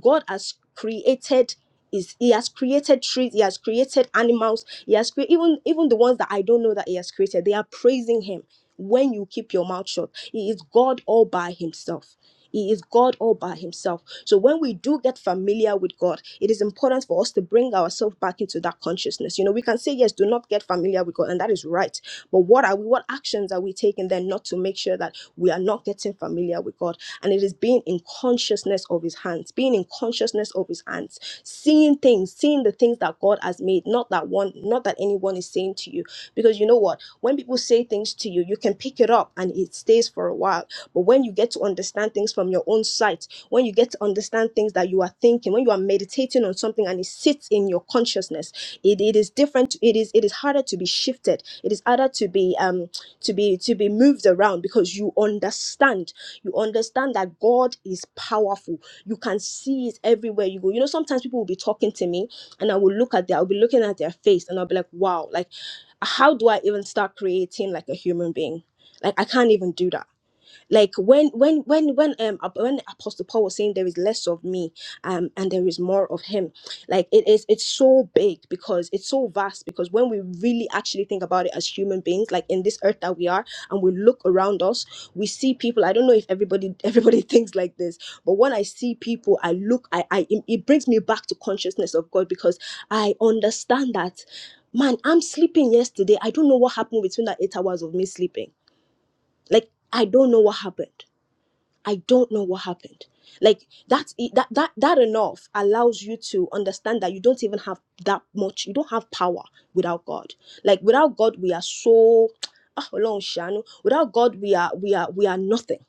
S1: God has created is he has created trees, he has created animals, he has created even even the ones that I don't know that he has created, they are praising him when you keep your mouth shut. He is God all by himself. He is God all by himself. So when we do get familiar with God, it is important for us to bring ourselves back into that consciousness. You know, we can say yes, do not get familiar with God, and that is right. But what are we? What actions are we taking then not to make sure that we are not getting familiar with God? and it is being in consciousness of his hands being in consciousness of his hands seeing things seeing the things that god has made not that one not that anyone is saying to you because you know what when people say things to you you can pick it up and it stays for a while but when you get to understand things from your own sight when you get to understand things that you are thinking when you are meditating on something and it sits in your consciousness it, it is different it is it is harder to be shifted it is harder to be um to be to be moved around because you understand you understand that God is powerful. You can see it everywhere you go. You know, sometimes people will be talking to me and I will look at their, I'll be looking at their face and I'll be like, wow, like, how do I even start creating like a human being? Like, I can't even do that like when when when when um ap- when apostle paul was saying there is less of me um and there is more of him like it is it's so big because it's so vast because when we really actually think about it as human beings like in this earth that we are and we look around us we see people i don't know if everybody everybody thinks like this but when i see people i look i i it it brings me back to consciousness of god because i understand that man i'm sleeping yesterday i don't know what happened between that eight hours of me sleeping like i don't know what happened I don't know what happened. Like that's e, that that that enough allows you to understand that you don't even have that much. You don't have power without God. Like without God, we are so ah, Ọlọ́run ṣàánú. without God, we are we are we are nothing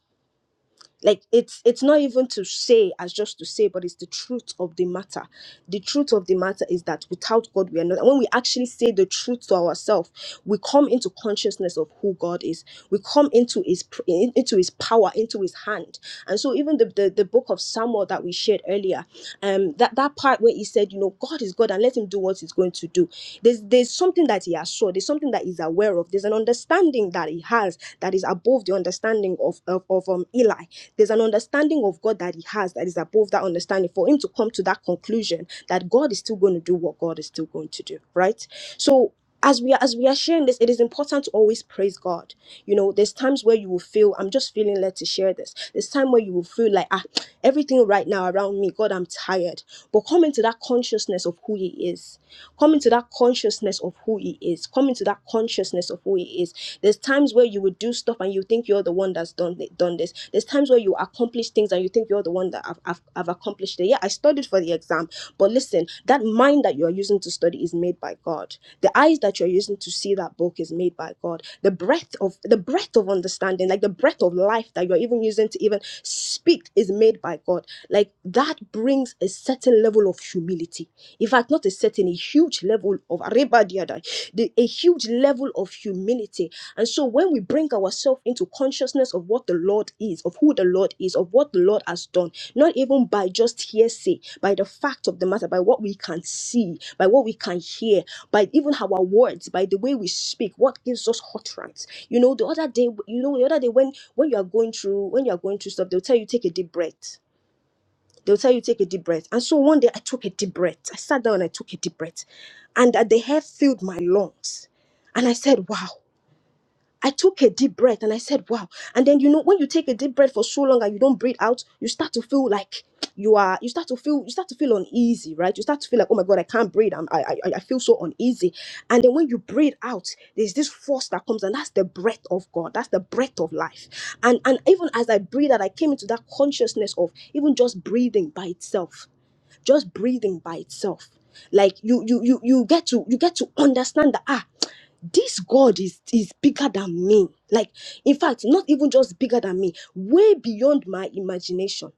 S1: like it's it's not even to say as just to say but it's the truth of the matter the truth of the matter is that without god we are not and when we actually say the truth to ourselves we come into consciousness of who god is we come into his pr- in- into his power into his hand and so even the the, the book of samuel that we shared earlier um that that part where he said you know god is god and let him do what he's going to do there's there's something that he has saw there's something that he's aware of there's an understanding that he has that is above the understanding of of, of um eli there's an understanding of God that he has that is above that understanding for him to come to that conclusion that God is still going to do what God is still going to do, right? So as we are, as we are sharing this, it is important to always praise God. You know, there's times where you will feel, I'm just feeling led to share this. There's time where you will feel like, ah, everything right now around me, God, I'm tired. But come into that consciousness of who He is. Come into that consciousness of who He is. Come into that consciousness of who He is. There's times where you will do stuff and you think you're the one that's done done this. There's times where you accomplish things and you think you're the one that I've, I've, I've accomplished it. Yeah, I studied for for the exam. But listen, that mind that you're using to study is made by God. The eyes that you're using to see that book is made by God. The breath of the breath of understanding, like the breath of life that you're even using to even speak is made by God. Like that brings a certain level of humility. In fact, not a certain, a huge level of a huge level of humility and so when we bring ourselves into consciousness of what the Lord is, of who the Lord is, of what the Lord has done, not even by just hearsay, by the fact of the matter, by what we can see, by what we can hear, by even our words, by the way we speak, what gives us utterance. You know, the other day, you know, the other day when when you are going through when you are going through stuff, they'll tell you take a deep breath. They'll tell you take a deep breath. And so one day I took a deep breath. I sat down and I took a deep breath. And that the air filled my lungs. And I said, wow. I took a deep breath and I said, wow. And then, you know, when you take a deep breath for so long and you don't breathe out, you start to feel like you are, you start to feel, you start to feel uneasy, right? You start to feel like, oh my God, I can't breathe. I'm, I, I, I feel so uneasy. And then when you breathe out, there's this force that comes and that's the breath of God. That's the breath of life. And, and even as I breathed out, I came into that consciousness of even just breathing by itself just breathing by itself. Like you you you you get to you get to understand that ah this God is is bigger than me. Like, in fact, not even just bigger than me, way beyond my imagination.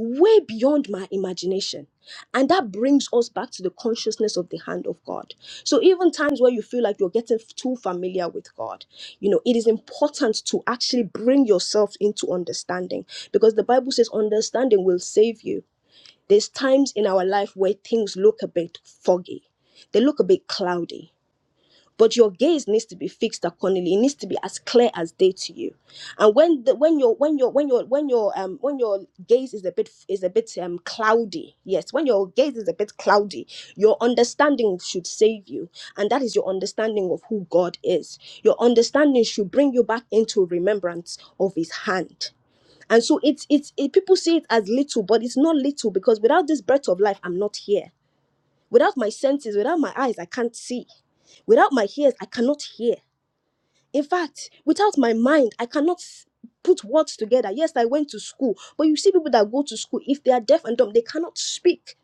S1: Way beyond my imagination. And that brings us back to the consciousness of the hand of God. So, even times where you feel like you're getting too familiar with God, you know, it is important to actually bring yourself into understanding because the Bible says understanding will save you. There's times in our life where things look a bit foggy, they look a bit cloudy. But your gaze needs to be fixed accordingly. It needs to be as clear as day to you. And when the, when your when your when your when your um when your gaze is a bit is a bit um cloudy, yes, when your gaze is a bit cloudy, your understanding should save you, and that is your understanding of who God is. Your understanding should bring you back into remembrance of His hand and so it's it's it, people see it as little, but it's not little because without this breath of life, I'm not here. Without my senses, without my eyes, I can't see. Without my ears, I cannot hear. In fact, without my mind, I cannot s- put words together. Yes, I went to school, but you see people that go to school, if they are deaf and dumb, they cannot speak.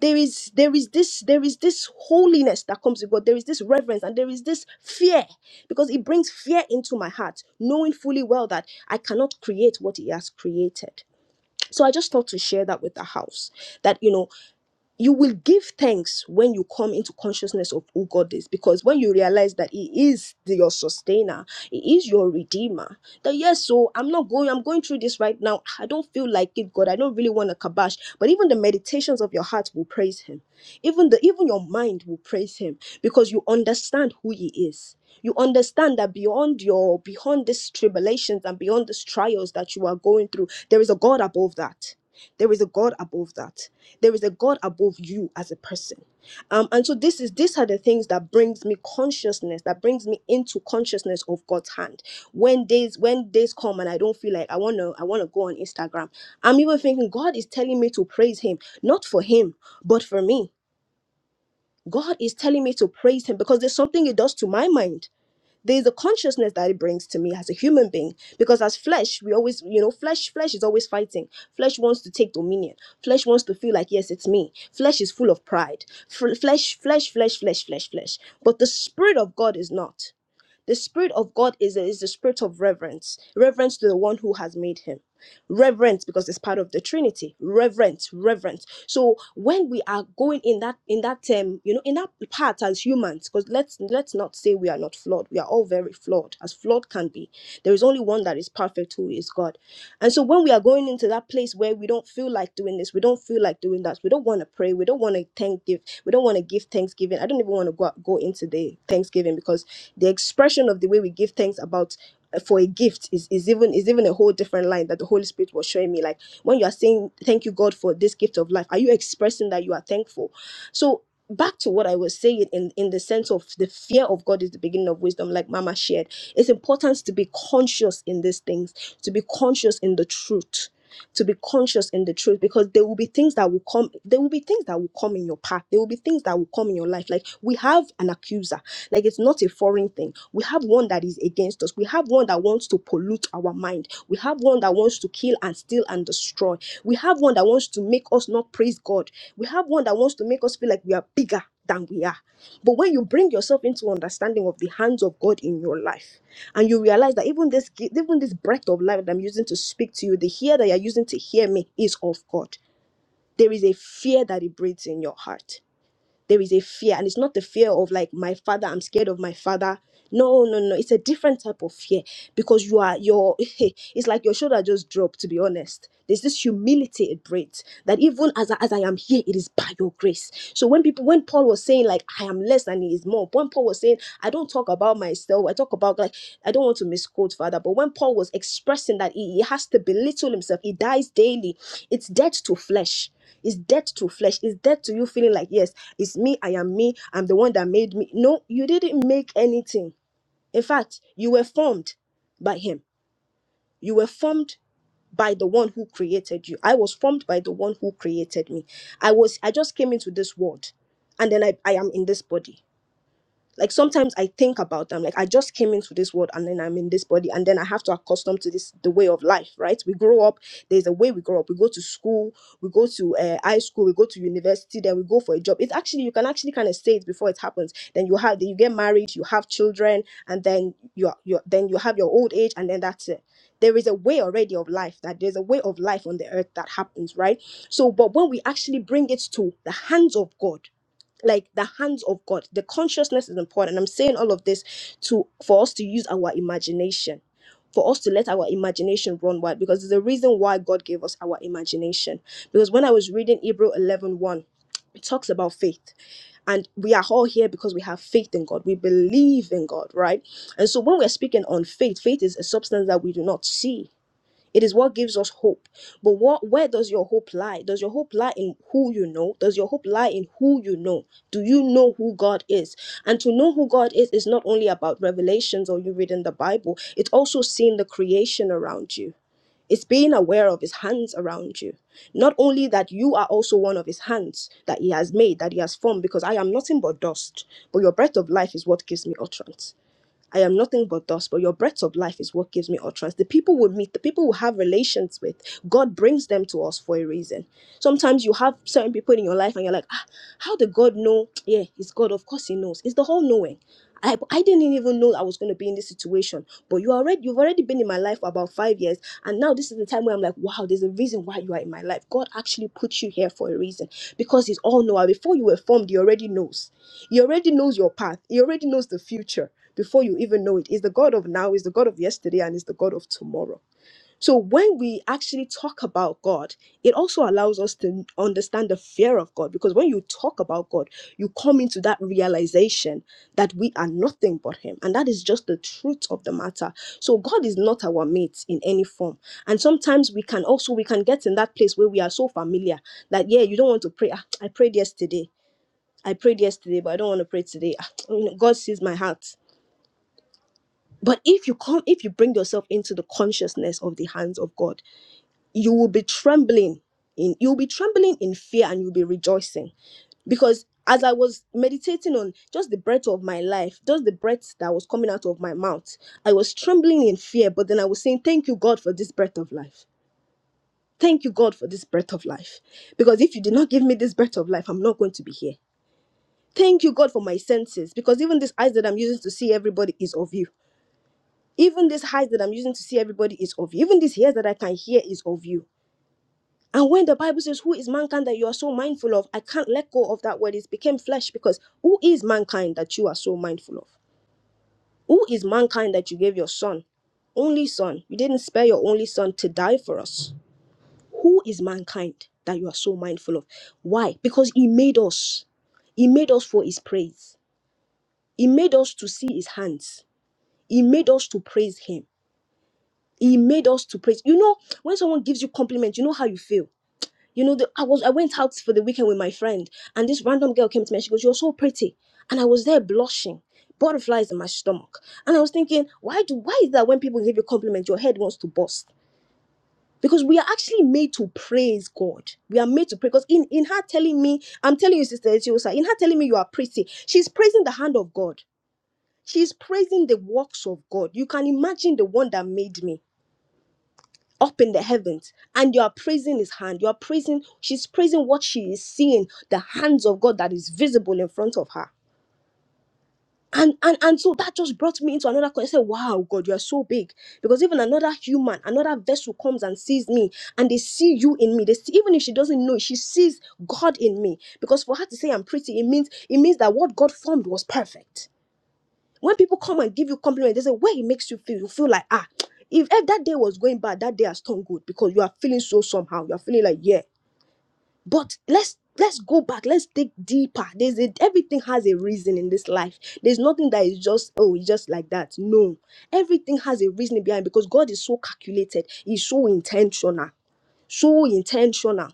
S1: There is there is this there is this holiness that comes with God. There is this reverence and there is this fear because it brings fear into my heart, knowing fully well that I cannot create what He has created. So I just thought to share that with the house that you know you will give thanks when you come into consciousness of who God is because when you realize that He is the- your sustainer, He is your redeemer. That yes, so I'm not going. I'm going through this right now. I don't feel like it, God. I don't really want to kabash. But even the meditations of your heart will praise Him. Even the even your mind will praise Him because you understand who He is. You understand that beyond your beyond these tribulations and beyond these trials that you are going through, there is a God above that there is a God above that. There is a God above you as a person. Um, and so this is these are the things that brings me consciousness, that brings me into consciousness of God's hand. When days when days come and I don't feel like I want to I want to go on Instagram, I'm even thinking God is telling me to praise him, not for him, but for me. God is telling me to praise him because there's something it does to my mind there's a consciousness that it brings to me as a human being because as flesh we always you know flesh flesh is always fighting flesh wants to take dominion flesh wants to feel like yes it's me flesh is full of pride F- flesh flesh flesh flesh flesh flesh but the spirit of god is not the Spirit of God is, is the spirit of reverence, reverence to the one who has made him. Reverence because it's part of the Trinity. Reverence, reverence. So when we are going in that in that um, you know, in that part as humans, because let's let's not say we are not flawed. We are all very flawed, as flawed can be. There is only one that is perfect, who is God. And so when we are going into that place where we don't feel like doing this, we don't feel like doing that, we don't want to pray, we don't want to thank give, we don't want to give thanksgiving. I don't even want to go, go into the thanksgiving because the expression of the way we give thanks about uh, for a gift is, is even is even a whole different line that the Holy Spirit was showing me. Like when you are saying thank you God for this gift of life, are you expressing that you are thankful? So back to what I was saying in, in the sense of the fear of God is the beginning of wisdom, like Mama shared. It's important to be conscious in these things, to be conscious in the truth to be conscious in the truth because there will be things that will come there will be things that will come in your path there will be things that will come in your life like we have an accuser like it's not a foreign thing we have one that is against us we have one that wants to pollute our mind we have one that wants to kill and steal and destroy we have one that wants to make us not praise god we have one that wants to make us feel like we are bigger than we are but when you bring yourself into understanding of the hands of god in your life and you realize that even this gi- even this breath of life that I'm using to speak to you, the ear that you're using to hear me is of God. There is a fear that it breeds in your heart. There is a fear, and it's not the fear of like my father. I'm scared of my father. No, no, no. It's a different type of fear because you are your. It's like your shoulder just dropped. To be honest, there's this humility it breeds that even as I, as I am here, it is by your grace. So when people when Paul was saying like I am less than he is more. When Paul was saying, I don't talk about myself, I talk about like I don't want to misquote Father, but when Paul was expressing that he, he has to belittle himself, he dies daily. It's death to flesh. It's death to flesh. It's death to you feeling like, yes, it's me, I am me, I'm the one that made me. No, you didn't make anything. In fact, you were formed by him. You were formed by the one who created you. I was formed by the one who created me. I was I just came into this world and then I, I am in this body like sometimes i think about them like i just came into this world and then i'm in this body and then i have to accustom to this the way of life right we grow up there's a way we grow up we go to school we go to uh, high school we go to university then we go for a job it's actually you can actually kind of say it before it happens then you have you get married you have children and then you you then you have your old age and then that's it there is a way already of life that there's a way of life on the earth that happens right so but when we actually bring it to the hands of god like the hands of God. The consciousness is important. I'm saying all of this to for us to use our imagination, for us to let our imagination run wild, because there's a reason why God gave us our imagination. Because when I was reading Hebrew eleven one, it talks about faith. And we are all here because we have faith in God. We believe in God, right? And so when we're speaking on faith, faith is a substance that we do not see. It is what gives us hope. But what where does your hope lie? Does your hope lie in who you know? Does your hope lie in who you know? Do you know who God is? And to know who God is is not only about revelations or you reading the Bible, it's also seeing the creation around you. It's being aware of his hands around you. Not only that you are also one of his hands that he has made, that he has formed, because I am nothing but dust, but your breath of life is what gives me utterance. I am nothing but dust, but your breath of life is what gives me utterance. The people we meet, the people we have relations with, God brings them to us for a reason. Sometimes you have certain people in your life and you're like, ah, how did God know? Yeah, it's God. Of course he knows. It's the whole knowing. I, I didn't even know I was going to be in this situation, but you already you've already been in my life for about five years, and now this is the time where I'm like, wow, there's a reason why you are in my life. God actually put you here for a reason because He's all knower. Before you were formed, He already knows. He already knows your path. He already knows the future before you even know it. He's the God of now, he's the God of yesterday, and he's the God of tomorrow. So when we actually talk about God, it also allows us to understand the fear of God because when you talk about God, you come into that realization that we are nothing but Him. And that is just the truth of the matter. So God is not our mate in any form. And sometimes we can also we can get in that place where we are so familiar that yeah, you don't want to pray. "Ah, I prayed yesterday. I prayed yesterday, but I don't want to pray today. Ah, you know, God sees my heart. But if you come, if you bring yourself into the consciousness of the hands of God, you will be trembling in you'll be trembling in fear and you'll be rejoicing. Because as I was meditating on just the breath of my life, just the breath that was coming out of my mouth, I was trembling in fear, but then I was saying, Thank you, God, for this breath of life. Thank you, God, for this breath of life. Because if you did not give me this breath of life, I'm not going to be here. Thank you, God, for my senses. Because even these eyes that I'm using to see everybody is of you. Even this eyes that I'm using to see everybody is of you. Even this ears that I can hear is of you. And when the Bible says, Who is mankind that you are so mindful of? I can't let go of that word. It became flesh because who is mankind that you are so mindful of? Who is mankind that you gave your son? Only son. You didn't spare your only son to die for us. Who is mankind that you are so mindful of? Why? Because he made us. He made us for his praise. He made us to see his hands. He made us to praise him. He made us to praise. You know, when someone gives you compliment, you know how you feel. You know, the, I was I went out for the weekend with my friend, and this random girl came to me. and She goes, "You're so pretty," and I was there blushing, butterflies in my stomach, and I was thinking, why do why is that when people give you compliment, your head wants to bust? Because we are actually made to praise God. We are made to pray. Because in, in her telling me, I'm telling you, Sister Etiosa, in her telling me you are pretty, she's praising the hand of God. She's praising the works of God. You can imagine the one that made me. up in the heavens and you are praising his hand you are praising she's praising what she is seeing the hands of god that is visible in front of her and and and so that just brought me into another question I said, wow god you are so big because even another human another vessel comes and sees me and they see you in me they see, even if she doesn't know she sees god in me because for her to say i'm pretty it means it means that what god formed was perfect when people come and give you compliments, they say where it makes you feel. You feel like ah, if, if that day was going bad, that day has turned good because you are feeling so somehow. You are feeling like yeah. But let's let's go back. Let's dig deeper. There's a, everything has a reason in this life. There's nothing that is just oh it's just like that. No, everything has a reasoning behind because God is so calculated. He's so intentional. So intentional.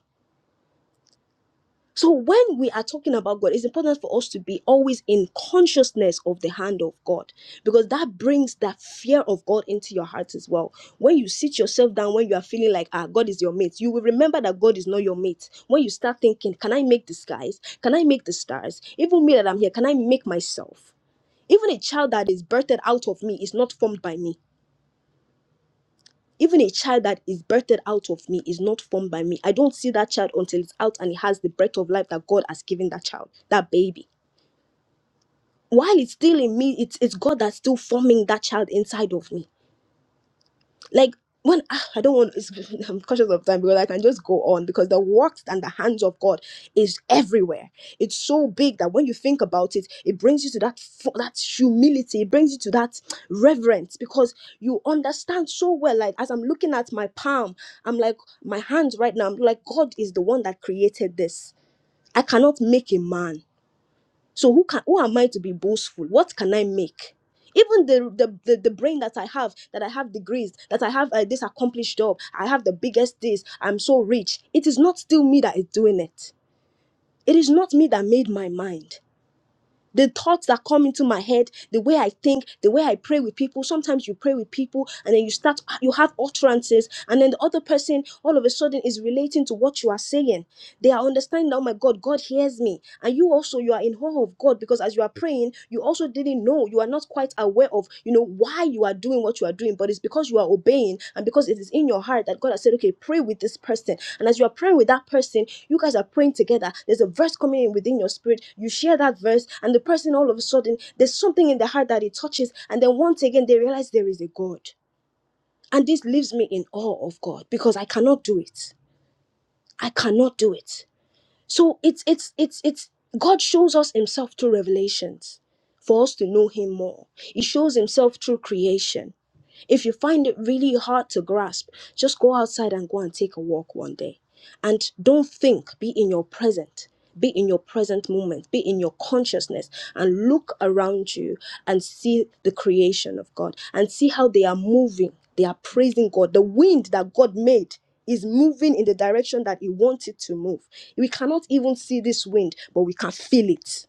S1: So when we are talking about God, it's important for us to be always in consciousness of the hand of God because that brings that fear of God into your heart as well. When you sit yourself down, when you are feeling like ah God is your mate, you will remember that God is not your mate. When you start thinking, can I make the skies? Can I make the stars? Even me that I'm here, can I make myself? Even a child that is birthed out of me is not formed by me even a child that is birthed out of me is not formed by me. I don't see that child until it's out and it has the breath of life that God has given that child, that baby. While it's still in me, it's, it's God that's still forming that child inside of me like when ah, I don't want, it's, I'm conscious of time because I can just go on because the works and the hands of God is everywhere. It's so big that when you think about it, it brings you to that fu- that humility. It brings you to that reverence because you understand so well. Like as I'm looking at my palm, I'm like my hands right now. I'm like God is the one that created this. I cannot make a man. So who can who am I to be boastful? What can I make? Even the the, the, the brain that I have, that I have degrees, that I have uh, this accomplished job, I have the biggest this, I'm so rich. It is not still me that is doing it. It is not me that made my mind. The thoughts that come into my head, the way I think, the way I pray with people. Sometimes you pray with people and then you start, you have utterances, and then the other person all of a sudden is relating to what you are saying they are understanding, that, oh my God, God hears me. And you also, you are in awe of God because as you are praying, you also didn't know, you are not quite aware of, you know, why you are doing what you are doing. But it's because you are obeying and because it is in your heart that God has said, okay, pray with this person. And as you are praying with that person, you guys are praying together. There's a verse coming in within your spirit. You share that verse, and the person all of a sudden, there's something in their heart that it touches. And then once again, they realize there is a God. And this leaves me in awe of God because I cannot do it. I cannot do it. So it's it's it's it's God shows us himself through revelations for us to know him more. He shows himself through creation. If you find it really hard to grasp, just go outside and go and take a walk one day. And don't think, be in your present. Be in your present moment, be in your consciousness, and look around you and see the creation of God and see how they are moving. They are praising God. The wind that God made is moving in the direction that He wants it to move. We cannot even see this wind, but we can feel it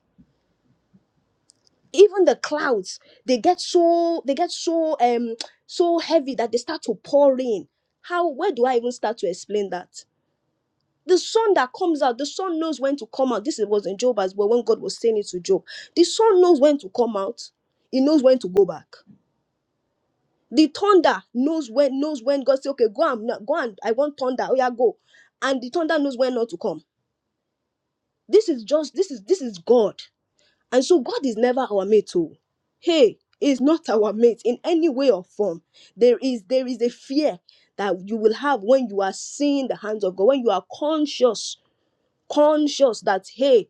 S1: even the clouds they get so they get so um so heavy that they start to pour rain how where do i even start to explain that the sun that comes out the sun knows when to come out this was in job as well when god was saying it to job the sun knows when to come out he knows when to go back the thunder knows when knows when god say okay go and go and i want thunder oh yeah go and the thunder knows when not to come this is just this is this is god And so God is never our mate. Oh. Hey, is not our mate in any way or form. There is there is a fear that you will have when you are seeing the hands of God, when you are conscious, conscious that hey,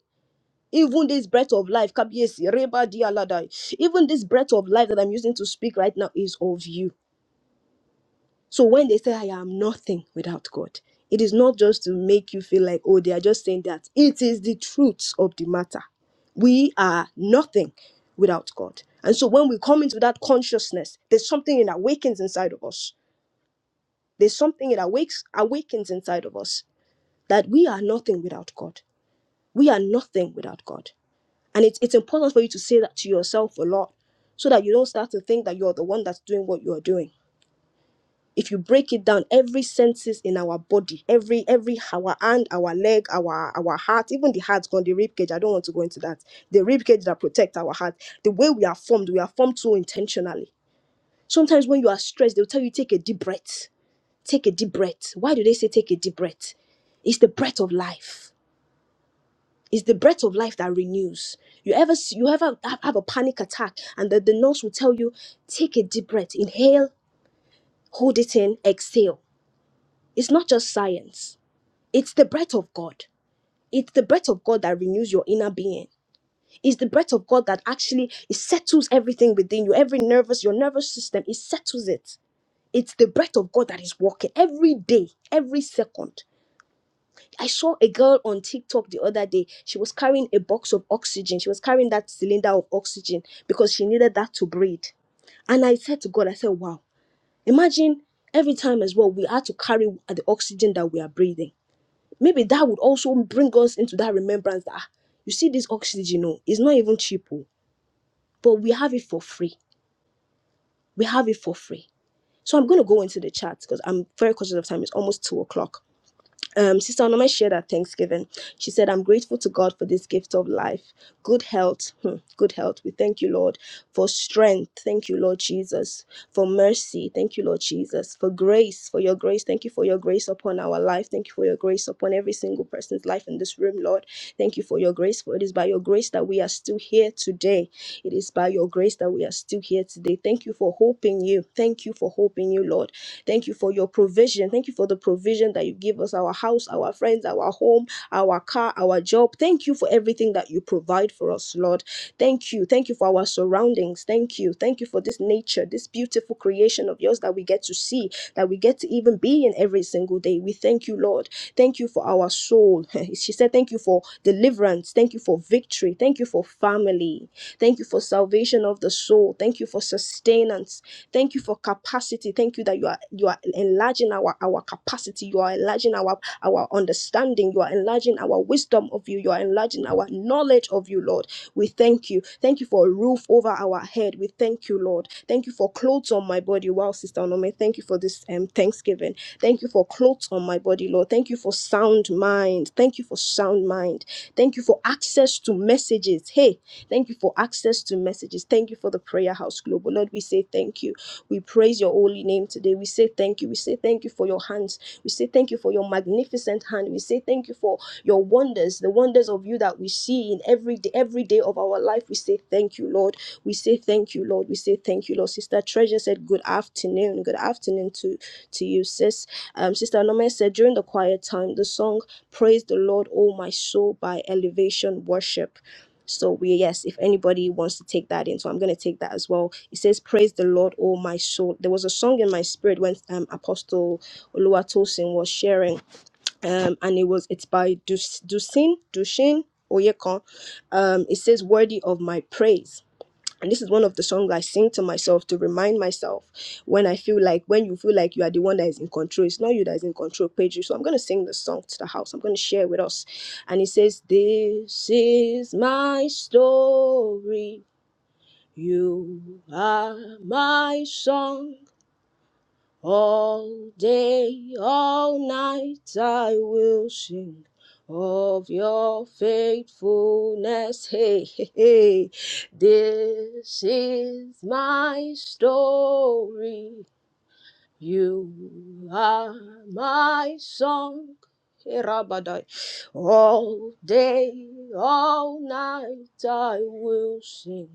S1: even this breath of life, Kabiyesi, Reba Dialadai, even this breath of life that I'm using to speak right now is of you so when they say, I am nothing without God, it is not just to make you feel like, oh, they are just saying that. It is the truth of the matter. We are nothing without God. And so when we come into that consciousness, there's something that awakens inside of us. There's something that awakes, awakens inside of us that we are nothing without God. We are nothing without God. And it's, it's important for you to say that to yourself a lot so that you don't start to think that you're the one that's doing what you're doing if you break it down every senses in our body every every our hand our leg our our heart even the heart's gone the rib cage i don't want to go into that the rib cage that protect our heart the way we are formed we are formed so intentionally sometimes when you are stressed they'll tell you take a deep breath take a deep breath why do they say take a deep breath it's the breath of life it's the breath of life that renews you ever see- you ever have have a panic attack and the, the nurse will tell you take a deep breath inhale hold it in exhale it's not just science It's the breath of God. It's the breath of God that renews your inner being. It's the breath of God that actually it settles everything within you. Every nervous, your nervous system, it settles it. It's the breath of God that is working every day, every second. I saw a girl on TikTok the other day. She was carrying a box of oxygen. She was carrying that cylinder of oxygen because she needed that to breathe. And I said to God, I said, wow, imagine every time as well, we had to carry the oxygen that we are breathing maybe that would also bring us into that remembrance that ah, you see this oxygen No, it's not even cheap oh, but we have it for free we have it for free so i'm going to go into the chat because i'm very conscious of time it's almost two o'clock um, Sister Onome shared at Thanksgiving. She said, I'm grateful to God for this gift of life, good health, hmm, good health. We thank you, Lord, for strength. Thank you, Lord Jesus, for mercy. Thank you, Lord Jesus, for grace, for your grace. Thank you for your grace upon our life. Thank you for your grace upon every single person's life in this room, Lord. Thank you for your grace, for it is by your grace that we are still here today. It is by your grace that we are still here today. Thank you for hope in you. Thank you for hope in you, Lord. Thank you for your provision. Thank you for the provision that you give us our house, our friends, our home, our car, our job. Thank you for everything that you provide for us, Lord. Thank you. Thank you for our surroundings. Thank you. Thank you for this nature, this beautiful creation of yours that we get to see, that we get to even be in every single day. We thank you, Lord. Thank you for our soul. she said, Thank you for deliverance. Thank you for victory. Thank you for family. Thank you for salvation of the soul. Thank you for sustenance. Thank you for capacity. Thank you that you are you are enlarging our our capacity. You are enlarging our our understanding. You are enlarging our wisdom of you. You are enlarging our knowledge of you, Lord. We thank you. Thank you for a roof over our head. We thank you, Lord. Thank you for clothes on my body. Wow, Sister Onome, thank you for this um, Thanksgiving. Thank you for clothes on my body, Lord. Thank you for sound mind. Thank you for sound mind. Thank you for access to messages. Hey, thank you for access to messages. Thank you for the Prayer House Global. Lord, we say thank you. We praise your holy name today. We say thank you. We say thank you for your hands. We say thank you for your magnificent hand. We say thank you for your wonders, the wonders of you that we see in every day, every day of our life. We say thank you, Lord. We say thank you, Lord. We say thank you, Lord. Sister Treasure said good afternoon. Good afternoon to, to you, sis. Um, Sister Anome said during the quiet time, the song Praise the Lord, O my soul, by elevation worship. So we yes, if anybody wants to take that in, so I'm gonna take that as well it says, "Praise the Lord, O my soul." There was a song in my spirit when um, Apostle Oluwatosin was sharing, um, and it was it's by Dus- Dusin Dushin Oyekon. Um, it says, "Worthy of my praise." And this is one of the songs I sing to myself to remind myself when I feel like when you feel like you are the one that is in control. It's not you that is in control, Pedro. So I'm gonna sing the song to the house. I'm gonna share with us, and it says, "This is my story." You are my song all day, all night. I will sing of your faithfulness. Hey, hey, hey. This is my story. You are my song, Herabadai. All day, all night, I will sing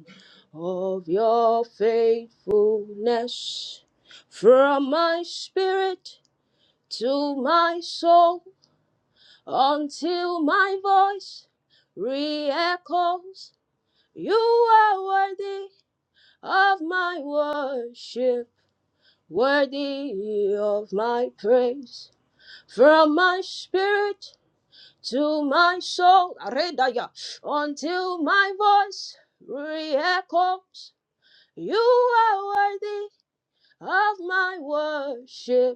S1: of your faithfulness. From my spirit to my soul, until my voice re-echoes, you are worthy of my worship, worthy of my praise. From my spirit to my soul, Aredaya, until my voice re-echoes. You are worthy of my worship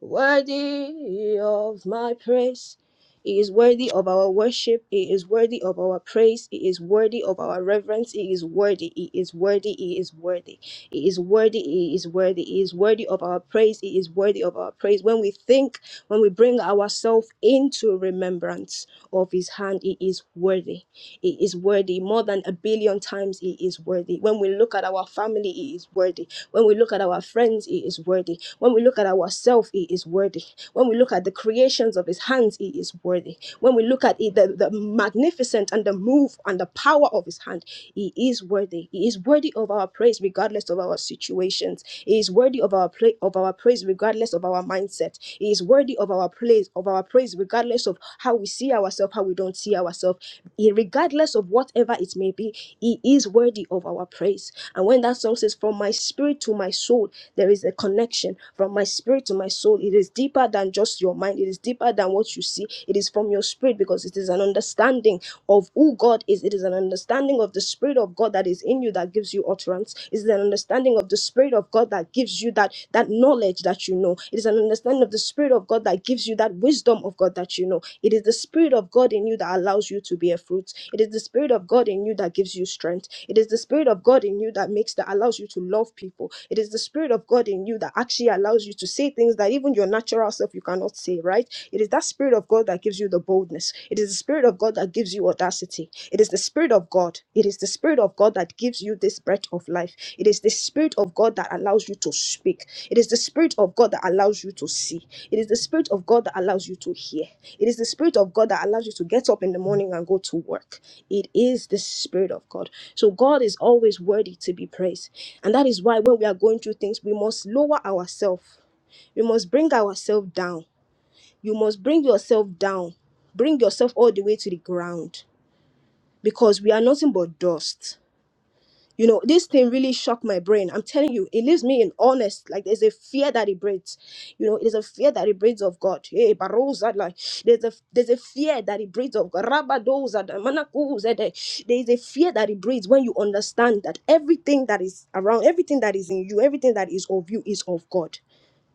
S1: worthy of my praise. He is worthy of our worship. He is worthy of our praise. He is worthy of our reverence. He is worthy. He is worthy. He is worthy. He is worthy. He is worthy. He is worthy of our praise. He is worthy of our praise. When we think, when we bring ourselves into remembrance of His hand, He is worthy. He is worthy more than a billion times. He is worthy. When we look at our family, He is worthy. When we look at our friends, He is worthy. When we look at ourselves, He is worthy. When we look at the creations of His hands, He is worthy. When we look at it, the, the magnificent and the move and the power of His hand, He is worthy. He is worthy of our praise, regardless of our situations. He is worthy of our pra- of our praise, regardless of our mindset. He he is worthy of our praise, of our praise, regardless of how we see ourselves, how we don't see ourselves, He- regardless of whatever it may be. He is worthy of our praise. And when that song says, "From my spirit to my soul, there is a connection. From my spirit to my soul, it is deeper than just your mind. It is deeper than what you see. It is from your spirit because it is an understanding of who God is. It is an understanding of the spirit of God that is in you that gives you utterance ignorance it is an understanding of the spirit of god that gives you that that knowledge that you know it is an understanding of the spirit of god that gives you that wisdom of god that you know it is the spirit of god in you that allows you to bear fruit it is the spirit of god in you that gives you strength it is the spirit of god in you that makes that allows you to love people it is the spirit of god in you that actually allows you to say things that even your natural self you cannot say right it is that spirit of god that gives you the boldness it is the Spirit of God that gives you audacity. It is the Spirit of God. It is the Spirit of God that gives you this breath of life. It is the Spirit of God that allows you to speak. It is the Spirit of God that allows you to see. It is the Spirit of God that allows you to hear. It is the Spirit of God that allows you to get up in the morning and go to work. It is the Spirit of God. So God is always worthy to be praised. And that is why when we are going through things, we must lower ourselves. We must bring ourselves down you must bring yourself down bring yourself all the way to the ground because we are nothing but dust you know this thing really shocked my brain i'm telling you it leaves me in honest like there's a fear that it breeds you know there's a fear that it breeds of god hey barosa like there's a there's a fear that it breeds of god Rabadoza, da- manakuze, de- there is a fear that it breeds when you understand that everything that is around everything that is in you everything that is of you is of god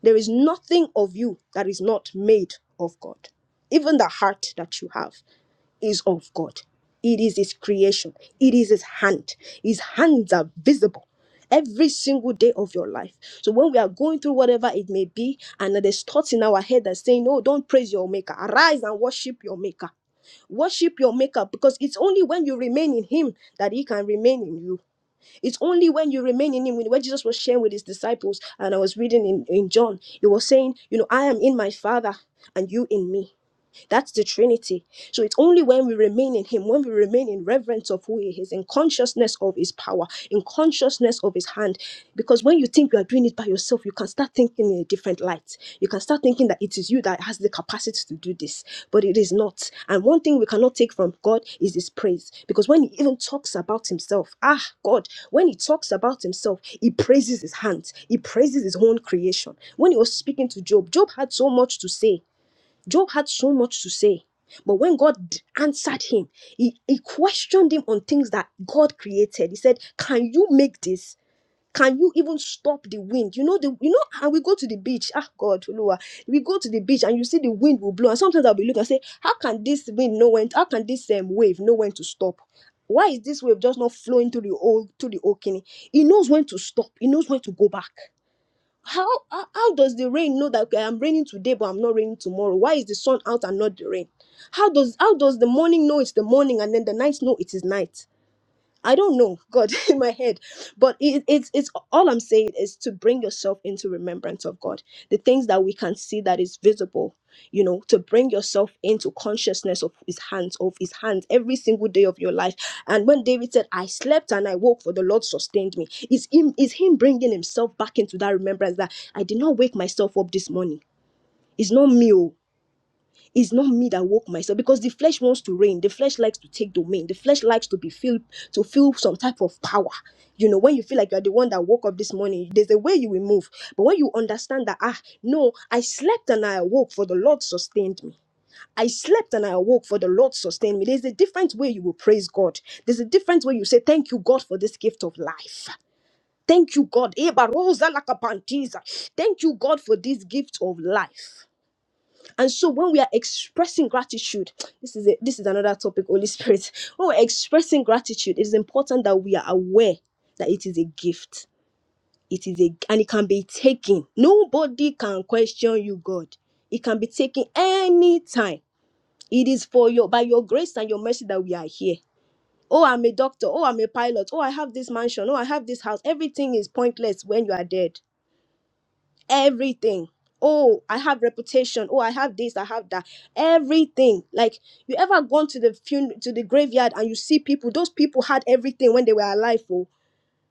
S1: there is nothing of you that is not made of God. Even the heart that you have is of God. It is His creation, it is His hand. His hands are visible every single day of your life. So when we are going through whatever it may be, and there's thoughts in our head that saying, No, don't praise your maker. Arise and worship your maker worship your maker because it's only when you remain in him that he can remain in you it's only when you remain in Him, when Jesus was sharing with His disciples, and I was reading in, in John, He was saying, You know, I am in my Father and you in me. That's the Trinity. So it's only when we remain in Him, when we remain in reverence of who He is, in consciousness of His power, in consciousness of His hand. Because when you think you are doing it by yourself, you can start thinking in a different light. You can start thinking that it is you that has the capacity to do this, but it is not. And one thing we cannot take from God is His praise. Because when He even talks about Himself, ah, God, when He talks about Himself, He praises His hands, He praises His own creation. When He was speaking to Job, Job had so much to say Job had so much to say. But when God answered him, he, he questioned him on things that God created. He said, Can you make this? Can you even stop the wind? You know, the you know, and we go to the beach. Ah God, Lua. We go to the beach and you see the wind will blow. And sometimes I'll be looking and say, How can this wind know when how can this um, wave know when to stop? Why is this wave just not flowing to the old to the old kidney? He knows when to stop, he knows when to go back. How, how how does the rain know that okay, I'm raining today but I'm not raining tomorrow? Why is the sun out and not the rain? How does how does the morning know it's the morning and then the night know it is night? I don't know God in my head, but it, it's it's all I'm saying is to bring yourself into remembrance of God. The things that we can see that is visible, you know, to bring yourself into consciousness of His hands, of His hands every single day of your life. And when David said, "I slept and I woke, for the Lord sustained me," is him is him bringing himself back into that remembrance that I did not wake myself up this morning. It's not me. oh. It's not me that woke myself because the flesh wants to reign. The flesh likes to take domain. The flesh likes to be feel to feel some type of power. You know, when you feel like you're the one that woke up this morning, there's a way you will move. But when you understand that, ah, no, I slept and I awoke, for the Lord sustained me. I slept and I awoke, for the Lord sustained me. There's a different way you will praise God. There's a different way you say, Thank you, God, for this gift of life. Thank you, God. Eba rosa lakapantiza. Thank you, God, for this gift of life. And so when we are expressing gratitude, this is it, this is another topic, Holy Spirit. When we're expressing gratitude, it is important that we are aware that it is a gift. It is a and it can be taken. Nobody can question you, God. It can be taken anytime. It is for your by your grace and your mercy that we are here. Oh, I'm a doctor. Oh, I'm a pilot. Oh, I have this mansion. Oh, I have this house. Everything is pointless when you are dead everything. Oh, I have reputation. Oh, I have this. I have that. Everything. Like you ever gone to the fun- to the graveyard and you see people? Those people had everything when they were alive. Oh,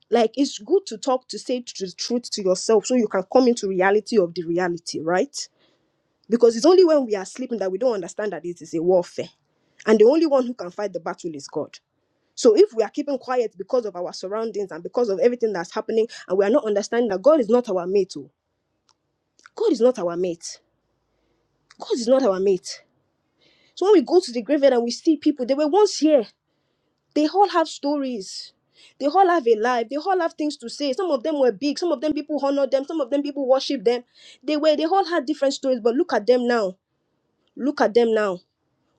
S1: like it's good to talk to say tr- the truth to yourself so you can come into reality of the reality, right? Because it's only when we are sleeping that we don't understand that it is a warfare, and the only one who can fight the battle is God. So if we are keeping quiet because of our surroundings and because of everything that's happening, and we are not understanding that God is not our mate, oh, God is not our mate. God is not our mate. So when we go to the graveyard and we see people, they were once here. They all have stories. They all have a life. They all have things to say. Some of them were big. Some of them people honor them. Some of them people worship them. They were, they all had different stories. But look at them now. Look at them now.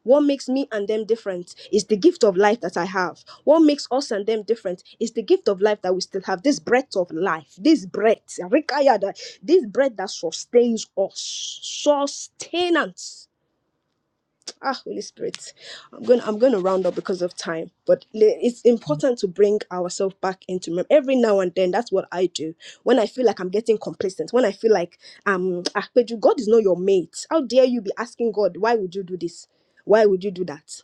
S1: What makes me and them different is the gift of life that I have. What makes us and them different is the gift of life that we still have. This breath of life, this breath, Rikayada, this breath that sustains us. Sustenance Ah, Holy Spirit, I'm going. I'm going to round up because of time, but le- it's important to bring ourselves back into remember. Every now and then, that's what I do. When I feel like I'm getting complacent, when I feel like um, ah, Peju, God is not your mate. How dare you be asking God, why would you do this? Why would you do that?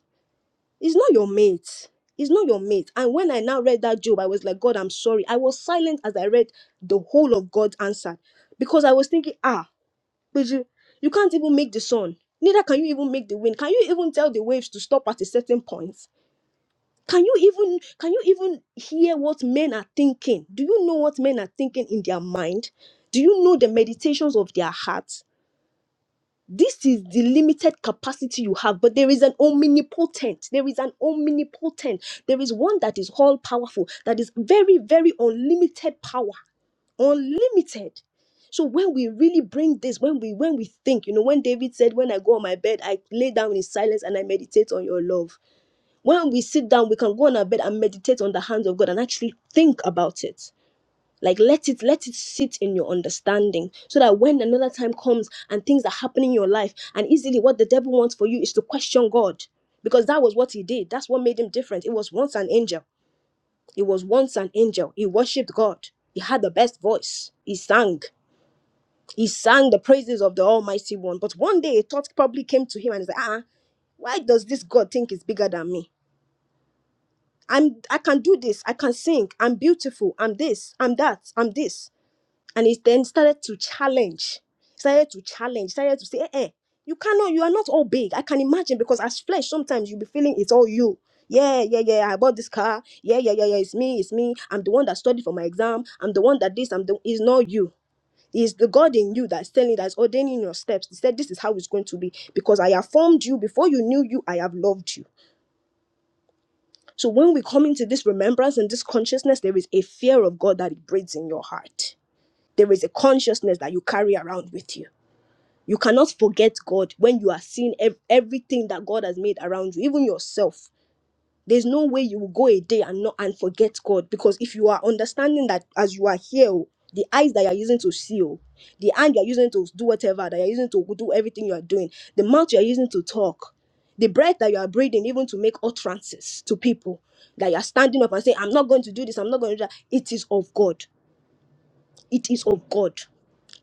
S1: He's not your mate. He's not your mate. And when I now read that Job, I was like, God, I'm sorry. I was silent as I read the whole of God's answer because I was thinking, ah. But you, you can't even make the sun. Neither can you even make the wind. Can you even tell the waves to stop at a certain point? Can you even can you even hear what men are thinking? Do you know what men are thinking in their mind? Do you know the meditations of their hearts? This is the limited capacity you have, but there is an omnipotent. There is an omnipotent. There is one that is all powerful, that is very, very unlimited power unlimited so when we really bring this when we when we think you know when david said when i go on my bed i lay down in silence and i meditate on your love when we sit down we can go on our bed and meditate on the hands of god and actually think about it like let it let it sit in your understanding so that when another time comes and things are happening in your life and easily what the devil wants for you is to question god because that was what he did that's what made him different it was once an angel it was once an angel he worshiped god he had the best voice he sang he sang the praises of the Almighty One. But one day a thought probably came to him and he's like, ah, why does this God think is bigger than me? I'm I can do this, I can sing, I'm beautiful, I'm this, I'm that, I'm this. And he then started to challenge, started to challenge, started to say, eh, eh, you cannot, you are not all big. I can imagine because as flesh, sometimes you'll be feeling it's all you. Yeah, yeah, yeah. I bought this car. Yeah, yeah, yeah, yeah. It's me, it's me. I'm the one that studied for my exam. I'm the one that this, I'm the it's not you is the God in you that's telling that's ordaining your steps. He said, This is how it's going to be because I have formed you before you knew you, I have loved you. So when we come into this remembrance and this consciousness, there is a fear of God that it breeds in your heart. There is a consciousness that you carry around with you. You cannot forget God when you are seeing ev- everything that God has made around you, even yourself. There's no way you will go a day and not and forget God because if you are understanding that as you are here, oh, the eyes that you are using to see, oh, the hand you are using to do whatever, that you are using to do everything you are doing, the mouth you are using to talk, the breath that you are breathing, even to make utterances to people, that you are standing up and saying, I'm not going to do this, I'm not going to do that. It is of God. It is of God.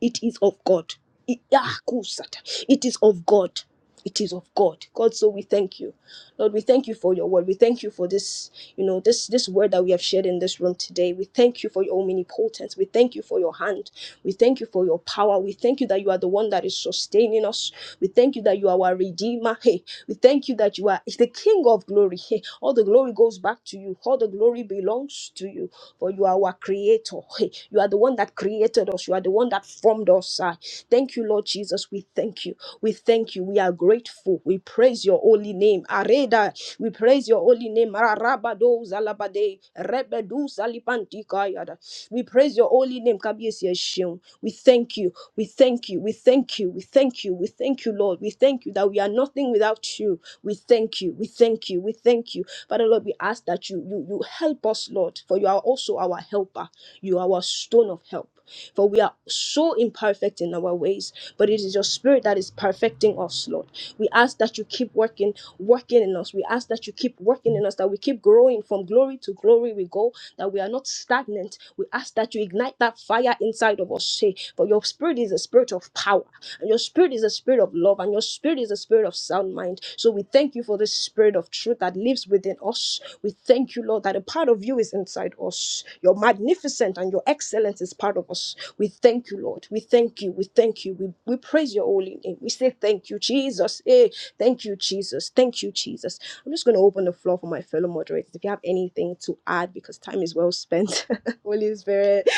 S1: It is of God. It, ah, kusata. it is of God. It is of God. God, so we thank you. Lord, we thank you for your word. We thank you for this, you know, this this word that we have shared in this room today. We thank you for your omnipotence. We thank you for your hand. We thank you for your power. We thank you that you are the one that is sustaining us. We thank you that you are our redeemer. Hey, we thank you that you are the King of glory. Hey, all the glory goes back to you. All the glory belongs to you for you are our creator. Hey, You are the one that created us. You are the one that formed us. Ah, Thank you, Lord Jesus. We thank you. We thank you. We are grateful. We praise your holy name. Areda. We praise your holy name. Ararabado zalabade. Rebedu zalipantikayada. We praise your holy name. Kabiesi Esheun. We thank you. We thank you. We thank you. We thank you. We thank you, Lord. We thank you that we are nothing without you. We thank you. We thank you. We thank you. Father Lord, we ask that you you you help us, Lord, for you are also our helper. You are our stone of help. For we are so imperfect in our ways, but it is your spirit that is perfecting us, Lord. We ask that you keep working, working in us. We ask that you keep working in us, that we keep growing from glory to glory we go, that we are not stagnant. We ask that you ignite that fire inside of us, say, for your spirit is a spirit of power. And your spirit is a spirit of love, and your spirit is a spirit of sound mind. So we thank you for this spirit of truth that lives within us. We thank you, Lord, that a part of you is inside us. Your magnificent and your excellence is part of us. We thank you, Lord. We thank you. We thank you. We, we praise your holy name. We say thank you, Jesus. Jesus. Hey, thank you, Jesus. Thank you, Jesus. I'm just going to open the floor for my fellow moderators. If you have anything to add, because time is well spent, Holy Spirit,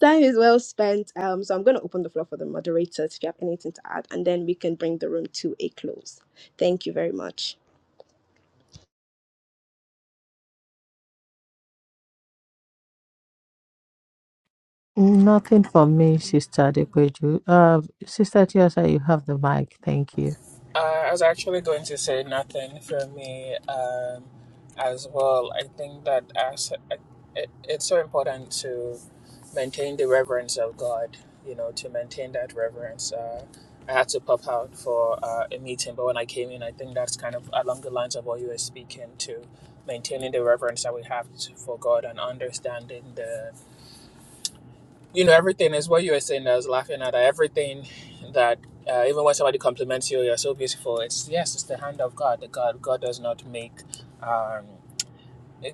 S1: time is well spent. Um, so I'm going to open the floor for the moderators if you have anything to add, and then we can bring the room to a close. Thank you very much.
S5: Nothing for me, Sister Dekweju. Uh, Sister Tiosa, you have the mic. Thank you.
S2: Uh, I was actually going to say nothing for me um, as well. I think that as it, it's so important to maintain the reverence of God, you know, to maintain that reverence. Uh, I had to pop out for uh, a meeting, but when I came in, I think that's kind of along the lines of what you were speaking to, maintaining the reverence that we have to, for God and understanding the you know everything is what you were saying. I was laughing at everything that uh, even when somebody compliments you, you're so beautiful. It's yes, it's the hand of God. The God God does not make. Um,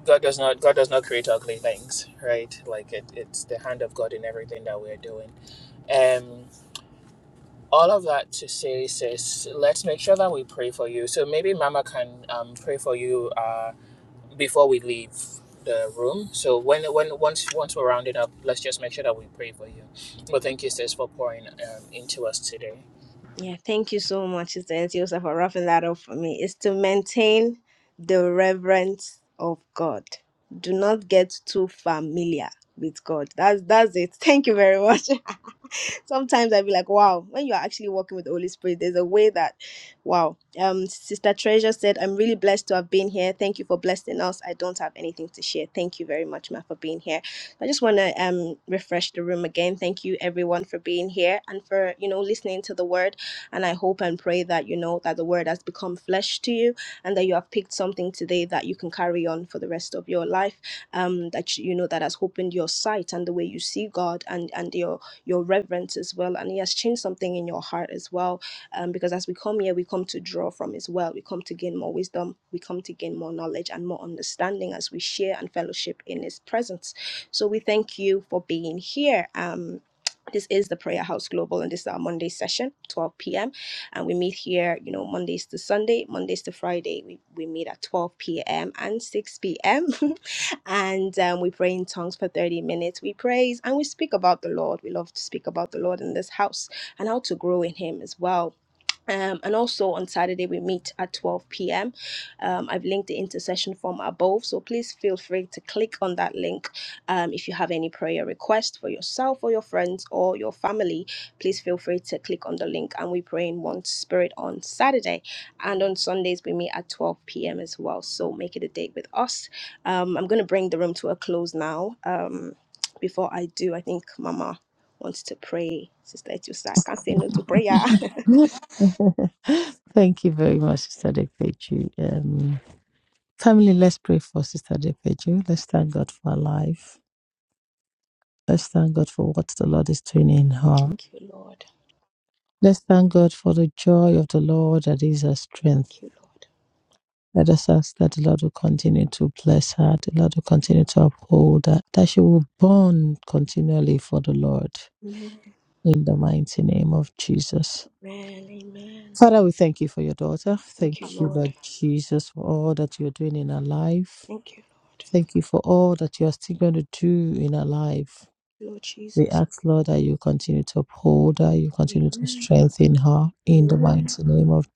S2: God does not God does not create ugly things, right? Like it, it's the hand of God in everything that we're doing. Um, all of that to say, sis, let's make sure that we pray for you. So maybe Mama can um, pray for you Uh, before we leave the room. So when when once once we're rounding up, let's just make sure that we pray for you. But thank you, sis, for pouring um, into us today.
S1: Yeah, thank you so much, Sister Ntiosa, for roughing that up for me. It's to maintain the reverence of God. Do not get too familiar with God. That's that's it. Thank you very much. Sometimes I'd be like, wow, when you're actually walking with the Holy Spirit, there's a way that wow. Um Sister Treasure said, I'm really blessed to have been here. Thank you for blessing us. I don't have anything to share. Thank you very much, Ma, for being here. I just want to um refresh the room again. Thank you everyone for being here and for you know listening to the word. And I hope and pray that you know that the word has become flesh to you and that you have picked something today that you can carry on for the rest of your life. Um, that you know that has opened your sight and the way you see God and and your your reverence as well. And He has changed something in your heart as well. Um, because as we come here, we come to draw from His well. We come to gain more wisdom. We come to gain more knowledge and more understanding as we share and fellowship in His presence. So we thank you for being here. Um, this is the prayer house global and this is our monday session 12 p.m and we meet here you know mondays to sunday mondays to friday we, we meet at 12 p.m and 6 p.m and um, we pray in tongues for 30 minutes we praise and we speak about the lord we love to speak about the lord in this house and how to grow in him as well um, and also on Saturday, we meet at 12 p.m. Um, I've linked the intercession form above, so please feel free to click on that link. Um, if you have any prayer requests for yourself or your friends or your family, please feel free to click on the link and we pray in one spirit on Saturday. And on Sundays, we meet at 12 p.m. as well, so make it a date with us. Um, I'm going to bring the room to a close now. Um, before I do, I think Mama wants to pray. Sister Etiosa, I can't say no to prayer.
S5: Thank you very much, Sister Dekweju. Um, family, let's pray for Sister Dekweju. Let's thank God for her life. Let's thank God for what the Lord is doing in her.
S1: Thank you, Lord.
S5: Let's thank God for the joy of the Lord that is her strength.
S1: Thank you, Lord.
S5: Let us ask that the Lord will continue to bless her, the Lord will continue to uphold her, that she will burn continually for the Lord
S1: Amen.
S5: in the mighty name of Jesus.
S1: Amen. Amen.
S5: Father, we thank you for your daughter.
S1: Thank you,
S5: Thank you,
S1: Lord.
S5: Lord Jesus, for all that you're doing in her life.
S1: Thank you, Lord.
S5: Thank you for all that you're still going to do in her life.
S1: Lord
S5: We
S1: Jesus.
S5: ask, Lord, that you continue to uphold her, you continue to
S1: Amen.
S5: strengthen her in the
S1: Amen.
S5: mighty name of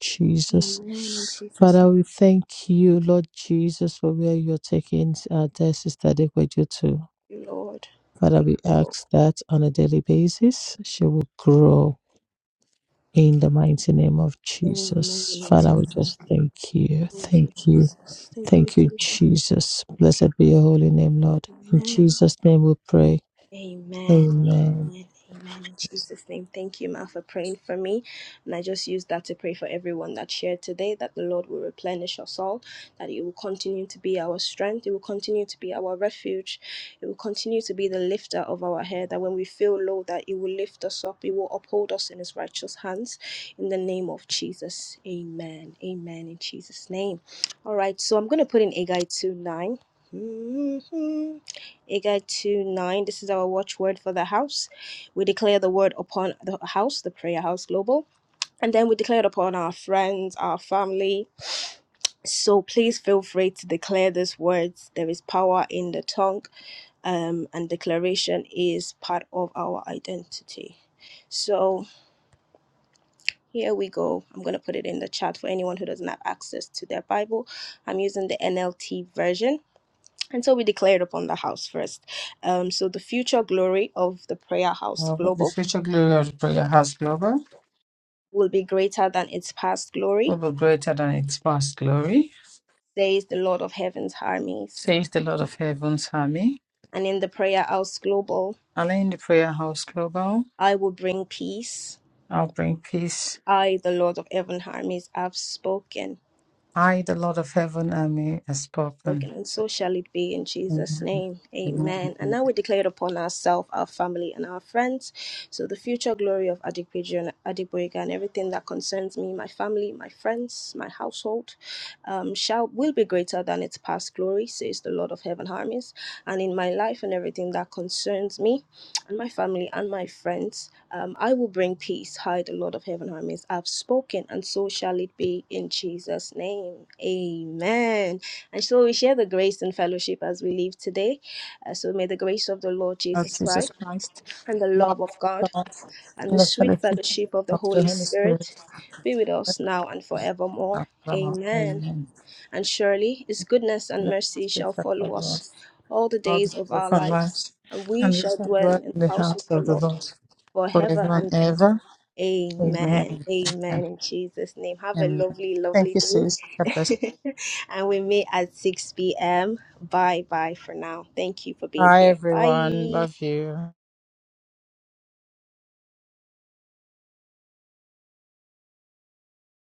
S1: Amen. In
S5: Jesus.
S1: Jesus.
S5: Father,
S1: Thank
S5: we thank you, Lord Jesus, for where you're taking our dear sister Dekweju to.
S1: you, Lord.
S5: Father,
S1: Thank
S5: we
S1: you, Lord.
S5: ask that on a daily basis she will grow in the mighty name of
S1: Amen.
S5: Jesus.
S1: In
S5: Father, we
S1: Jesus.
S5: just thank you.
S1: Thank
S5: Thank
S1: you,
S5: you.
S1: Jesus. Thank you,
S5: Thank you,
S1: Jesus.
S5: Jesus.
S1: Thank
S5: Blessed
S1: you.
S5: be your holy name, Lord. In
S1: Amen.
S5: Jesus' name we pray.
S1: Amen.
S5: Amen.
S1: Amen. Amen. In Jesus' name. Thank you, Ma, for praying for me. And I just use that to pray for everyone that shared today that the Lord will replenish us all, that it will continue to be our strength, it will continue to be our refuge, it will continue to be the lifter of our head, that when we feel low, that it will lift us up, it will uphold us in his righteous hands. In the name of Jesus. Amen. Amen. In Jesus' name. All right. So I'm gonna put in Agai 2 9. Mm-hmm. Agai 2 9. This is our watchword for the house. We declare the word upon the house, the prayer house global. And then we declare it upon our friends, our family. So please feel free to declare these words. There is power in the tongue, um, and declaration is part of our identity. So here we go. I'm going to put it in the chat for anyone who doesn't have access to their Bible. I'm using the NLT version. And so we declared upon the house first. Um, so the future glory of the prayer house
S5: Now, The
S1: global
S5: future glory of the prayer house global
S1: will be greater than its past
S5: will
S1: glory,
S5: be greater than its past glory,
S1: says the Lord of heaven's armies.
S5: says the Lord of Heaven's army.
S1: And in the prayer house global,
S5: And in the prayer house global,
S1: I will bring peace.
S5: I'll bring peace.
S1: I, the Lord of heaven's armies, have spoken.
S5: I, the Lord of Heaven army, has spoken.
S1: and so shall it be in Jesus'
S5: Amen.
S1: name. Amen. And now we declare it upon ourselves, our family, and our friends. So the future glory of Adigbeju and Adegboyega and everything that concerns me, my family, my friends, my household, um, shall will be greater than its past glory, says the Lord of Heaven armies. And in my life and everything that concerns me and my family and my friends. Um, I will bring peace. Hi, the Lord of heaven armies. I've spoken, and so shall it be in Jesus' name. Amen. And so we share the grace and fellowship as we leave today. Uh, so may the grace of the Lord
S5: of
S1: Jesus
S5: Jesus
S1: Christ
S5: Christ,
S1: and the
S5: the love
S1: love of
S5: of
S1: God
S5: God,
S1: and
S5: and
S1: the
S5: the
S1: sweet
S5: fellowship
S1: fellowship of the
S5: of the
S1: Holy
S5: Holy Spirit.
S1: Spirit be with us
S5: rest
S1: now and forevermore.
S5: on us now and forever.
S1: Amen
S5: Amen.
S1: and surely his goodness and
S5: Let
S1: mercy
S5: us be
S1: shall
S5: faithful
S1: follow
S5: to
S1: us
S5: us
S1: all the
S5: all the
S1: days of
S5: days of
S1: our
S5: our
S1: lives,
S5: lives,
S1: and we
S5: and we
S1: shall
S5: shall
S1: dwell in
S5: dwell in the
S1: the house of
S5: house
S1: the
S5: of the
S1: Lord
S5: Lord forever
S1: forever
S5: and
S1: and ever.
S5: ever.
S1: Amen.
S5: Amen. Amen.
S1: Amen. In Jesus' name. Have a
S5: Amen.
S1: lovely,
S5: Thank
S1: lovely
S5: you, sis. God bless. you.
S1: day. and we meet at 6 p.m. Bye bye for now. Thank you for being
S5: Bye,
S1: here.
S5: everyone.
S1: Bye.
S5: Love you.